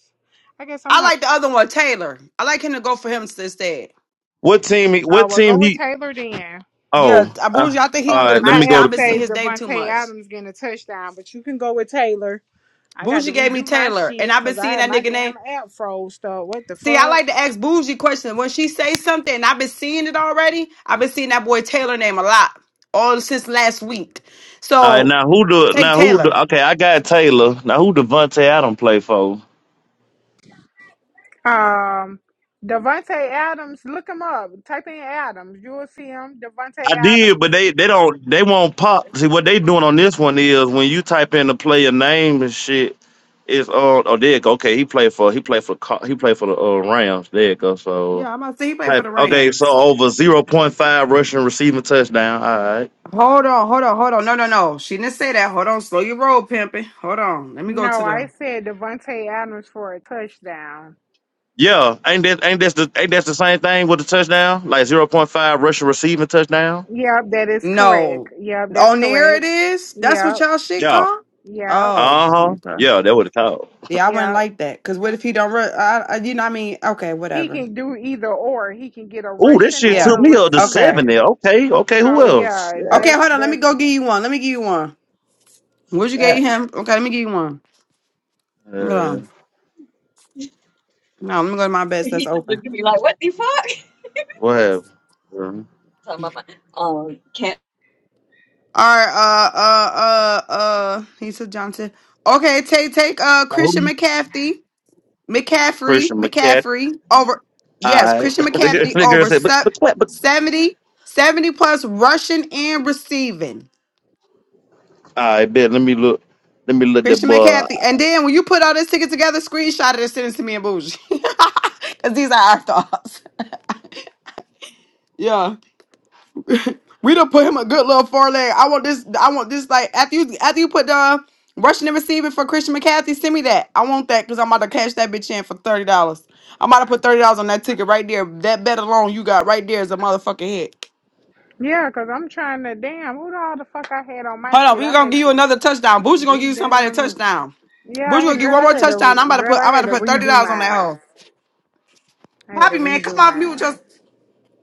I guess I'm I have like the other one, Taylor. I like him to go for him instead. What team? he- oh What well go team with he? Taylor then. Yeah, Oh, uh, uh, Boozy, I think he all gonna get But a right. Let my me go. touchdown. app To, I've been seeing says his name too Devontae much. Adams getting a touchdown, but you can go with Taylor. I got Bougie to gave me redo my Taylor, and shit I've been because I seeing had that my nigga name. damn app froze up. What the See, I fuck? like to ask Bougie questions. When she say something, and I've been seeing it already, I've been seeing that boy Taylor name a lot, all since last week. all right. So Now who do? take Now who do? Taylor. Okay, I got Taylor. Now who Devontae Adams play for? Um Devontae Adams, look him up. Type in Adams. You'll see him. Devontae I did, Adams. but they they don't they won't pop. See what they doing on this one is when you type in the player name and shit. It's uh oh there you go. Okay, he played for he played for Col- he played for the uh, Rams. There you go. So Yeah, I'm about to say he played for type- the okay, so Rams. over zero point five rushing receiving touchdown. All right. Hold on, hold on, hold on. No, no, no. She didn't say that. Hold on. Slow your roll, pimping. Hold on. Let me go to No, I them. said Devontae Adams for a touchdown. Yeah, ain't that ain't that's the ain't that's the same thing with the touchdown? Like zero point five rushing receiving touchdown? Yep, that is correct. No. Yep, that's On there it correct. is. That's what Yep, y'all shit Yeah. called? yep, Oh, Uh huh. okay. Yeah, that would have called. Yeah, I wouldn't yep. like that. Cause what if he don't? Re- I, I, you know, what I mean, okay, He whatever. can do either or. He can get a Ooh, this rushing shit Yeah. or took a me up to Okay. seven receiving. there. Okay, okay, So who else? yeah, Yeah, Okay, that's hold on. Let me that's go give you one. Let me give you one. What you gave that. him? Okay, let me give you one. Hold Uh on. No, let me go to my best. That's open. what happened? Uh, All right. Uh. Uh. Uh. Uh. He said Johnson. Okay. Take. Take. Uh. Christian McCaffrey. McCaffrey. Christian McCaffrey. McCaffrey over. All Yes, right. Christian the girl McCaffrey the girl over said, but se- but what? 70 70 plus rushing and receiving. I bet. Let me look. Let me look that Christian boy. McCaffrey. And then when you put all this ticket together, screenshot it and send it to me and Bougie. Because these are our thoughts. Yeah. We done put him a good little foreleg. I want this. I want this. Like after you, after you put the rushing and receiving for Christian McCaffrey, send me that. I want that because I'm about to cash that bitch in for thirty dollars. I'm about to put thirty dollars on that ticket right there. That bet alone you got right there is a motherfucking hit. yeah. Cause I'm trying to damn who the all the fuck I had on my Hold on, shit. we I gonna had give you to another touchdown. Boozy gonna give you somebody a redamn. touchdown. Yeah, Boozy I gonna had, give you girl, one more I had touchdown. to I'm about to girl, put. I'm I about had to to put thirty redo dollars on that mine. hole. I had to Poppy man, come redo off mute. mine. Just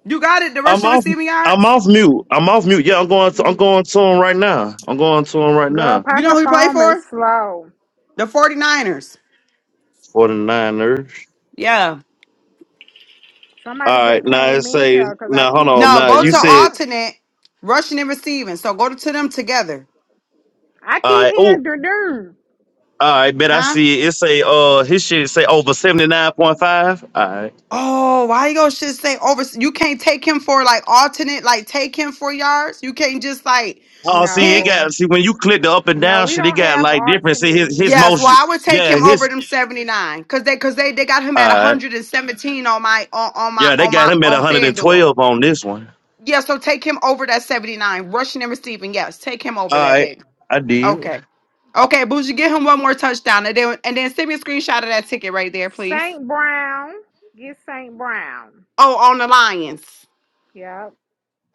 you got it. The I'm rushing off. receiving I'm yards. off mute. I'm off mute. Yeah, I'm going. To, I'm going to him right now. I'm going to him right Girl, now. You know Papa who he played Farm is for? slow. The 49ers. 49ers. Yeah. All Somebody right. just Now it came in say. here because I Now hold keep on. No, hearing Now go you dur to said. dur. alternate, rushing and receiving. So go to them together. I All keep right. Oh. hearing dur dur. All right. Bet I Huh? see it. It say. Uh, his shit say over seventy nine point five. All right. Oh, why you gonna should say over you can't take him for like alternate, like take him for yards. You can't just like Oh, see, it pick. No, got. See, when you click the up and no, down we shit, it don't got have like different. arson See, in his his Yes, well, here. motion. I would take Yeah, him over his. them 79. Cause they cause they they got him at All right. 117 on my on, on my Yeah, they on got my him at on FanDuel. 112 on this one. Yeah, so take him over that 79. Rushing and receiving. Yes, take him All over that right. baby. I did. Okay. Okay, Bougie, get him one more touchdown. And then and then send me a screenshot of that ticket right there, please. Saint Brown, get Saint Brown. Oh, on the Lions. Yep,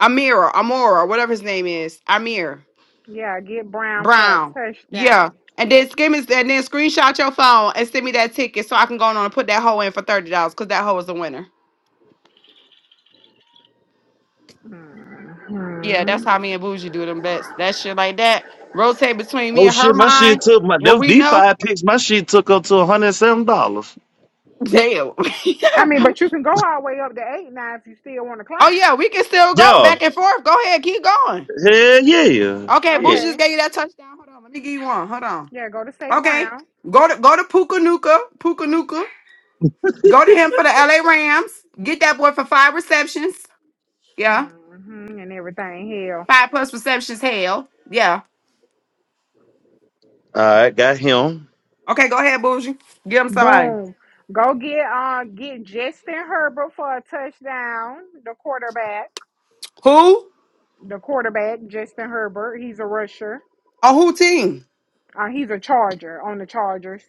Amira, Amora, whatever his name is. Amir yeah, get Brown for a Brown. Yeah. touchdown. And then give me, and then screenshot your phone and send me that ticket so I can go on and put that hoe in for thirty dollars because that hoe is a winner. Yeah, that's hmm how me and Bougie do them bets. That shit like that. Rotate between me Oh and her shit, my shit mind. took my Well, them we D know. five picks. My shit took up to one hundred and seven dollars. Damn. I mean, but you can go all the way up to eight now if you still want to oh yeah, climb. we can still go Yeah, back and forth. Go ahead, keep going. hell yeah, Okay, yeah. Bougie Okay, just gave you that touchdown. Hold on, let me give you one. Hold on. yeah, go to Saint Okay, Brown. go to go to Puka Nuka, Puka Nuka. Go to him for the LA Rams. Get that boy for five receptions. Yeah. hmm and everything here. Five plus receptions, hell. Yeah. All right, got him. Okay, go ahead, Bougie. Give him somebody. Boom. Go get uh get Justin Herbert for a touchdown. The quarterback. Who? The quarterback, Justin Herbert. He's a rusher. On who team? Uh, he's a charger on the Chargers.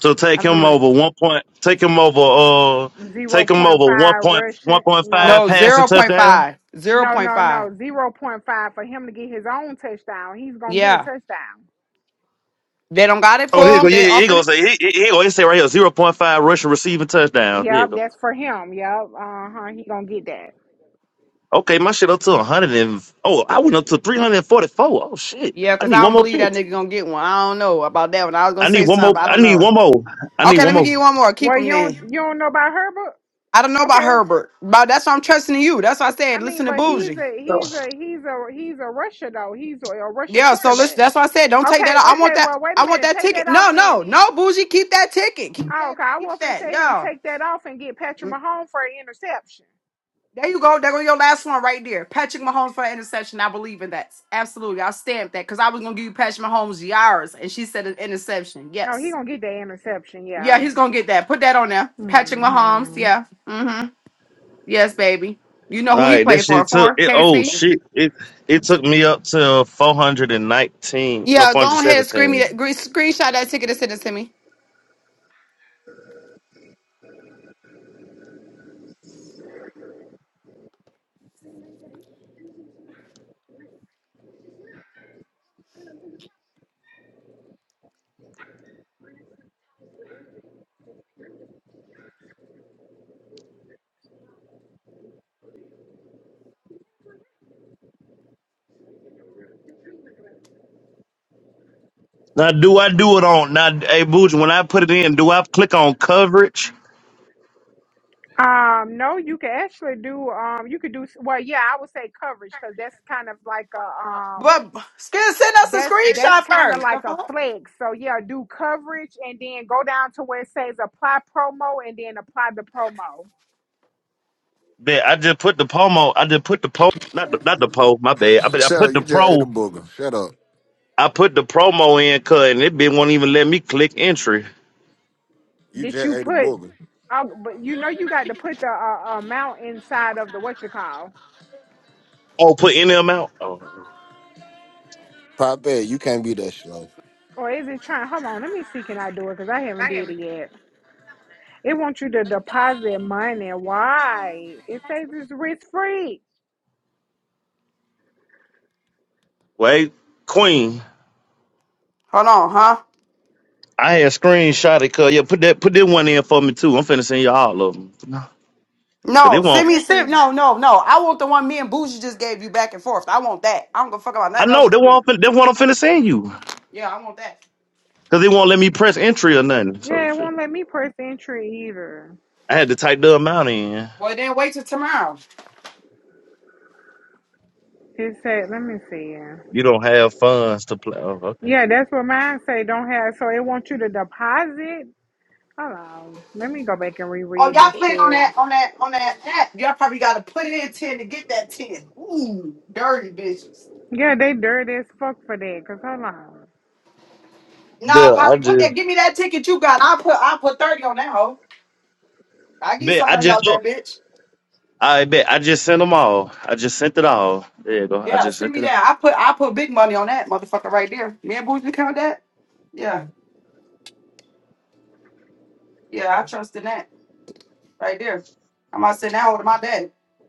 So take I don't know. him how to- over one point. Take him over. Uh, Zero take him point over one 0.5 point one rushing. point five Nope. No, passing zero point touchdown. 0.5. zero No, point no, 0.5. no. Zero point 0.5 for him to get his own touchdown. He's gonna get a Yeah. touchdown. They don't got it Oh here you for go. him. Yeah, They yeah. Here you offered go. it. Say here, here here you go. It say right here zero point five rushing receiving touchdown. There you Yep, go. that's for him. Yep. Uh-huh. He gonna get that. Okay, my shit up to one hundred and oh, I went up to three hundred and forty four. Oh shit, Yeah, I because need I one don't more believe pick. that nigga gonna get one. I don't know about that one. I was gonna I need say one something, more. but I I don't need know. one more. I need Okay, one let me more. give you one more. Keep Well, him you don't then. you don't know about Herbert? I don't know about Okay, Herbert. But that's why I'm trusting in you. I That's why I I said mean, listen to but he's Bougie. a he's a he's a he's a rusher though. He's a, a rusher Yeah, so listen, quarterback. that's why I said don't take that Okay, out. I okay. want that Well, wait a I want minute. that Take ticket. that off No, then. no, no, bougie. Keep that ticket. Keep Oh, that, okay. I will keep and that. tell him Yeah. take that off and get Patrick Mm, Mahomes for an interception. There you go. There go your last one right there. Patrick Mahomes for the interception. I believe in that. Absolutely. I'll stamp that because I was gonna give you Patrick Mahomes yards, and she said an interception. No, he Yes. gonna get that interception. Yeah, Yeah. he's gonna get that. Put that on there. Patrick Mahomes. hmm Yeah. Mm-hmm. Yes, baby. You know All who he right, that played for? shit took For it. Oh KC? shit! It it took me up to four hundred and nineteen, no Yeah, four hundred go ahead and scream me seventeen. that, gre- screenshot that ticket and send it to me. Now, do I do it on now? Hey, Booge, when I put it in, do I click on coverage? Um, no, you can actually do um, you could do well. Yeah, I would say coverage because that's kind of like a um, But send send us a that's that's screenshot kind of like a first. flex. So yeah, do coverage and then go down to where it says apply promo and then apply the promo. That I just put the promo. I just put the po, not the, not the po. My bad. I bet I Shut put up. the You just ate a pro. booger. Shut up. I put the promo in, cut, and it bit won't even let me click entry. You Did just you ate a put? booger. Um, but you know you got to put the uh, amount inside of the what you call, Oh, put any amount. Oh, Poppy, you can't be that slow. or is it trying? Hold on, let me see. Can I do it? Cause I haven't did it yet. It wants you to deposit money. Why? It says it's risk free. wait, Queen. Hold on, huh? I had screenshot it, cuz yeah, put that put that one in for me too. I'm finna send you all of them. No, send me Yeah, send cause no, no, no. I want the one me and Bougie just gave you back and forth. I want that. I don't give a fuck about I nothing else know they you do. won't. Fin- they won't finna send you Yeah, I want that. because they won't let me press entry or nothing. So yeah, it shit. won't let me press entry either. I had to type the amount in. Well, then wait till tomorrow. It said, let me see. You don't have funds to play. Oh, okay. Yeah, that's what mine say. Don't have so it wants you to deposit. Hold on, let me go back and reread this shit. Yeah, they dirty as fuck for that. Cause hold on, Yeah, I just bet. I just look. I bet. I just sent them all. I just sent it all. There you go. I just sent it all.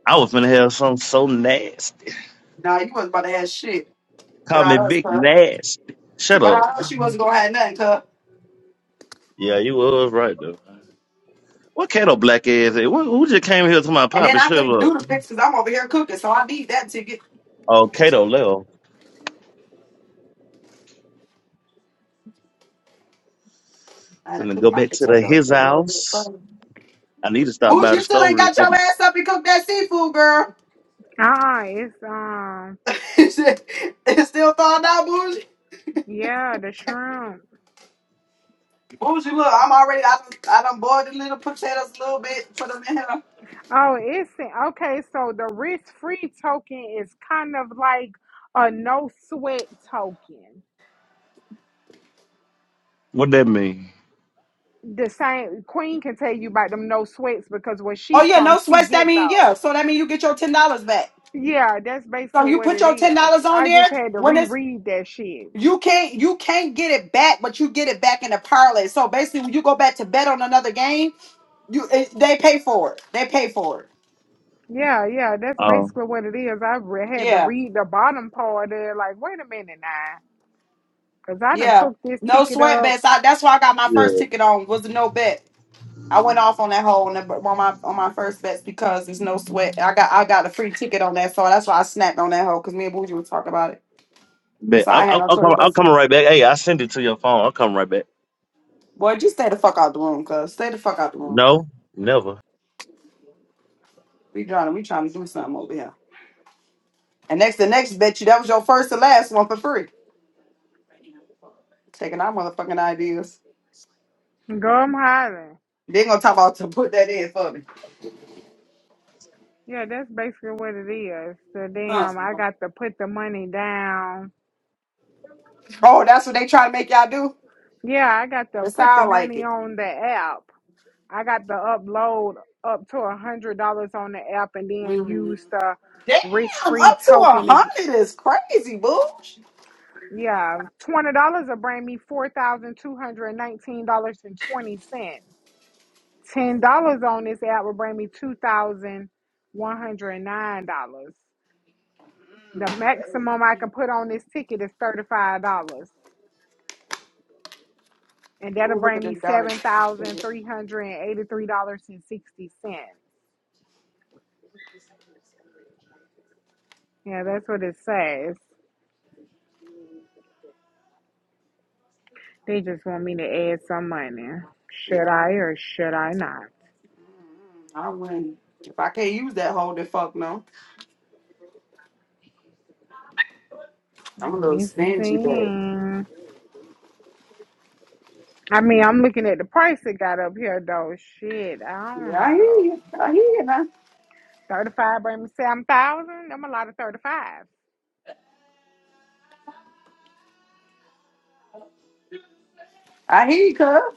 I was finna have something so nasty. Call me big nasty. Shut up. Yeah, you was right though. What Kato black ass? is? Who who just came here to my papa? Shut up. Two the Because I'm over here cooking, so I need that ticket. Oh, Kato left. Finna go back to the his house. I need to stop by Bougie, the you still store ain't real got quick. your ass up and cook that seafood, girl. uh, uh it's um, I'm yeah, the shrimp. already. I done little us a little bit. Put them in here. Oh, it's okay. So the risk free token is kind of like a no sweat token. What that mean? The same Queen can tell you about them no sweats because where she Oh yeah, from, no she sweats. That get mean yeah. those. So that mean you get your ten dollars back. Yeah, that's So basically you what put it your ten is. dollars on I there just had to when it's reread that shit. you can't you can't get it back, but you get it back in the parlay. So basically, when you go back to bet on another game You eh, they pay for it. They pay for it. Yeah, yeah, that's Oh, basically what it is. I re- had to Yeah, read the bottom part there, like, wait a minute now, because I done yeah. cooked this No ticket sweat up, bets. I, that's why I got my yeah. first ticket on was a no bet. I went off on that hole on, the, on my on my first bets because there's no sweat. I got I got a free ticket on that, so that's why I snapped on that hole because me and Bougie were talking about it. Bet. So I I'll, had I'll, no I'll choice come. I'm but to. coming right back. Hey, I send it to your phone. I'll come right back. Boy, just stay the fuck out the room, cuz stay the fuck out the room. No, never. We trying to we trying to do something over here. And next the next bet you that was your first and last one for free. Taking our motherfucking ideas. gum hollering. They gonna talk about to put that in for me. Yeah, that's basically what it is. So Uh. damn, I got to put the money down. Oh, that's what they try to make y'all do? Yeah, I got to It put the sound like money it. on the app. I got to upload up to a hundred dollars on the app and then Mhm. use the Damn, risk-free up to a token to. Get, hundred is crazy, boo. yeah, twenty dollars will bring me four thousand two hundred nineteen dollars and twenty cents. Ten dollars on this app will bring me two thousand one hundred and nine dollars. The maximum I can put on this ticket is thirty five dollars. And that'll Ooh, look at bring me this daughter. seven thousand three hundred and eighty three dollars and sixty cents. Yeah, that's what it says. They just want me to add some money. Should Yeah, I or should I not? I win. If I can't use that hole, then fuck no. I'm a Let little me stingy, babe. see. I mean, I'm looking at the price it got up here though. Shit, I don't know. Nah, 35 bring me 7,000. I'm a lot of 35. I hear you, cuz. Oh,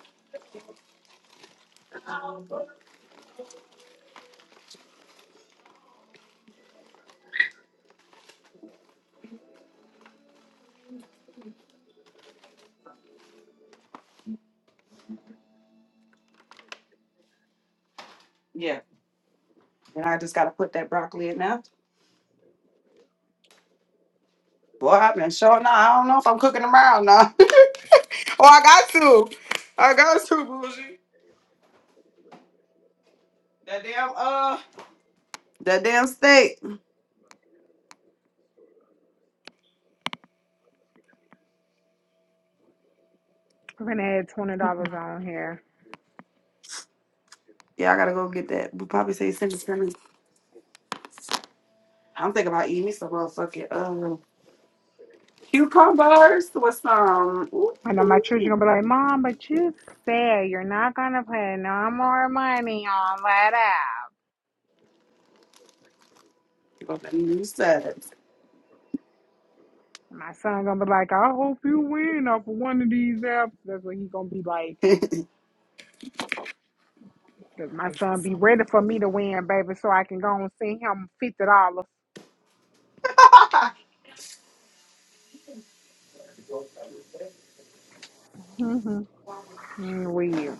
I got to. I got to, bougie. That steak. I'm going to add $20 on here. Yeah, think about eating me some motherfucking I know my children are going to be like, Mom, but you said you're not going to put no more money on that app. My son going to be like, I hope you win off of one of these apps. That's what he going to be like. Does my son be ready for me to win, baby, so I can go and send him $50. Mm-hmm. Weird.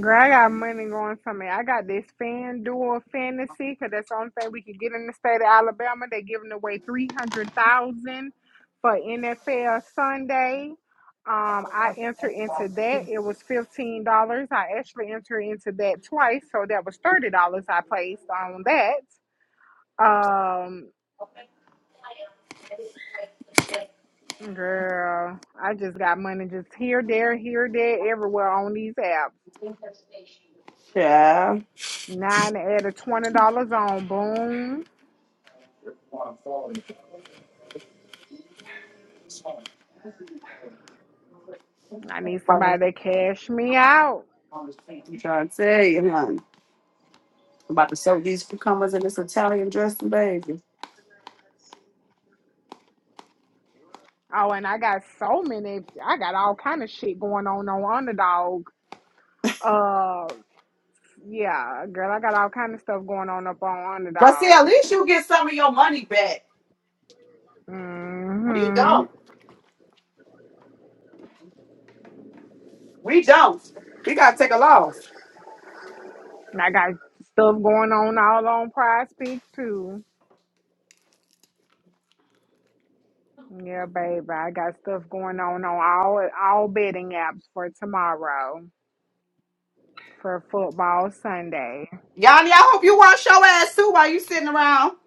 Girl, I got money going for me. I got this FanDuel fantasy because that's the only thing we can get in the state of Alabama. They're giving away three hundred thousand for NFL Sunday. Um, I entered into that. It was fifteen dollars. I actually entered into that twice, so that was thirty dollars I placed on that. Um, girl, I just got money just here, there, here, there, everywhere on these apps. pie. Nine out of twenty dollars on Boom. I need somebody to cash me out. I'm trying to tell you, man. I'm about to soak these pecans. Oh, and I got so many. I got all kind of shit going on on Underdog. Uh, yeah, girl, I got all kind of stuff going on up on Underdog. Mhm. I got stuff going on all on Prize Peak too. Yeah, baby, I got stuff going on on all all betting apps for tomorrow for football Sunday. Yanni, I hope you wash your ass too while you sitting around.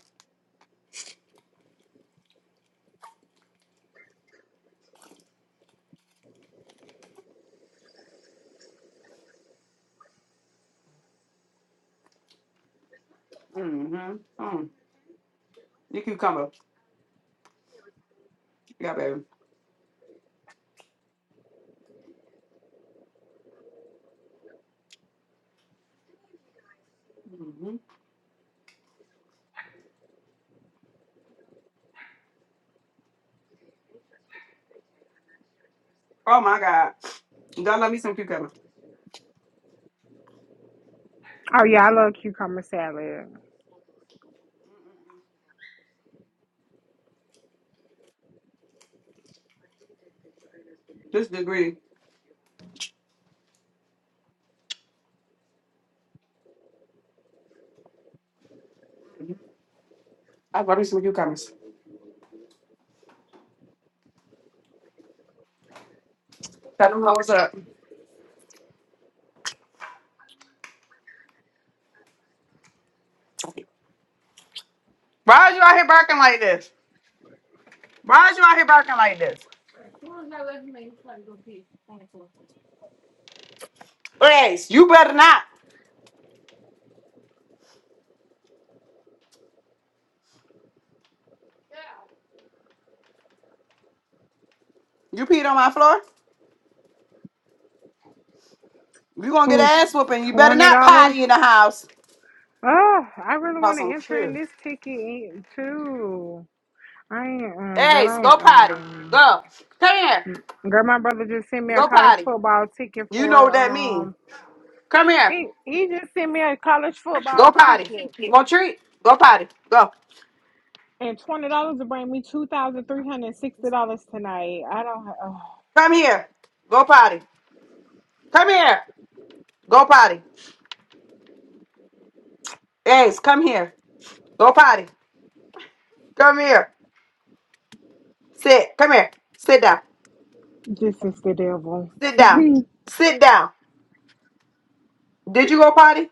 Mm-hmm. Mm. You cucumber. Yeah, baby. God, Oh yeah, I love cucumber salad. Why is you out here barking like this? Why is you out here barking like this? Ace, you better not. You peed on my floor. You gonna get Ooh, an ass whooping. You better twenty not dollars? potty in the house. Oh, I really want Cause to I'm enter in cute. this ticket too. I ain't, um, babe, Ace, I go ain't, potty. um, Go. Come here. girl, my brother just sent me a Go college potty. football ticket You know for, what that means. um, Come here. he, he just sent me a college football Go potty. ticket You want a treat? Go potty. Go. and $20 to bring me $2,360 tonight. I don't, ha- oh, Come here. Go potty. Come here. Go potty. Ace, come here. Go potty. Come here. Sit. Come here. Sit down. this is the devil. Sit down. Sit down. Did you go potty?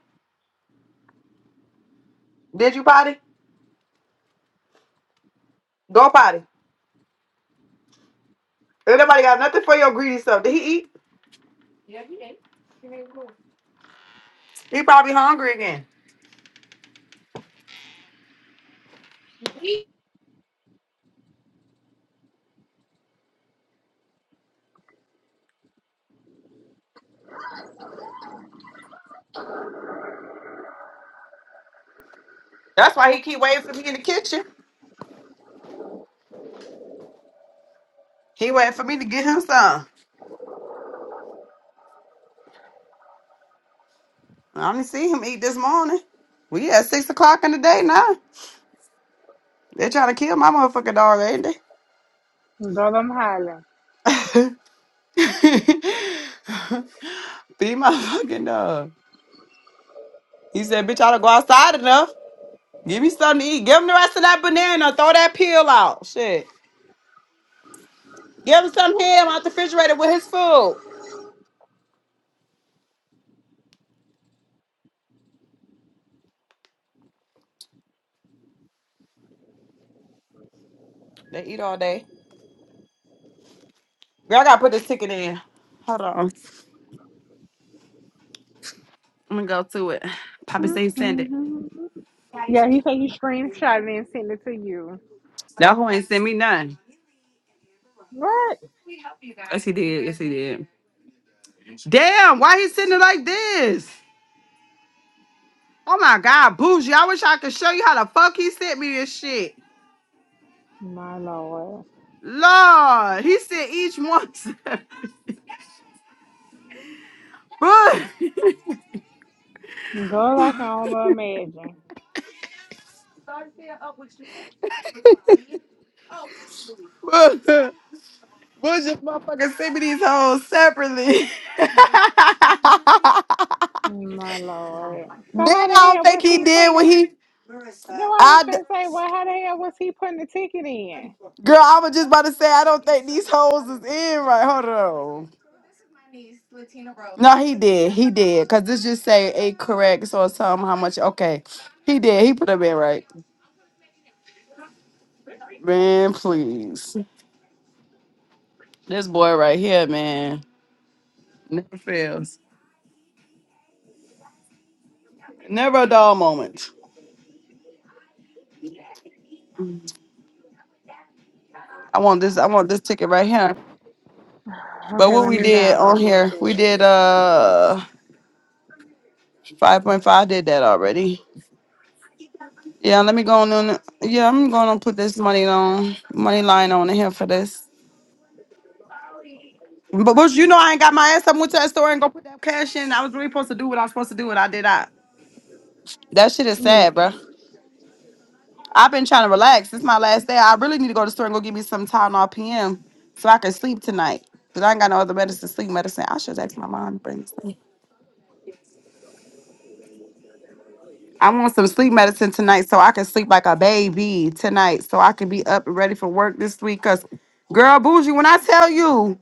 Did you potty? Go potty. Everybody got nothing for your greedy stuff. Did he eat? He probably hungry again. That's why he keep waiting for me in the kitchen. He waiting for me to get him some. I only see him eat this morning. We at six o'clock in the day now. They're trying to kill my motherfucking dog, ain't Girl, I'm hollering. they? Be my fucking dog. He said, bitch, I don't go outside enough. Give me something to eat. Give him the rest of that banana. Throw that peel out. Shit. Give him some ham out the refrigerator with his food. They eat all day. Girl, I gotta put this ticket in. Hold on. I'm gonna go to it. Papa say send it. Yeah, he said he screenshot it and sent it to you. That hoe ain't send me none. What? Yes, he did. Yes, he did. Damn, why he sending it like this? Oh my god, bougie. I wish I could show you how the fuck he sent me this shit. My lord. Lord, he sent each one. Bougie, Girl, I can only imagine. Bougie Bougie motherfucker sent me these hoes separately. then My lord. So I how the don't hell think was he he did putting what the he then I was I. gonna say, well, how the hell was he putting the ticket in? Girl, I was just about to say I don't think these hoes is in right. Hold on. No, he did. He did. Cause this just say a correct or something. How much? Okay, he did. He put up in right. Man, please. This boy right here, man, never fails. Never a dull moment. I want this. I want this ticket right here. But Okay, what let we me did on download this here, we shit. did uh five point five. Did that already? Yeah. Let me go on. on yeah, I'm going to put this money on money line on here for this. But, but you know, I ain't got my ass up went to that store and go put that cash in. I was really supposed to do what I was supposed to do, and I did not. That shit is sad, Mm, bro. I've been trying to relax. This my last day. I really need to go to the store and go get me some Tylenol PM so I can sleep tonight. Cause I ain't got no other medicine, sleep medicine. I should ask my mom to bring this thing. I want some sleep medicine tonight so I can sleep like a baby tonight, so I can be up and ready for work this week. Cause, girl, bougie, when I tell you.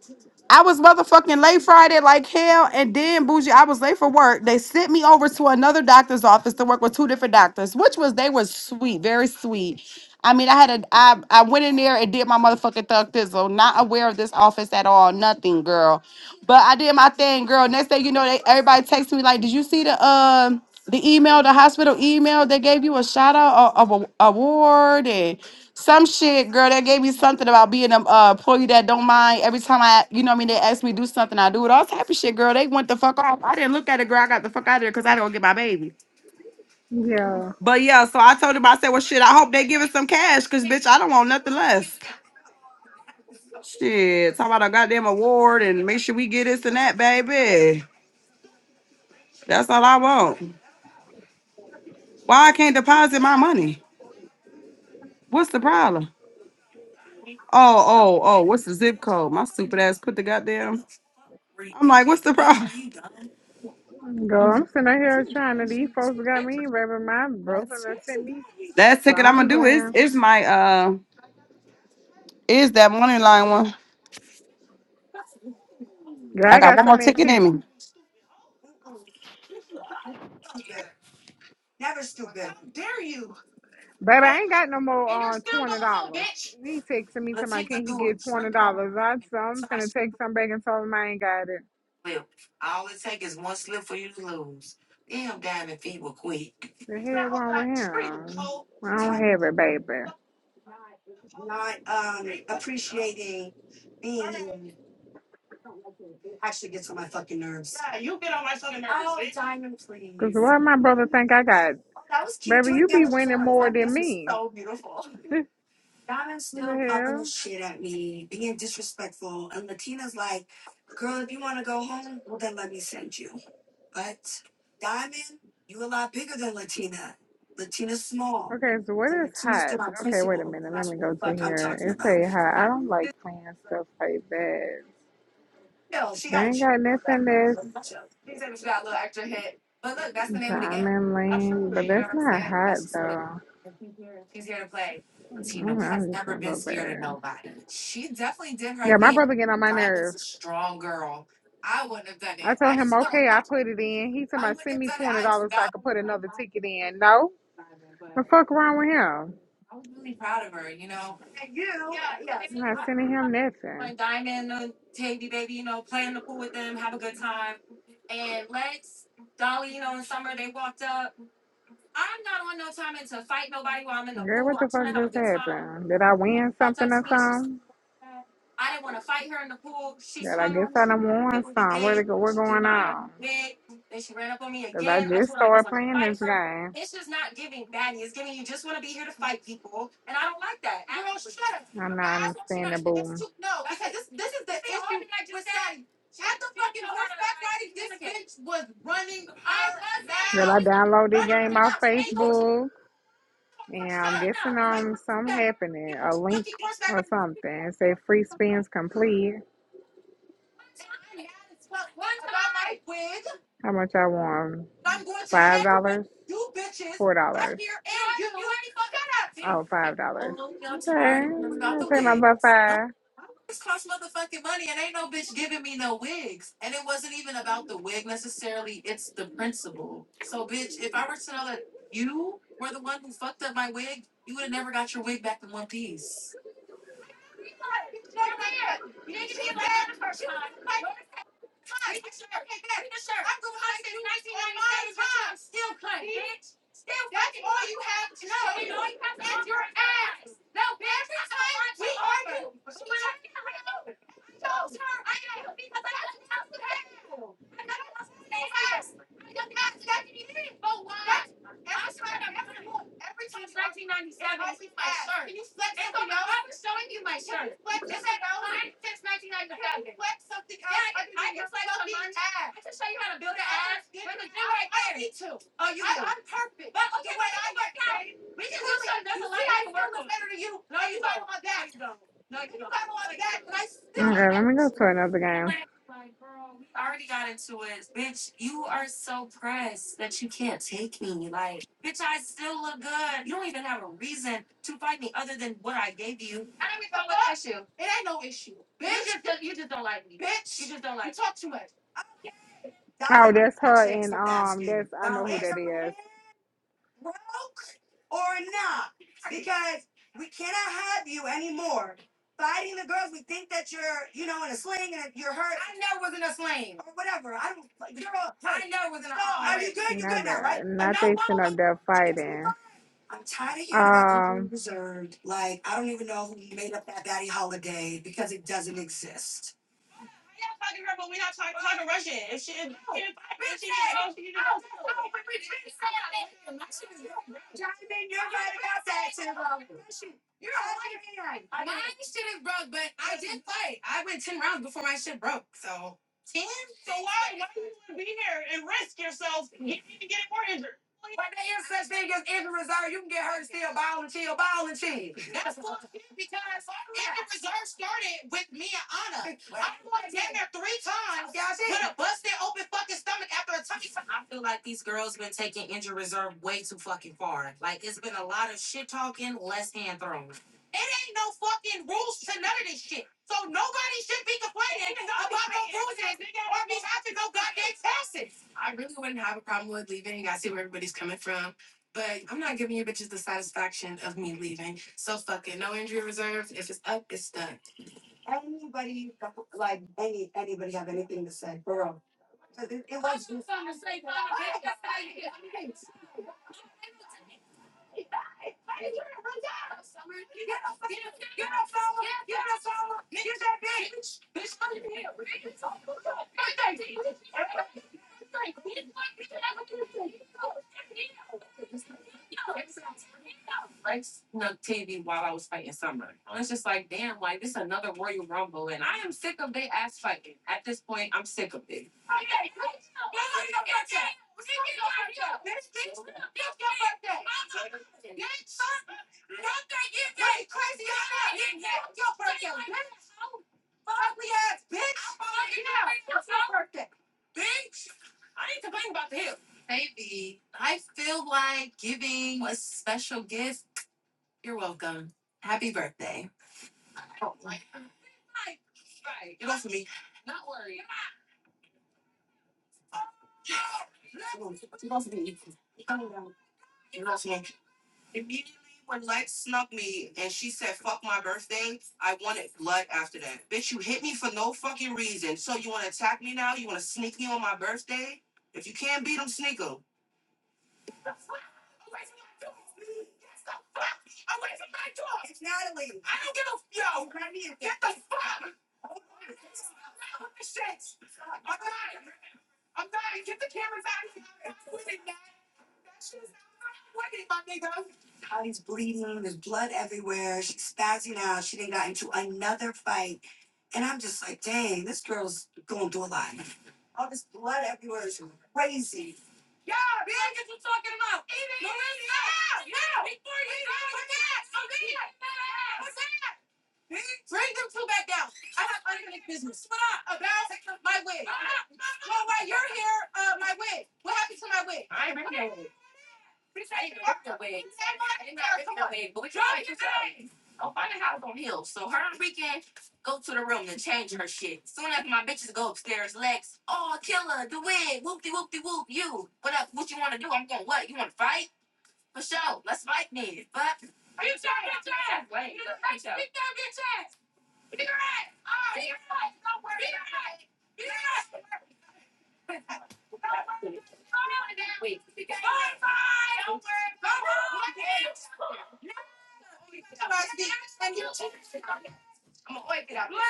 I was motherfucking late Friday like hell, and then bougie, I was late for work. They sent me over to another doctor's office to work with two different doctors, which was they were sweet, very sweet. I mean, I had a I I went in there and did my motherfucking thug thizzle, not aware of this office at all, nothing, girl. But I did my thing, girl. Next thing you know, they everybody texts me like, "Did you see the um the email, the hospital email? They gave you a shout out of a a- award and." Some shit, girl, that gave me something about being an uh, employee that don't mind. Every time I, you know what I mean, they ask me to do something, I do it. All type of shit, girl. They went the fuck off. I didn't look at it, girl. I got the fuck out of there because I don't get my baby. Yeah. But yeah, so I told him, I said, well, shit, I hope they give us some cash because, bitch, I don't want nothing less. Shit, talk about a goddamn award and make sure we get this and that, baby. That's all I want. Why I can't deposit my money? What's the problem? Oh, oh, oh, what's the zip code? My stupid ass put the goddamn. I'm like, what's the problem? Girl, I'm sitting out here trying to these folks got me, baby. My brother done sent me Last ticket I'm gonna something. do is Girl, is my uh is that money line one. I I got got one so more many ticket tickets. in me. Baby, I ain't got no more uh twenty dollars. He texted me to my can he get twenty dollars? I so I'm finna take some back and tell him I ain't got it. The hell wrong with him? I don't have it, baby. Cause why my brother think I got? Baby, you be winning more than me. What the hell? Okay, so what is hot? Okay, wait a minute. Let me go to here. It say hot. I don't like playing stuff like that. They ain't got nothing that's diamond link, but that's not hot though. I'm, I'm just gonna go back. Yeah, my brother getting on my nerve. I told him, okay, I put it in. He told me, send me twenty dollars so I could put another ticket in. No, the fuck wrong with him? I'm not sending him nothing. Girl, what the fuck just happened? Did I win something or something? Girl, I guess I done won some. What it go? What going on? Cause I just started playing this game. I'm not understanding, boom. Girl, I downloaded the game off Facebook, and I'm guessing um something happening, a link or something. It say free spins complete. How much I won? Five dollars? Four dollars? Oh, five dollars. Okay, I'll take my butt five. Okay, let me go to another game. Oh, that's her and um that's I know who that is. Not that not they sitting up there fighting. Um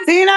See,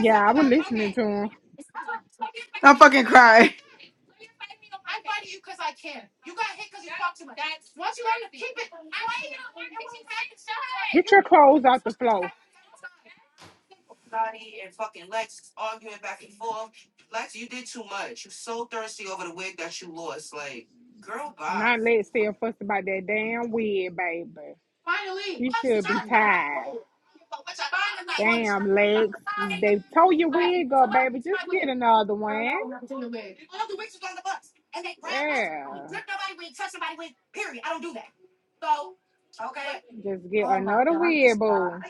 yeah, I was listening to him. I'm fucking crying. Get your clothes off the floor. Not let stay and fuss about that damn wig, baby. She should be tired. Damn legs. They tore your wig up, baby. Just get another one. Yeah. Just get another wig, boo.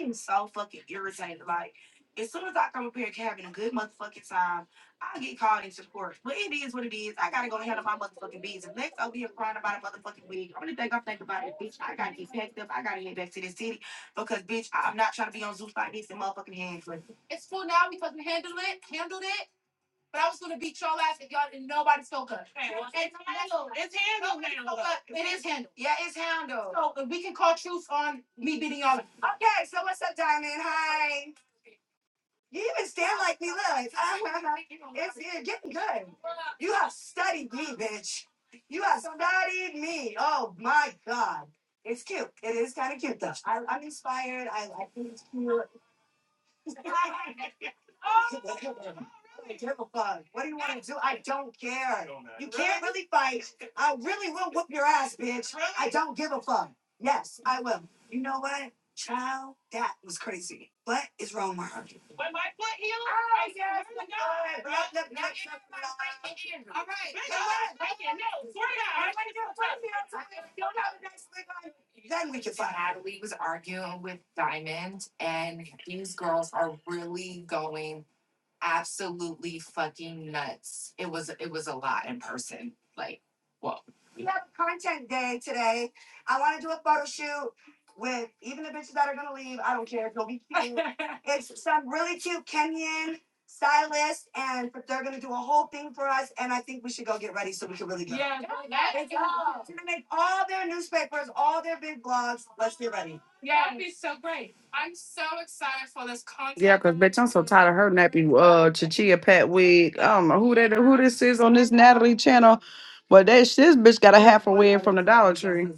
Yeah, cause bitch, I'm so tired of her nappy uh Chichia Pat wig. I don't know who that who this is on this Natalie channel, but that sh- this bitch got a half a wig from the Dollar Tree.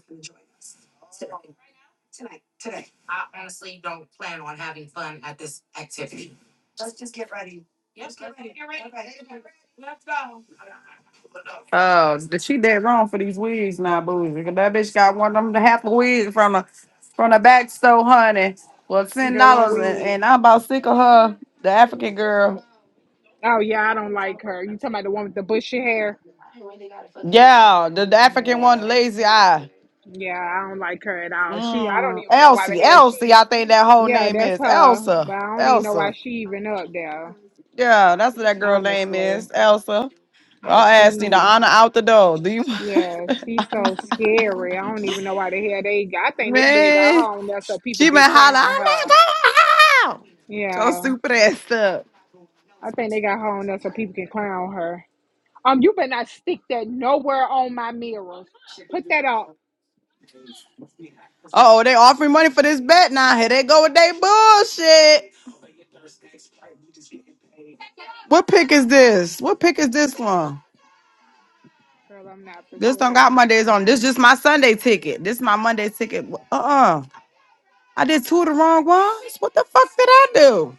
Oh, the- she dead wrong for these wigs now, boozy. 'Cause That bitch got one of them half a wig from the from the back store, honey. Well, ten Girl on dollars, and, wig. and I'm about sick of her, the African girl. Oh yeah, I don't like her. You talking about the one with the bushy hair? Yeah, the, the African one, the Yeah. lazy eye. Yeah, I don't like her at all. She, I don't Mm, even know why the Elsie, hell Elsie, she. I think that whole Yeah, name that's is her, but Elsa. I don't even know why Elsa. she even up there. Yeah, that's what that girl name Honestly, is. Elsa. yeah, I asked you to she, honor out the door. Do you yeah, she's so scary. I don't even know why the hell they. I think they really got man? her on there so people She been can hollering, clown I'm her. not going out. So Yeah, stupid ass stuff. I think they got her on there so people can clown her. Um, you better not stick that nowhere on my mirrors. Put that up, Oh, they offering money for this bet now. Here they go with they bullshit. What pick is this? What pick is this one? girl. I'm not for This don't sure. got Mondays on. This just my Sunday ticket. This my Monday ticket. Uh uh I did two of the wrong ones. What the fuck did I do?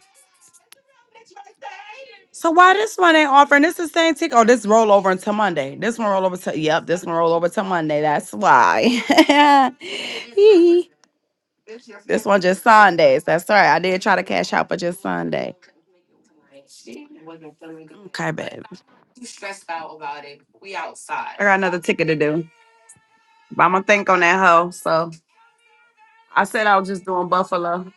So why this one ain't offering? This is the same ticket. Oh, this roll over until Monday. This one roll over to yep. This one roll over to Monday. That's why. Hee. this one just Sundays. That's right. I did try to cash out, but just Sunday. Okay, babe. I got another ticket to do, but I'm gonna think on that hoe. So I said I was just doing Buffalo.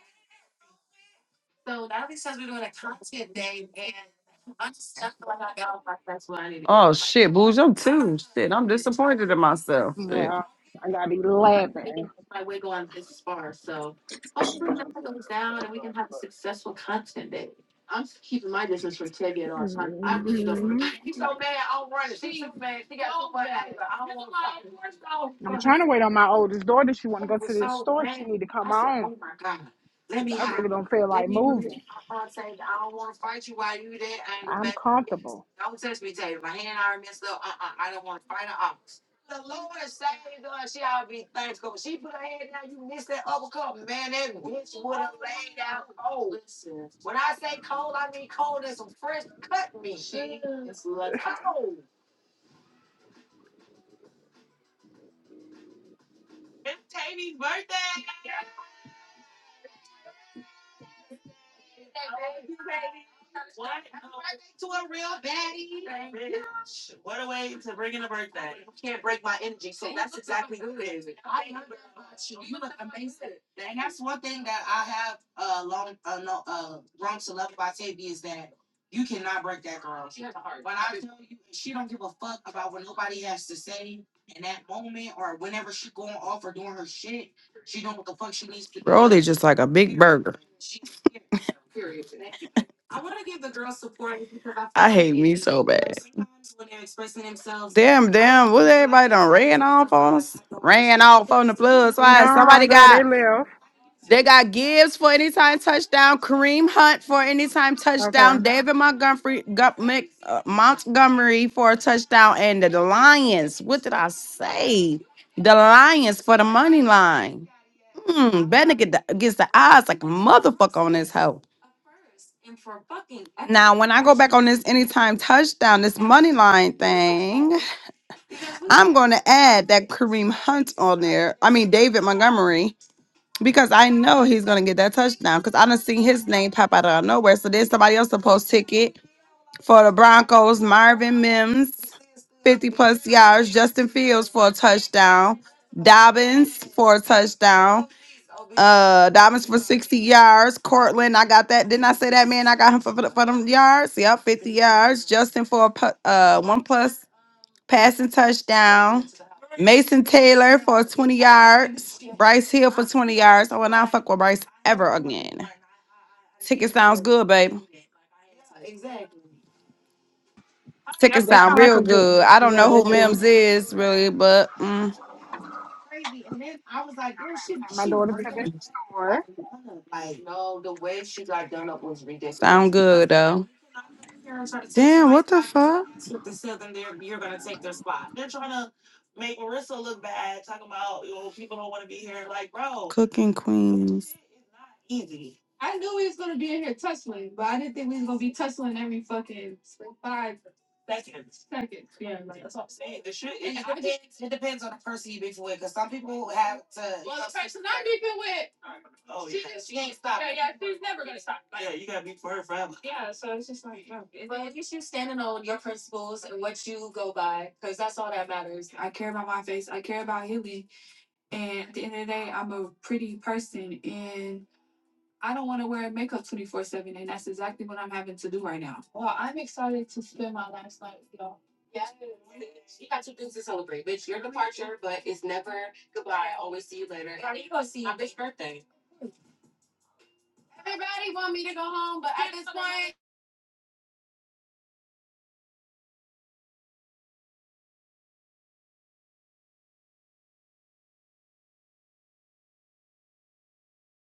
Oh shit, booze. I'm t- Yeah, I gotta be laughing. Mm-hmm. I'm trying to wait on my oldest daughter. She want to go to this store. She need to come on. 'Cause I really don't feel like moving. I'm comfortable. really just like a big burger. Damn, damn. What everybody done ran off on Ran off on the plug. Why No, somebody girl, got they live. They got Gibbs for anytime touchdown, Kareem Hunt for anytime touchdown, Okay. David Montgomery, Gu- Mc- uh, Montgomery for a touchdown, and the Lions. What did I say? The Lions for the money line. Hmm, Bennett get the, gets the odds, like a motherfucker on this hoe. Now, when I go back on this anytime touchdown, this money line thing, I'm going to add that Kareem Hunt on there. I mean, David Montgomery. Because I know he's gonna get that touchdown. Because I done seen his name pop out of nowhere. So there's somebody else to post ticket for the Broncos, Marvin Mims, 50 plus yards, Justin Fields for a touchdown, Dobbins for a touchdown, uh Dobbins for 60 yards, Cortland. I got that. Didn't I say that man? I got him for, for, the- for them yards. Yep, 50 yards. Justin for a pu- uh one plus passing touchdown. Mason Taylor. Fuck with Bryce Good, babe. Yep, Ticket that sound. sound like a good. I don't Yeah, know they who do. is. Take my daughter to the store. Cooking Queens.